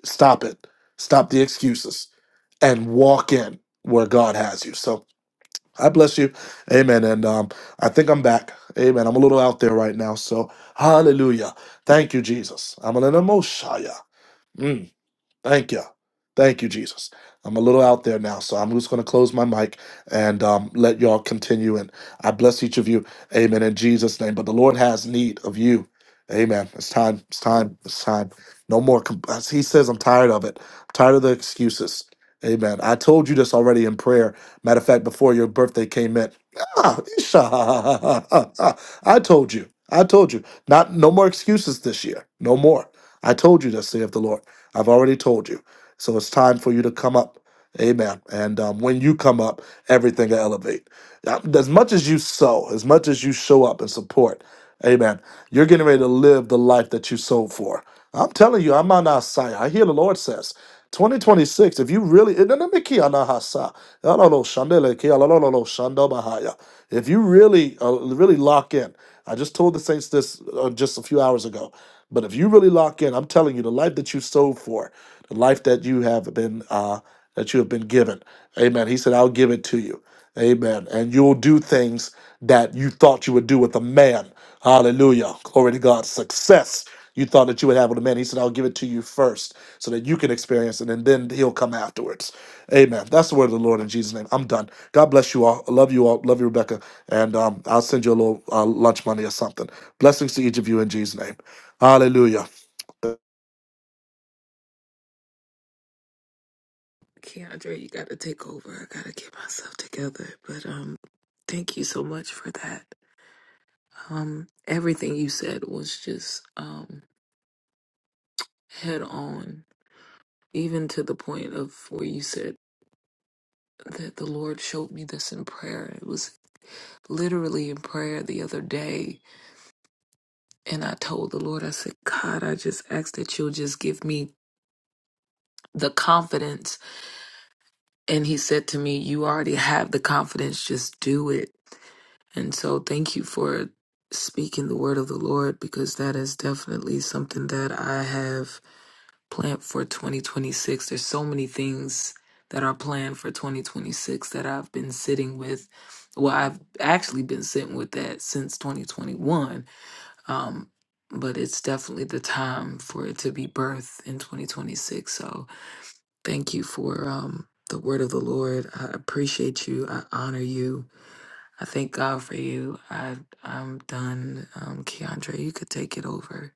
Stop it. Stop the excuses and walk in where God has you. So I bless you. Amen. And um, I think I'm back. Amen. I'm a little out there right now. So hallelujah. Thank you, Jesus. I'm an emotion. Thank you. Thank you, Jesus. I'm a little out there now, so I'm just going to close my mic and um, let y'all continue. And I bless each of you. Amen. In Jesus' name. But the Lord has need of you. Amen. It's time. It's time. It's time. No more. com- As he says, I'm tired of it. I'm tired of the excuses. Amen. I told you this already in prayer. Matter of fact, before your birthday came in, Ah, I told you. I told you. Not no more excuses this year. No more. I told you that, saith the Lord. I've already told you. So it's time for you to come up. Amen. And um, when you come up, everything will elevate. Uh, As much as you sow, as much as you show up and support, amen, you're getting ready to live the life that you sold for. I'm telling you, I'm on our side. I hear the Lord says, 2026, if you really, eh, no, no, me key on our side. No, no, no, shande le key, no, no, no, no, shando bahaya. if you really, uh, really lock in, I just told the saints this uh, just a few hours ago, but if you really lock in, I'm telling you, the life that you sowed for, the life that you have been, uh, that you have been given, amen. He said, I'll give it to you, amen. And you'll do things that you thought you would do with a man. Hallelujah. Glory to God. Success. You thought that you would have with a man. He said, I'll give it to you first so that you can experience it and then he'll come afterwards. Amen. That's the word of the Lord in Jesus' name. I'm done. God bless you all. I love you all. Love you, Rebecca. And um, I'll send you a little uh, lunch money or something. Blessings to each of you in Jesus' name. Hallelujah. you gotta take over i gotta get myself together but um thank you so much for that um everything you said was just um head on even to the point of where you said that the Lord showed me this in prayer. It was literally in prayer the other day. And I told the Lord, I said, God, I just ask that you'll just give me the confidence. And He said to me, You already have the confidence, just do it. And so thank you for speaking the word of the Lord because that is definitely something that I have. planned for 2026. There's so many things that are planned for 2026 that I've been sitting with. Well, I've actually been sitting with that since 2021. Um, but it's definitely the time for it to be birthed in 2026. So thank you for um, the word of the Lord. I appreciate you. I honor you. I thank God for you. I, I'm done. Um, Keandre, you could take it over.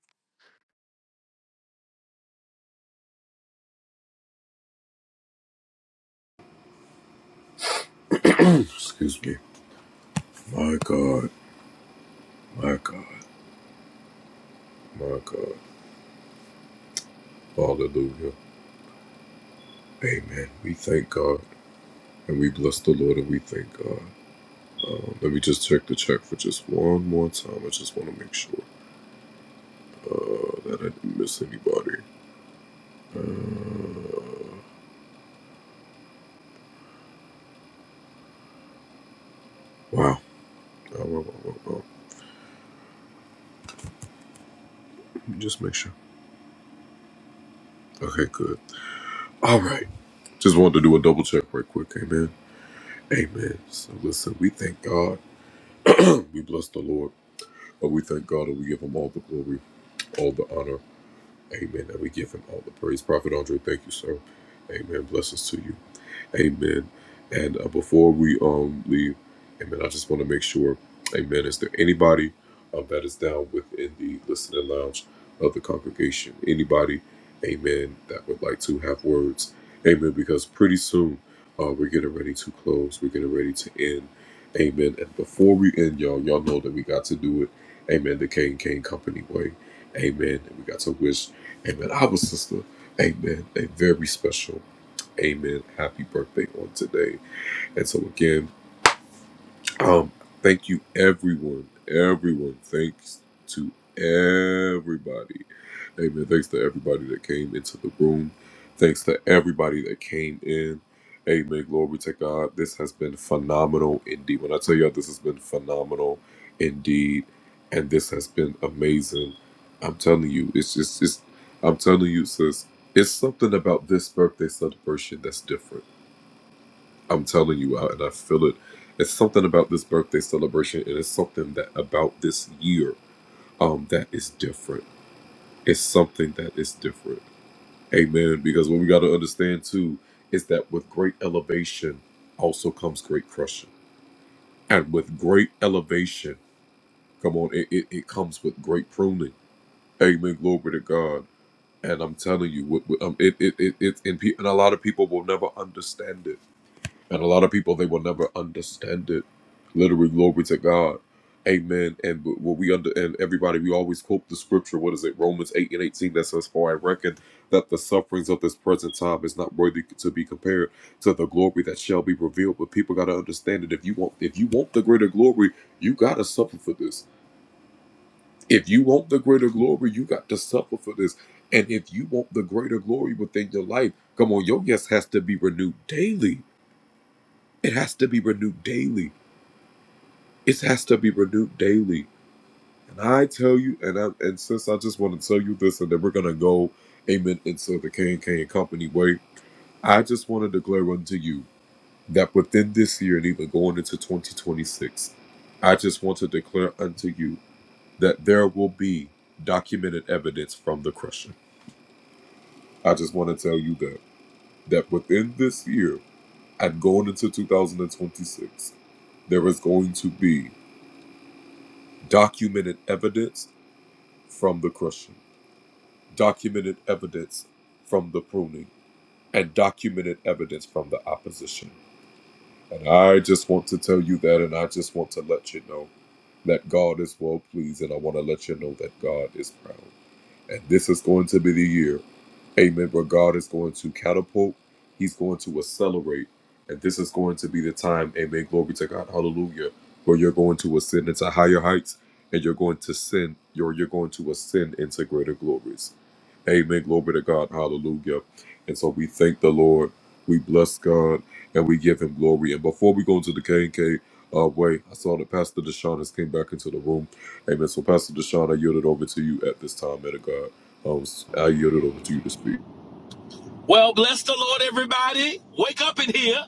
Well, bless the Lord, everybody. Wake up in here.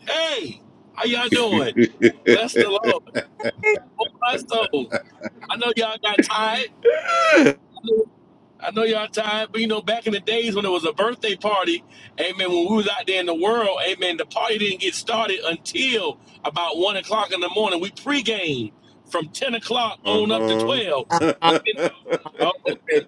Hey, how y'all doing? Bless the Lord. Oh, my soul. I know y'all got tired. I know y'all tired, but you know, back in the days when it was a birthday party, amen, when we was out there in the world, amen, the party didn't get started until about 1 o'clock in the morning. We pregame from 10 o'clock on up to Uh-huh. 12. Uh-uh. Oh, okay.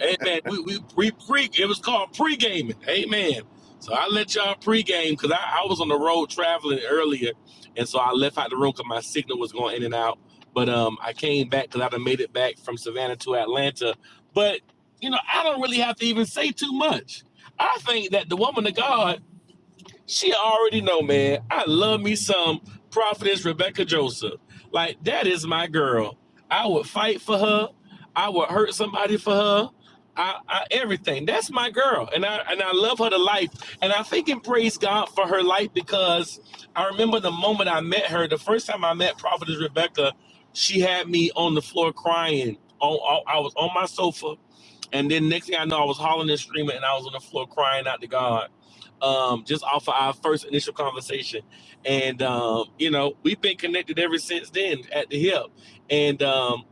Amen. We we we pre it was called pre gaming. Amen. So I let y'all pre game because I, I was on the road traveling earlier, and so I left out the room because my signal was going in and out. But um, I came back because i done made it back from Savannah to Atlanta. But you know, I don't really have to even say too much. I think that the woman of God she already know, man. I love me some prophetess Rebecca Joseph. Like that is my girl. I would fight for her. I would hurt somebody for her. I, I everything. That's my girl, and I and I love her to life. And I think and praise God for her life because I remember the moment I met her. The first time I met prophetess Rebecca, she had me on the floor crying. On, on I was on my sofa and then next thing I know, I was hollering and screaming, and I was on the floor crying out to God, um, just off of our first initial conversation. And um, you know, we've been connected ever since then at the hip. And um,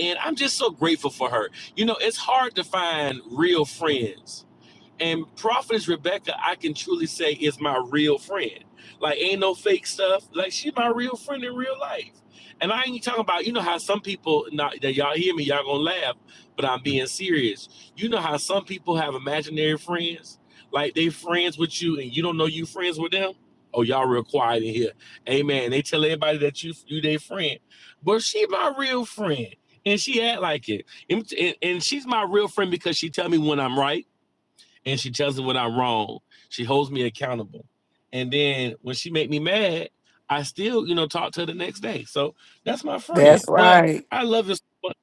and I'm just so grateful for her. You know, it's hard to find real friends and Prophetess Rebecca, I can truly say, is my real friend. Like, ain't no fake stuff. Like, she's my real friend in real life. And I ain't talking about, you know how some people, not that y'all hear me, y'all gonna laugh, but I'm being serious. You know how some people have imaginary friends? Like, they friends with you and you don't know you friends with them? Oh, y'all real quiet in here. Amen. They tell everybody that you you their friend. But she my real friend. And she act like it. And, and and she's my real friend because she tell me when I'm right and she tells me when I'm wrong. She holds me accountable. And then when she make me mad, I still, you know, talk to her the next day. So that's my friend. That's But right. I love her. So much.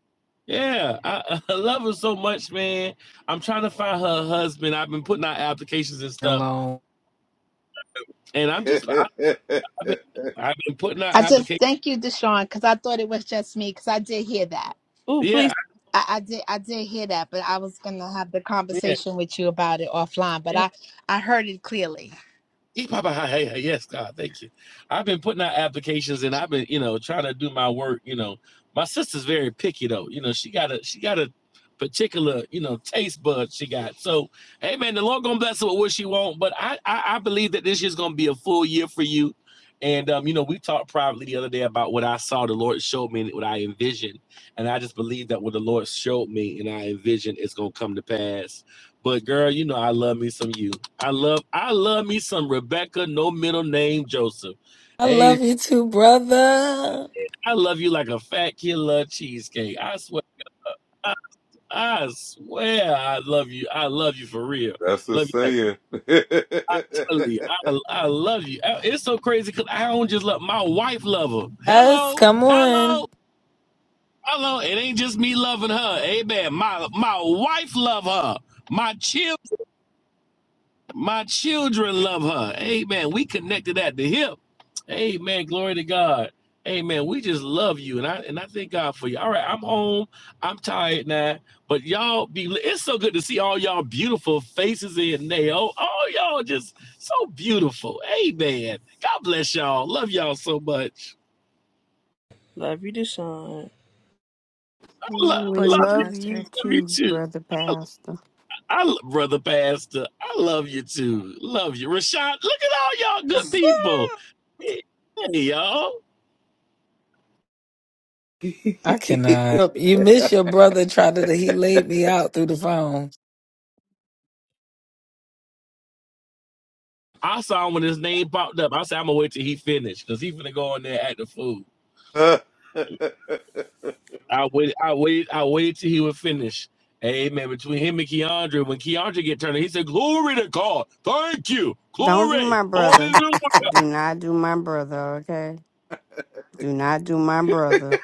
Yeah, I, I love her so much, man. I'm trying to find her husband. I've been putting out applications and stuff, Hello. and I'm just, I've been, I've been putting out I just applications. thank you, Deshaun, because I thought it was just me, because I did hear that. Ooh, please. Yeah, I, I did. I did hear that, but I was gonna have the yeah, conversation with you about it offline. But I, I heard it clearly. He Papa Hi, hey, hey, yes, God, thank you. I've been putting out applications and I've been, you know, trying to do my work. You know, my sister's very picky though. You know, she got a she got a particular, you know, taste bud she got. So, hey man, the Lord gonna bless her with what she want. But I I, I believe that this year's gonna be a full year for you. And um, you know, we talked privately the other day about what I saw the Lord showed me and what I envisioned. And I just believe that what the Lord showed me and I envisioned is gonna come to pass but girl, you know I love me some you. I love I love me some Rebecca, no middle name Joseph. I Hey, love you too, brother. I love you like a fat kid love cheesecake. I swear, I, I swear, I love you. I love you for real. Love you like I totally. I I love you. It's so crazy because I don't just love my wife. Love her. Us, Hello, come on. hello, hello. It ain't just me loving her. Amen. My my wife love her. My children. My children love her. Amen. We connected at the hip. Amen. Glory to God. Amen. We just love you. And I and I thank God for you. All right. I'm home. I'm tired now. But y'all be it's so good to see all y'all beautiful faces in there. Oh, oh y'all just so beautiful. Amen. God bless y'all. Love y'all so much. Love you, Deshaun. Love, We love Blessings, you. love Pastor. you Love you too, too. brother pastor. I lo- brother pastor, I love you too. Love you, Rashad. Look at all y'all good people. Hey, y'all. I cannot you miss your brother Tried to he laid me out through the phone. I saw him when his name popped up. I said, "I'm gonna wait till he finished, cause he's gonna go in there at the food." uh, I waited, I waited, I waited till he would finish. Amen. Between him and Keandre, when Keandre get turned, he said, "Glory to God, thank you, Don't do glory, my hallelujah." brother. Do not do my brother, okay? Do not do my brother.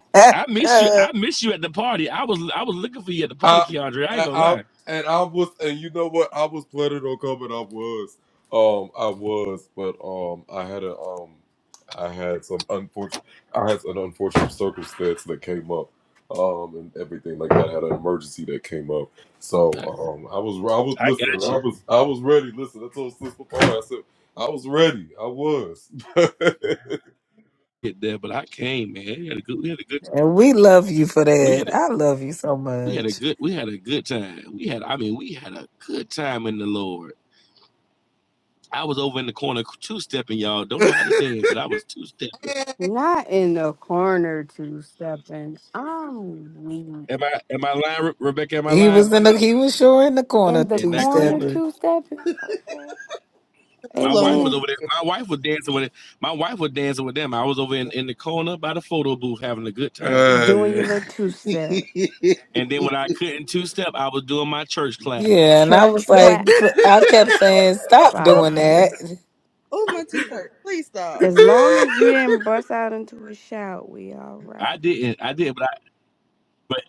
I miss you. and I miss you at the party. I was, I was looking for you at the party, Keandre. I ain't gonna lie. I, I got you. Get there, but I came, man. We had a good, we had a good we love you for we that. had a, I love you so we had a much. good we had a good time. We had I mean we had a good time in the Lord. I was over in the corner two stepping, y'all. Don't know how to dance, but I was two stepping. Not in the corner two stepping. I'm weak. Am I am I lying, Rebecca? Am I He lying? was What in I- the he was sure in the corner In the in two that corner corner? stepping. two stepping? Okay. My Slow wife nigga. was Amen. over there. My wife was dancing with it. My wife was dancing with them. I was over in, in the corner by the photo booth having a good time. Doing your little two step. And then when I couldn't two step, I was doing my church clap. Yeah, and I was Church like clap, I kept saying, Stop doing Father. that. It oh, my teeth hurt. Please stop. As long as you didn't bust out into a shout, we all I right. didn't. I did, but I but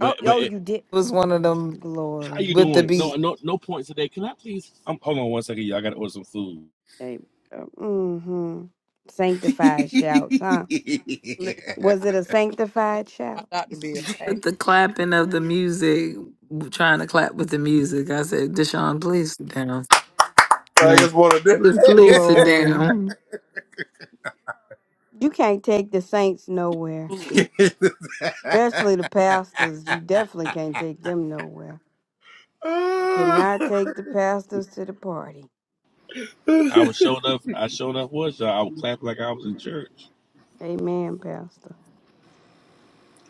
Oh, but oh, it, you did. was one of them how you Glory. with the doing? No beat. no no points today. Can I please? Um, hold on one second, y'all. I gotta order some food. Hey, uh, mm-hmm. Sanctified shouts, huh? Listen, Was I'm it a sanctified my shout? doctor be okay. With the clapping of the music, trying to clap with the music. I said, Deshaun, please sit down. Yeah. Just please sit Glory. down. You can't take the saints nowhere, Foolish. especially the pastors. You definitely can't take them nowhere. You cannot take the pastors to the party. I was showed up. I showed up. Was y'all? I would clap like I was in church. Amen, Pastor.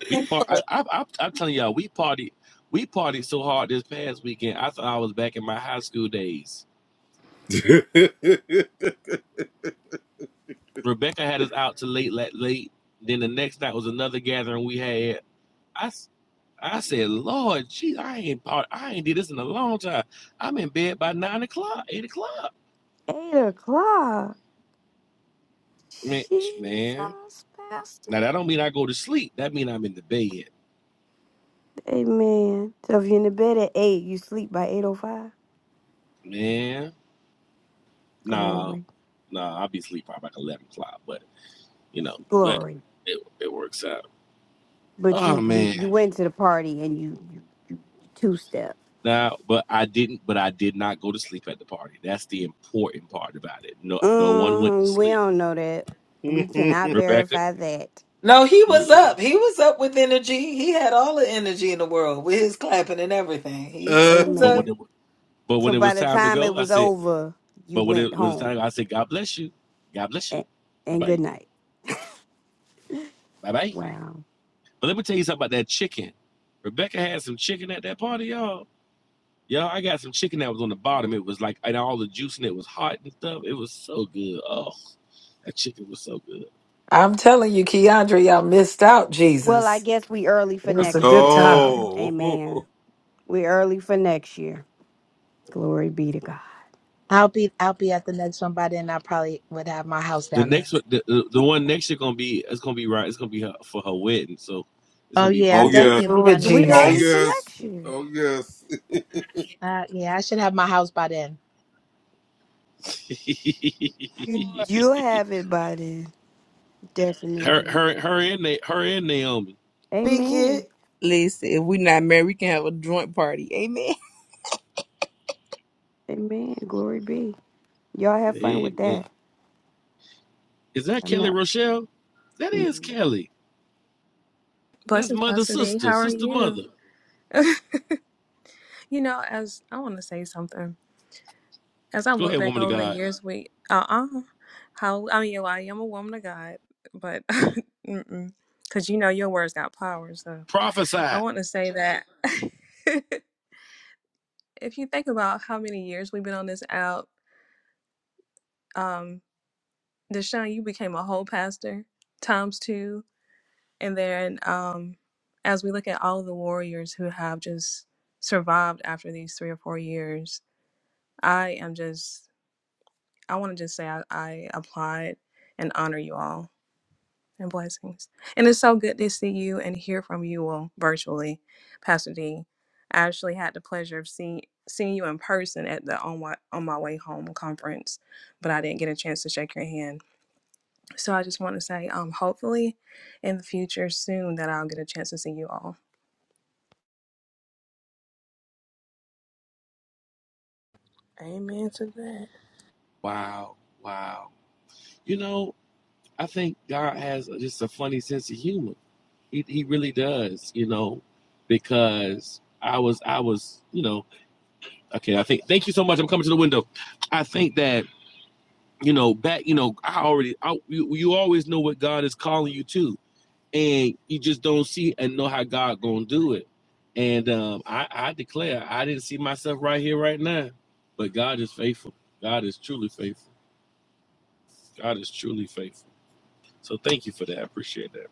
We I'm part. sorry. I, I, I, I'm telling y'all, we party. We partied so hard this past weekend. I thought I was back in my high school days. Rebecca had us out to late, late, late. Then the next night was another gathering we had. I, I said, Lord, gee, I ain't part. I ain't did this in a long time. I'm in bed by nine o'clock, eight o'clock. Eight o'clock. Man, man. Jesus, Pastor. Now that don't mean I go to sleep. That mean I'm in the bed, Amen. So if you're in the bed at eight, you sleep by eight oh five. man. Nah, Glory, nah. I'll be asleep probably like eleven o'clock, but. you know, but glory. it, it works out. But Oh you you man. you went to the party and you you, you two step. Now, but I didn't, but I did not go to sleep at the party. That's the important part about it. No, no one went to Mm, we sleep. don't know that. We cannot Rebecca, verify that. No, he was mm-mm. up. He was up with energy. He had all the energy in the world with his clapping and everything. He was but up. when Amen. it, but when So it by was the time to time it go, I was said, over, you but when went it was time, home I said, God bless you, God bless and, you, bye and good bye, night. bye bye. Wow. But let me tell you something about that chicken. Rebecca had some chicken at that party, y'all. Y'all, I got some chicken that was on the bottom. It was like, and all the juice and it was hot and stuff. It was so good. Oh, that chicken was so good. I'm telling you, Keandre, y'all missed out Well, I Jesus. guess we early It for was a next good year. time Amen. We early for next year. Glory be to God. I'll be. I'll be at the next one by then. I probably would have my house The down here. next one, the, the, one next year gonna be it's gonna be right. It's gonna be her, for her wedding, so it's Oh gonna be yeah, I both definitely will be Through food. down with here for We that. early Jesus. for next year. Uh, yeah, I should have my house by then. You you have it by then, her, definitely. her, her, and Na- her and Naomi. Speak Amen. it. Listen, if we not married, we can have a joint party. Amen. Amen. Glory be. Y'all have fun with Amen. that. Is that I'm Kelly not Rochelle? That is mm, Kelly. That's Blessings, mother, Pastor D. sister, How are sister, you? mother. you know, as I want to say something. As I Go look ahead, back woman of over the God. years, we uh uh how I mean, well, I am a woman of God, but mm because you know your words got power, so I Prophesy. want to say that if you think about how many years we've been on this out, um, Deshaun, you became a whole pastor times two, and then um, as we look at all the warriors who have just survived after these three or four years I am just, I want to just say I, I applaud and honor you all and blessings. And it's so good to see you and hear from you all virtually, Pastor D. I actually had the pleasure of seeing seeing you in person at the on my on my way home conference, but I didn't get a chance to shake your hand. So I just want to say, um, hopefully, in the future soon that I'll get a chance to see you all. Amen to that. Wow, wow. You know, I think God has just a funny sense of humor. He, he really does. You know, because I was I was you know Okay, I think. Thank you so much. I'm coming to the window. I think that you know back. You know, I already. I, you you always know what God is calling you to, and you just don't see and know how God gonna do it. And um, I, I declare, I didn't see myself right here, right now, but God is faithful. God is truly faithful. God is truly faithful. So thank you for that. I appreciate that.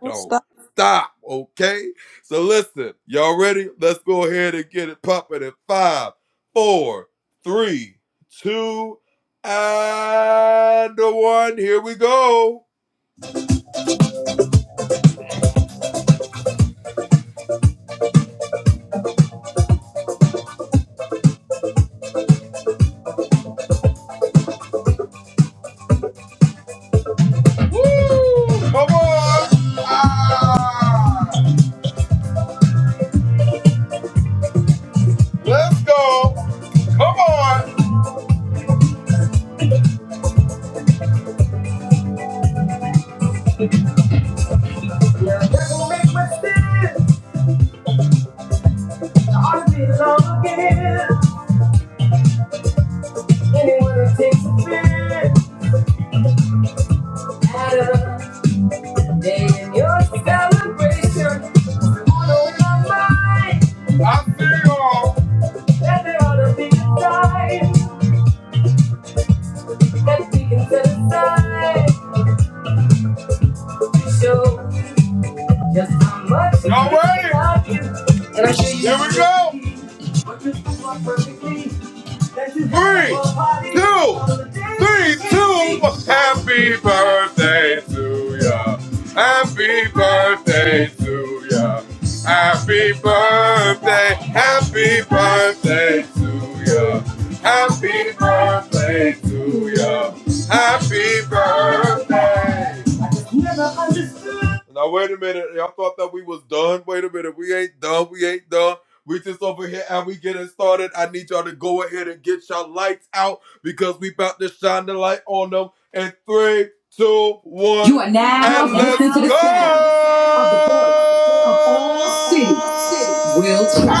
Don't stop. uh, Day in your celebration, on over mine, that there ought to be a time that we can set aside. to Show just how much we All right. love you. There we go. That you have party all the days never understood. For now, we'll try.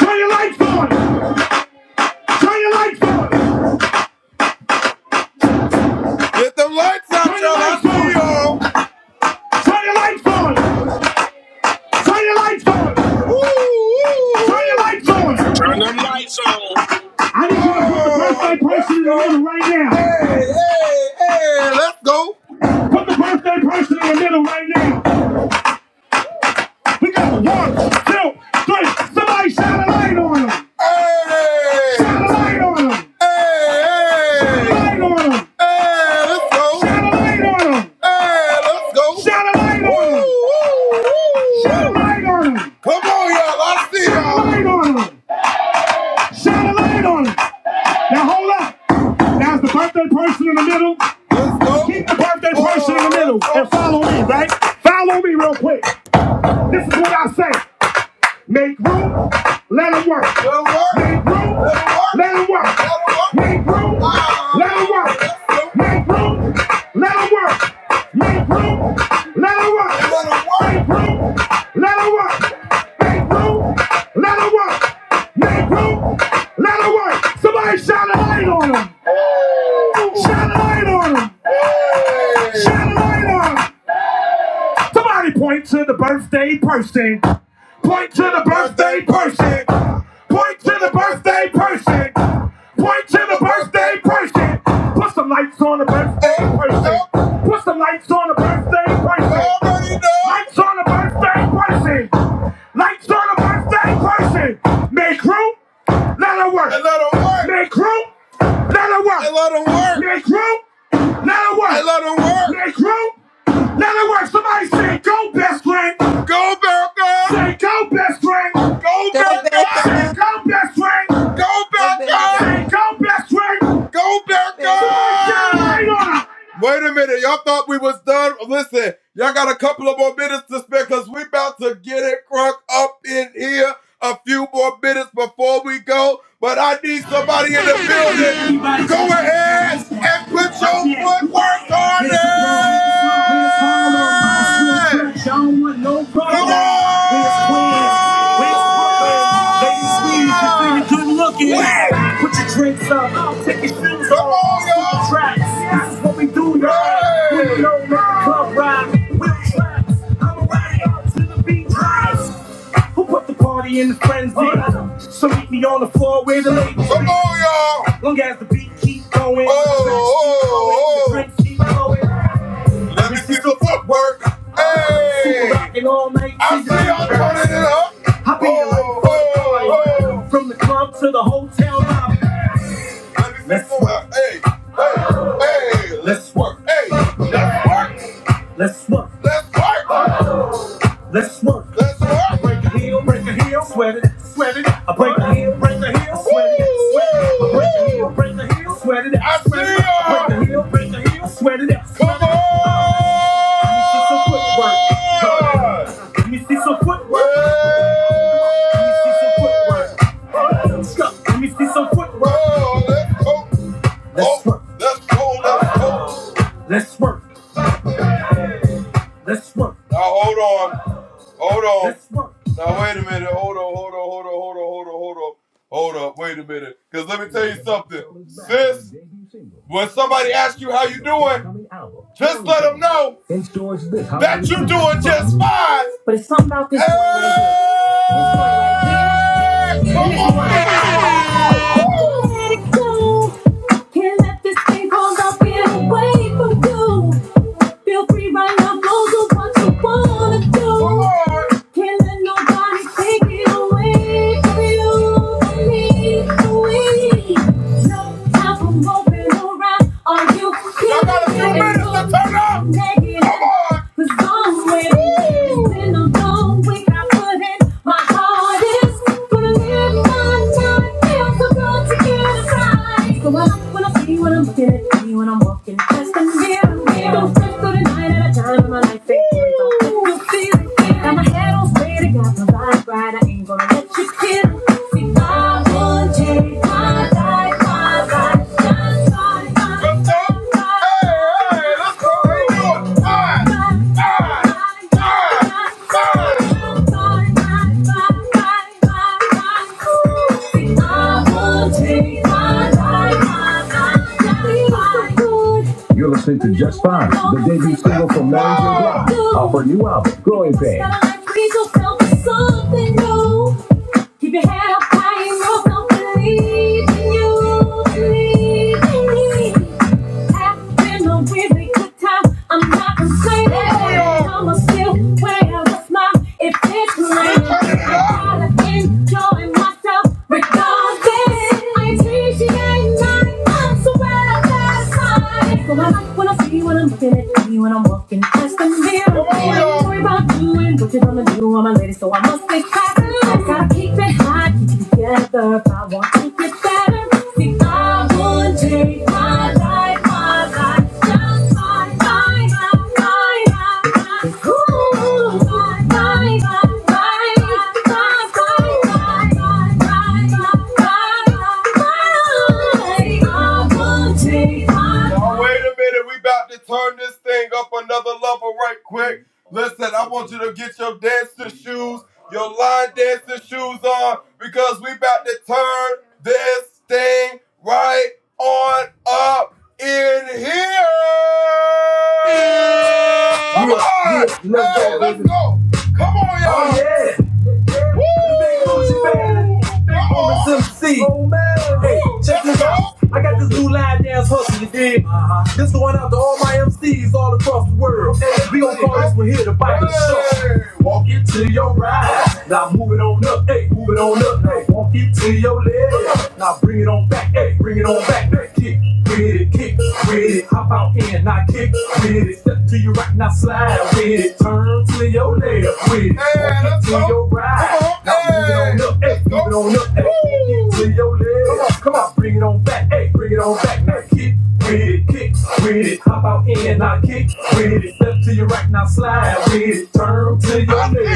Turn your lights on! Turn your lights on! Get the lights on! Turn your lights on! Turn your lights on! woo, woo. Turn your lights on! Turn them lights on. I need you to put the birthday person in the middle right now. Yeah, let's go. Put the birthday person in the middle right now. We got one, two, three. Somebody shine a light on him. Hey, Shine a light on him. Hey, Shine a hey, light on him. hey, let's go. Shine a light on him. Hey, let's go. Shine a light on him. woo, woo, woo. Shine a light on them. Come on, y'all. I see y'all. Shine a light on him. Shine a light on him. Now hold up. Now it's the birthday person in the middle. Let's go. Keep the birthday person in the middle and follow me, right? Follow me real quick. This is what I say. Make room, let them work. Let 'em work. Make room, let them Let 'em work. Make room, let them work. Make room, let them work. Make room, let them work. Make room, let them work. Make room, let them work. Make room, let them work. Somebody shine a light on them. Shine a light on them. Shine a light on them. Somebody point to the birthday person. Point to the birthday person. Point to the birthday person. Point to the birthday person. Put some lights on the birthday person. Put some lights on the birthday person. Lights on the birthday person. Lights on the birthday person. Make room. Let her work. Make room. Let her work. Make room. Let her work. Make room. Let her work. Somebody say, go, best friend. Go best friend. Go Go best back friend. up. Go best friend. Go back up. Go best friend. Go back up. Hang on. Everybody don't want no problems. Squeeze. Squeeze. Squeeze. Good looking. Put your drinks up. I'll take your shoes the tracks. This is what we do, y'all. No man, club ride. Wheel tracks. I'm a ride out to the beat. Who put the party in the frenzy? Uh, So meet me on the floor where the ladies Come on, y'all. Long as the beat keep going, Oh, the oh, drinks keep flowing, oh. Let me see the footwork. footwork. Super Hey. rockin' all night I see you all turning it up. I'll be your life Oh, for oh, From the club to the hotel lobby. oh. Let us work. Hey, hey, hey. Let's work. Hey, let's work. let's work, Let's work. Let's work. Let's work. break a heel, break a heel, sweat it, sweat it. I break a heel, break a heel, sweat it, sweat it. I break a heel, break a heel, sweat it, I sweat it. I break a heel, break a heel, sweat it, sweat it. Let me see some footwork. Let me see some footwork. Let me see some footwork. Let's go. Let me see some footwork. Let's work. Let's work. Let's work. Coming album in stores this. But it's something about this. Let it go. Can't let this thing called get away from you. Feel free right now, go do what you wanna do. Can't let nobody take it away from you, from me, No time for moping around. Are you I got a few kidding minutes me? to turn up. Negative. Been a long week. I put in my hardest. Gonna live my life. feel so good want to get a prize. So when, when I see you when I'm looking at me when I'm walking past the mirror, Don't trip through the night at a time in my life. Ain't great, don't you feel it? Got my head on straight, I got my vibe right. I ain't gonna let you kill it. See, I want you, my life, my life, shine, shine, shine. Hey, hey, let's go, let's go. You're listening to Just Fine, the debut single from New Block, offered Joy Pay. Keep your head up high and roll, don't believe in you, believe in me. I've been a really good time. I'm not complaining. Yeah. I'ma still wear a smile if it's raining. I gotta enjoy myself regardless. I appreciate my I'm so glad I got time. So I like when I see you when I'm looking at me when I'm walking past the mirror. Come Don't worry about doing what you're gonna do. I'm a lady, so I must be I promise I'll keep it hot together if I want to get better. See, I would change my life, my life, just my, my, my, my, my, my. Ooh, my, my, my, my, my, my, my, my, my, life, my, life, my, life, my. life. I would take my MC. Oh, man. I got this new line dance hustle, you dig? Uh-huh. This going out to all my MCs all across the world. Hey, we over here to fight. Walk it to your right. Now move it on up, hey, move it on up. Hey, walk it to your left. Now bring it on back, hey, bring it on back. Hey, kick, with it, kick, with it. Hop out in, now kick, with it. Step to your right, now slide with it. Turn to your left, with it. To your right. Up, hey, move it on up, With your legs. Come on, come on, bring it on back. Hey, bring it on back. Now kick with it, kick with it. Hop out in, now kick with it. Step to your right, now slide with it. Turn to your left.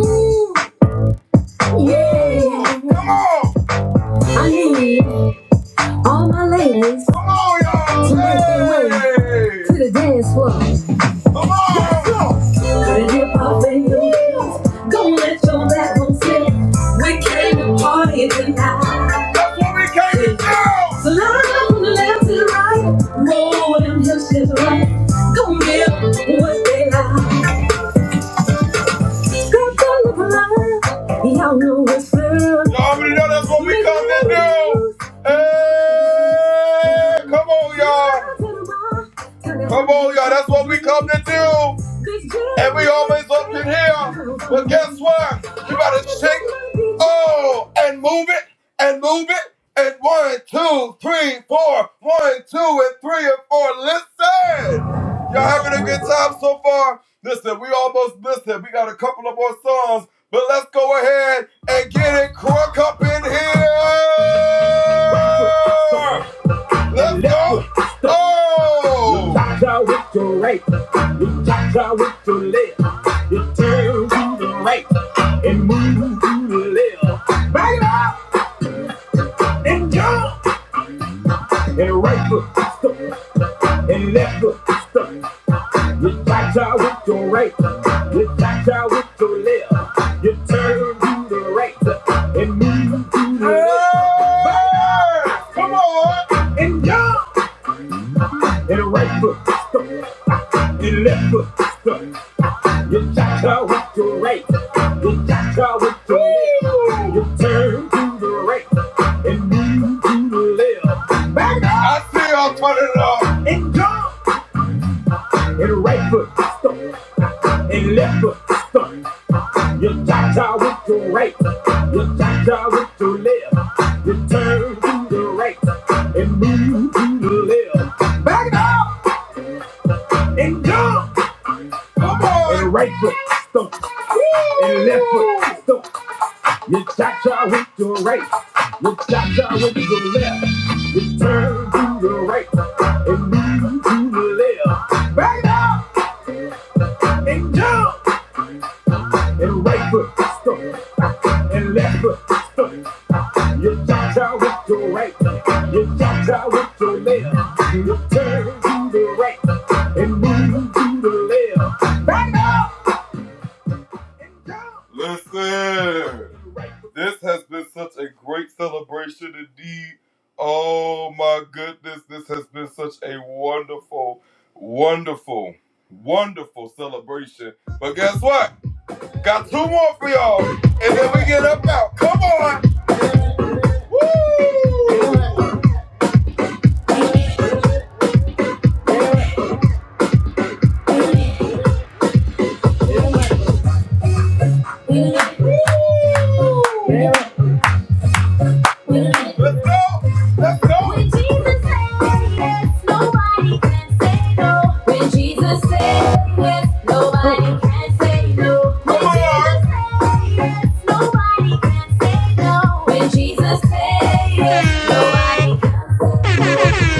Ooh, Yeah, I need all my ladies to the dance floor. To the hip hop and your heels. Don't let your back on slip. We came to party tonight. That's what we came to So now I'm from the left to the right. Roll with them hips to the right. Don't give what they like. Skirt to look alive. Y'all know what's real. Right. You tap out with your left. You turn to the right. And move to the left. Back it up and jump. And right foot, stuck. And left foot, stuck. You cha-cha with your right, you cha-cha with your left. You turn to the right and move to the left. Back and down and right foot stuck and left foot stuck. You cha-cha with your right, you cha-cha with your left. You turn to the right and move to the left. Back up and jump and right foot stuck and left foot stuck. You cha-cha with your right, you cha-cha with your left. You turn to the right and move to the left. Back it up and jump. And right foot stomp and left foot stomp. You cha-cha with your right, you cha-cha with your left. You turn to the right and move to the left. Back it up and jump. and right foot stomp, and left foot stomp. You cha cha with your right, you cha cha with your left. You turn to the right and move to the left. Back up. Jesus said yes, nobody can say no. When Jesus said yes, Oh, nobody can say no. When Jesus said yes, nobody can say no. When Jesus said yes, nobody can say no.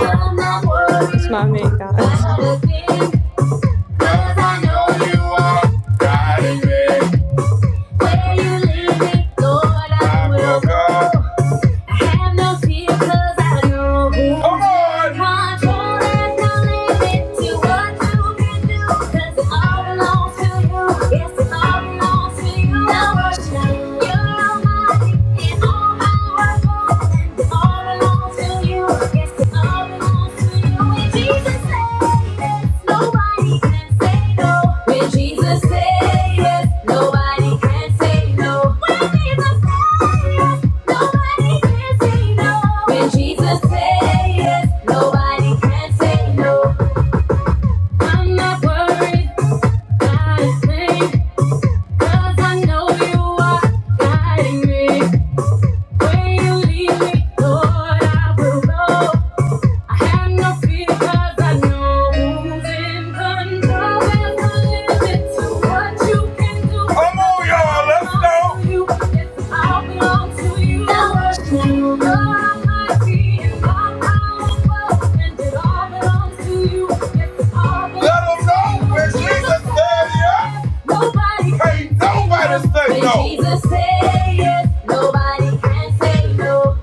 I'm not it's worried not meant, guys. about a thing, 'cause I know where you lead me, Lord, I will go. I no no Yes, Guiding me when you leave me, Lord, I will know. I have no fear 'cause I know who's in control. There's no limit to what you can do. Oh, You, yes, I belong to you. and all Yes, Nobody Jesus say yes. Nobody can say no.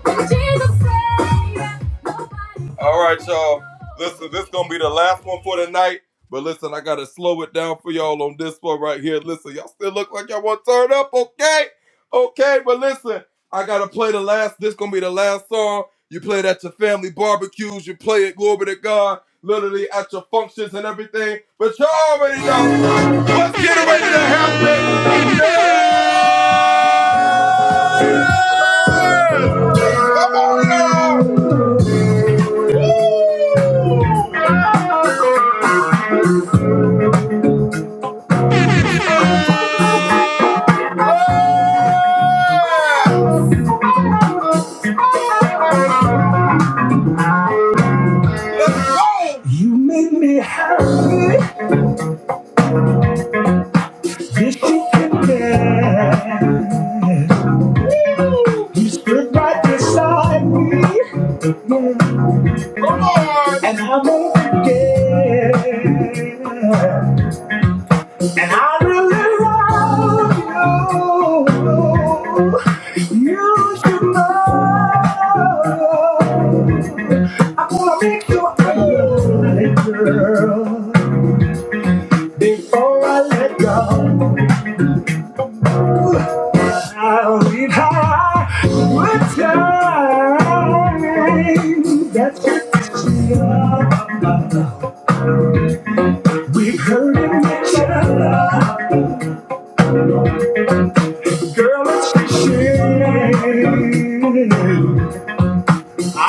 yes, nobody. Yeah. You make me happy. just you can. You stood right beside me when I won't forget. And I really love you. Oh, before I let go. I'll leave high with time.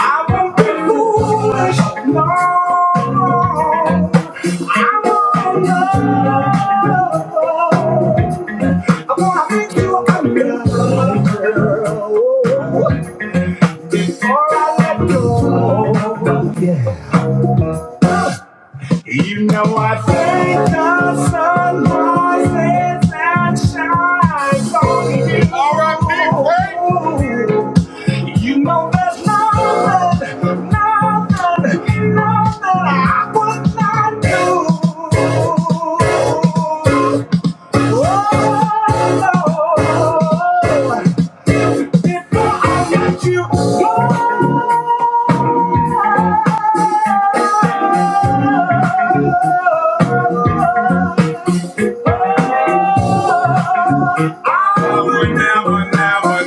I won't be foolish, no. I won't love. i want to make you a miracle girl. Before I let go. Now I thank the sun rises and shines on you. All right, big baby. You know there's nothing, nothing, nothing I would not do. Oh, no. you. Never, never, never,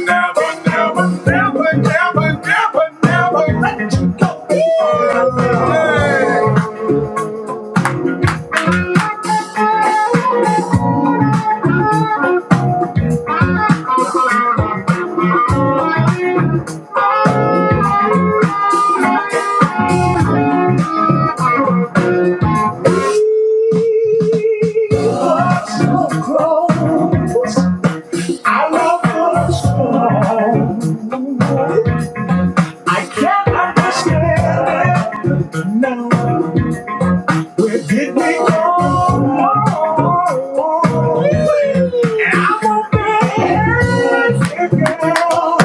never, never, never, never, never, never let you go. Yeah. I love you so. I can't understand it now. Where did we go? We were dancing, girl.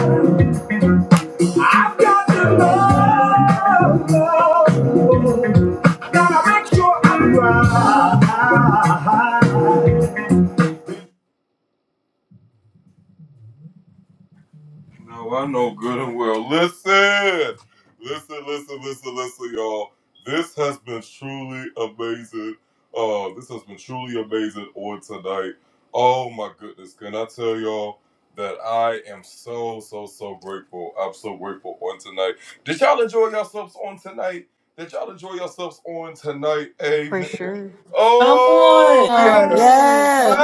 for sure. Come on. Um, Yes. yes.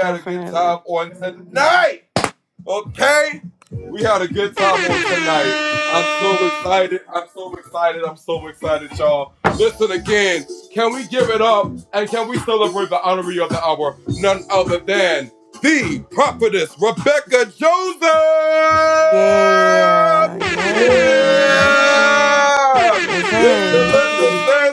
Definitely. Yeah. Yay. Yes, sir. Hey.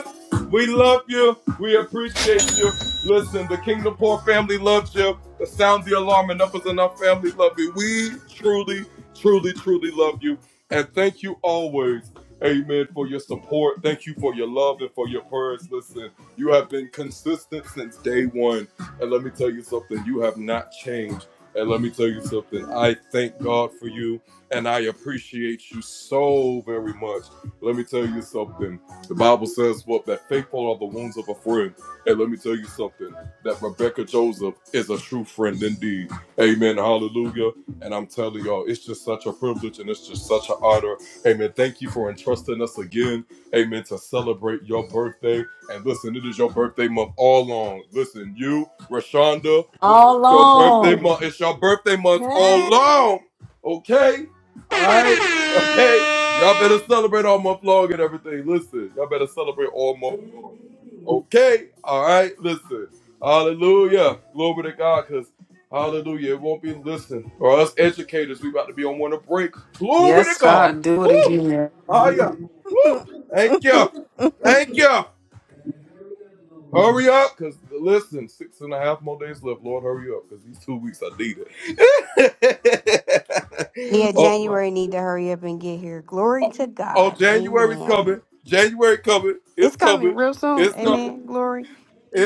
All on. Yes, God, do it again. Yeah, January need to hurry up and get here. Glory to God. Amen. It's coming real soon. Amen. Glory.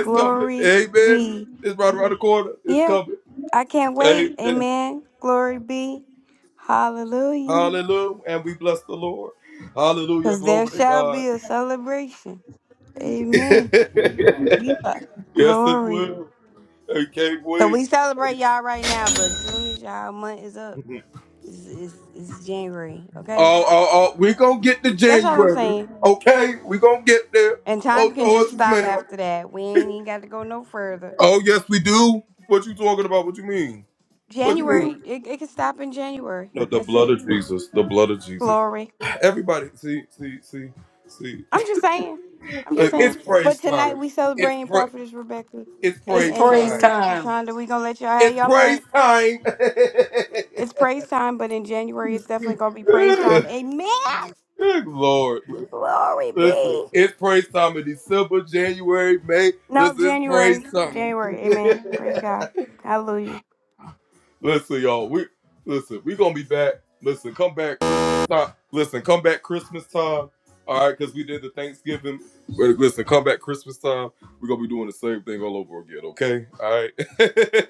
Glory be. Yeah. I can't wait. Amen. Glory be. Hallelujah. Because there shall be a celebration. Amen. you must. Glory. So we celebrate y'all right now, but as soon as y'all month is up, it's, it's, it's January. Okay? That's all I'm saying. And time can just stop after that. We ain't even got to go no further. January, it, it can stop in January. That's it. Glory. I'm just saying. I'm just saying. But tonight we celebrating Prophetess Rebecca and It's and praise and time. Shonda. We gonna let y'all have y'all month. It's praise time, but in January it's definitely gonna be praise time. Amen. Glory be. No, January. January. Amen. Praise God. Hallelujah.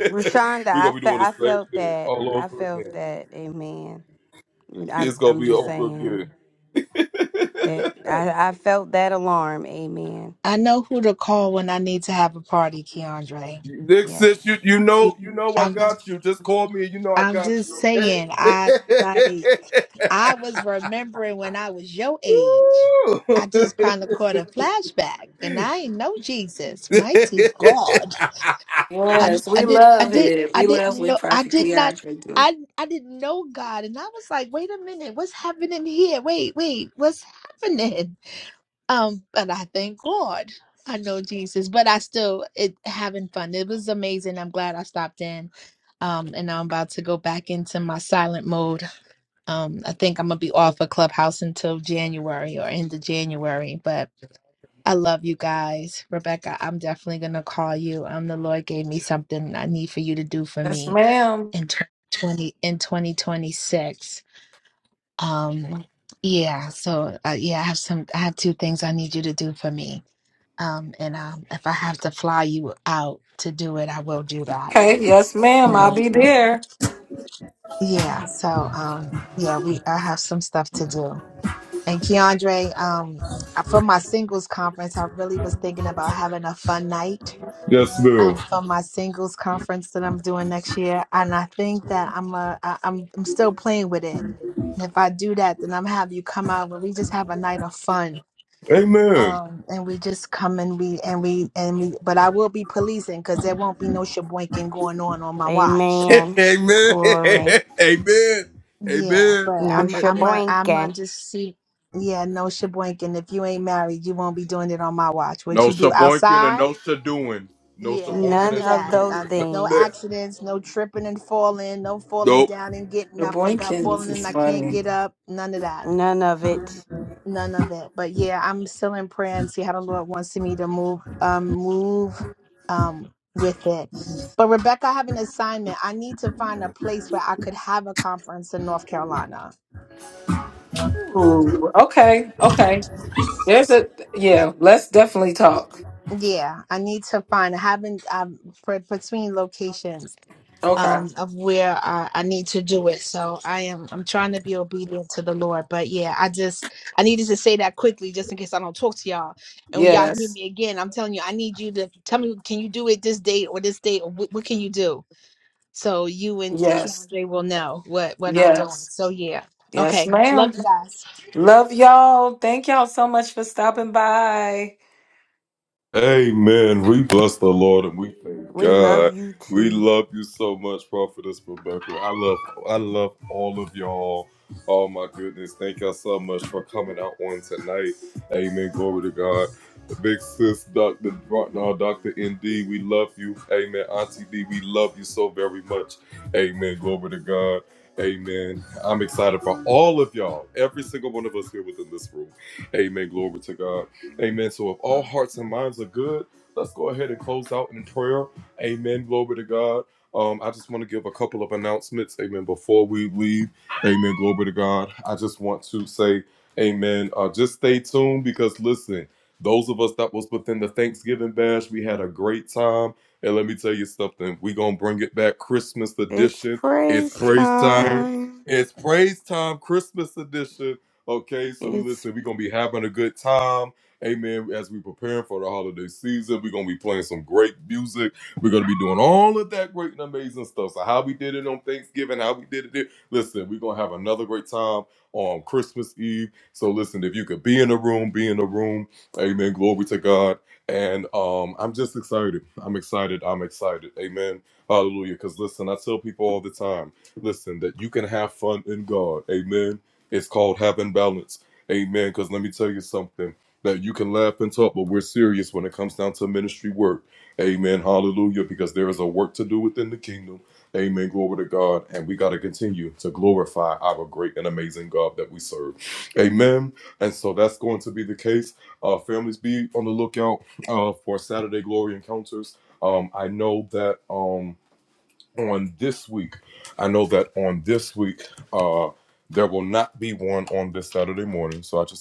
Rashonda, I felt I felt that. I felt that. Amen. I'm I'm just saying that I, I felt that alarm. Amen. I know who to call when I need to have a party, Keandre. Yes. You- I'm I'm just saying, I like. I was remembering when I was your age. I just kind of caught a flashback, and I ain't know Jesus, mighty God. I, d- Yes, I we did I love did it. I We love didn't when know I Prophet did not Keandre do it. I I didn't know God, and I was like, wait a minute, what's happening here? Wait, wait, what's happening? Um, but I thank God I know Jesus, but I still it having fun. It was amazing. I'm glad I stopped in. Um, and now I'm about to go back into my silent mode. Um, I think I'm gonna be off of Clubhouse until January or end of January, but I love you guys. Rebecca, I'm definitely gonna call you. Um the Lord gave me something I need for you to do for Yes, me ma'am. in tw- twenty in twenty twenty six. Um yeah, so uh, yeah, I have some I have two things I need you to do for me. Um and um if I have to fly you out to do it, I will do that. Okay, yes, ma'am. I'll Um be there. yeah, so um yeah, we I have some stuff to do. And Keandre, um, for my singles conference, I really was thinking about having a fun night um, for my singles conference that I'm doing next year, and I think that I'm a, I, I'm I'm still playing with it. And if I do that, then I'm have you come out and we just have a night of fun. Um, and we just come and we and we and we, but I will be policing because there won't be no sheboinking going on on my watch. Amen. Glory. Yeah, but No I'm I'm a I'm a shaboinking. just see. Yeah, no shaboinking. If you ain't married, you won't be doing it on my watch. What you do outside? Yeah, none None of of that. those Uh, no things. accidents, no tripping and falling, no falling down and getting. The I forgot Boykins falling and is I can't funny. get up. None of that. None of it. None of it. But yeah, I'm still in prayer and see how the Lord wants me to move. Um, move. Um. With it, but Rebecca, I have an assignment. I need to find a place where I could have a conference in North Carolina. Ooh, okay, okay. There's a yeah. Let's definitely talk. Yeah, I need to find. I haven't. I'm for, between locations Okay. um of where I, I need to do it. So I am. I'm trying to be obedient to the Lord. But yeah, I just I needed to say that quickly, just in case I don't talk to y'all. And when y'all hear Yes, me again, I'm telling you, I need you to tell me. Can you do it this date or this date? Or what, what can you do? So you and yes, Keandre will know what what I'm doing. yes, So yeah. yes, Okay. Love ma'am. you guys. Love y'all. Thank y'all so much for stopping by. We love you too. It's praise time. It's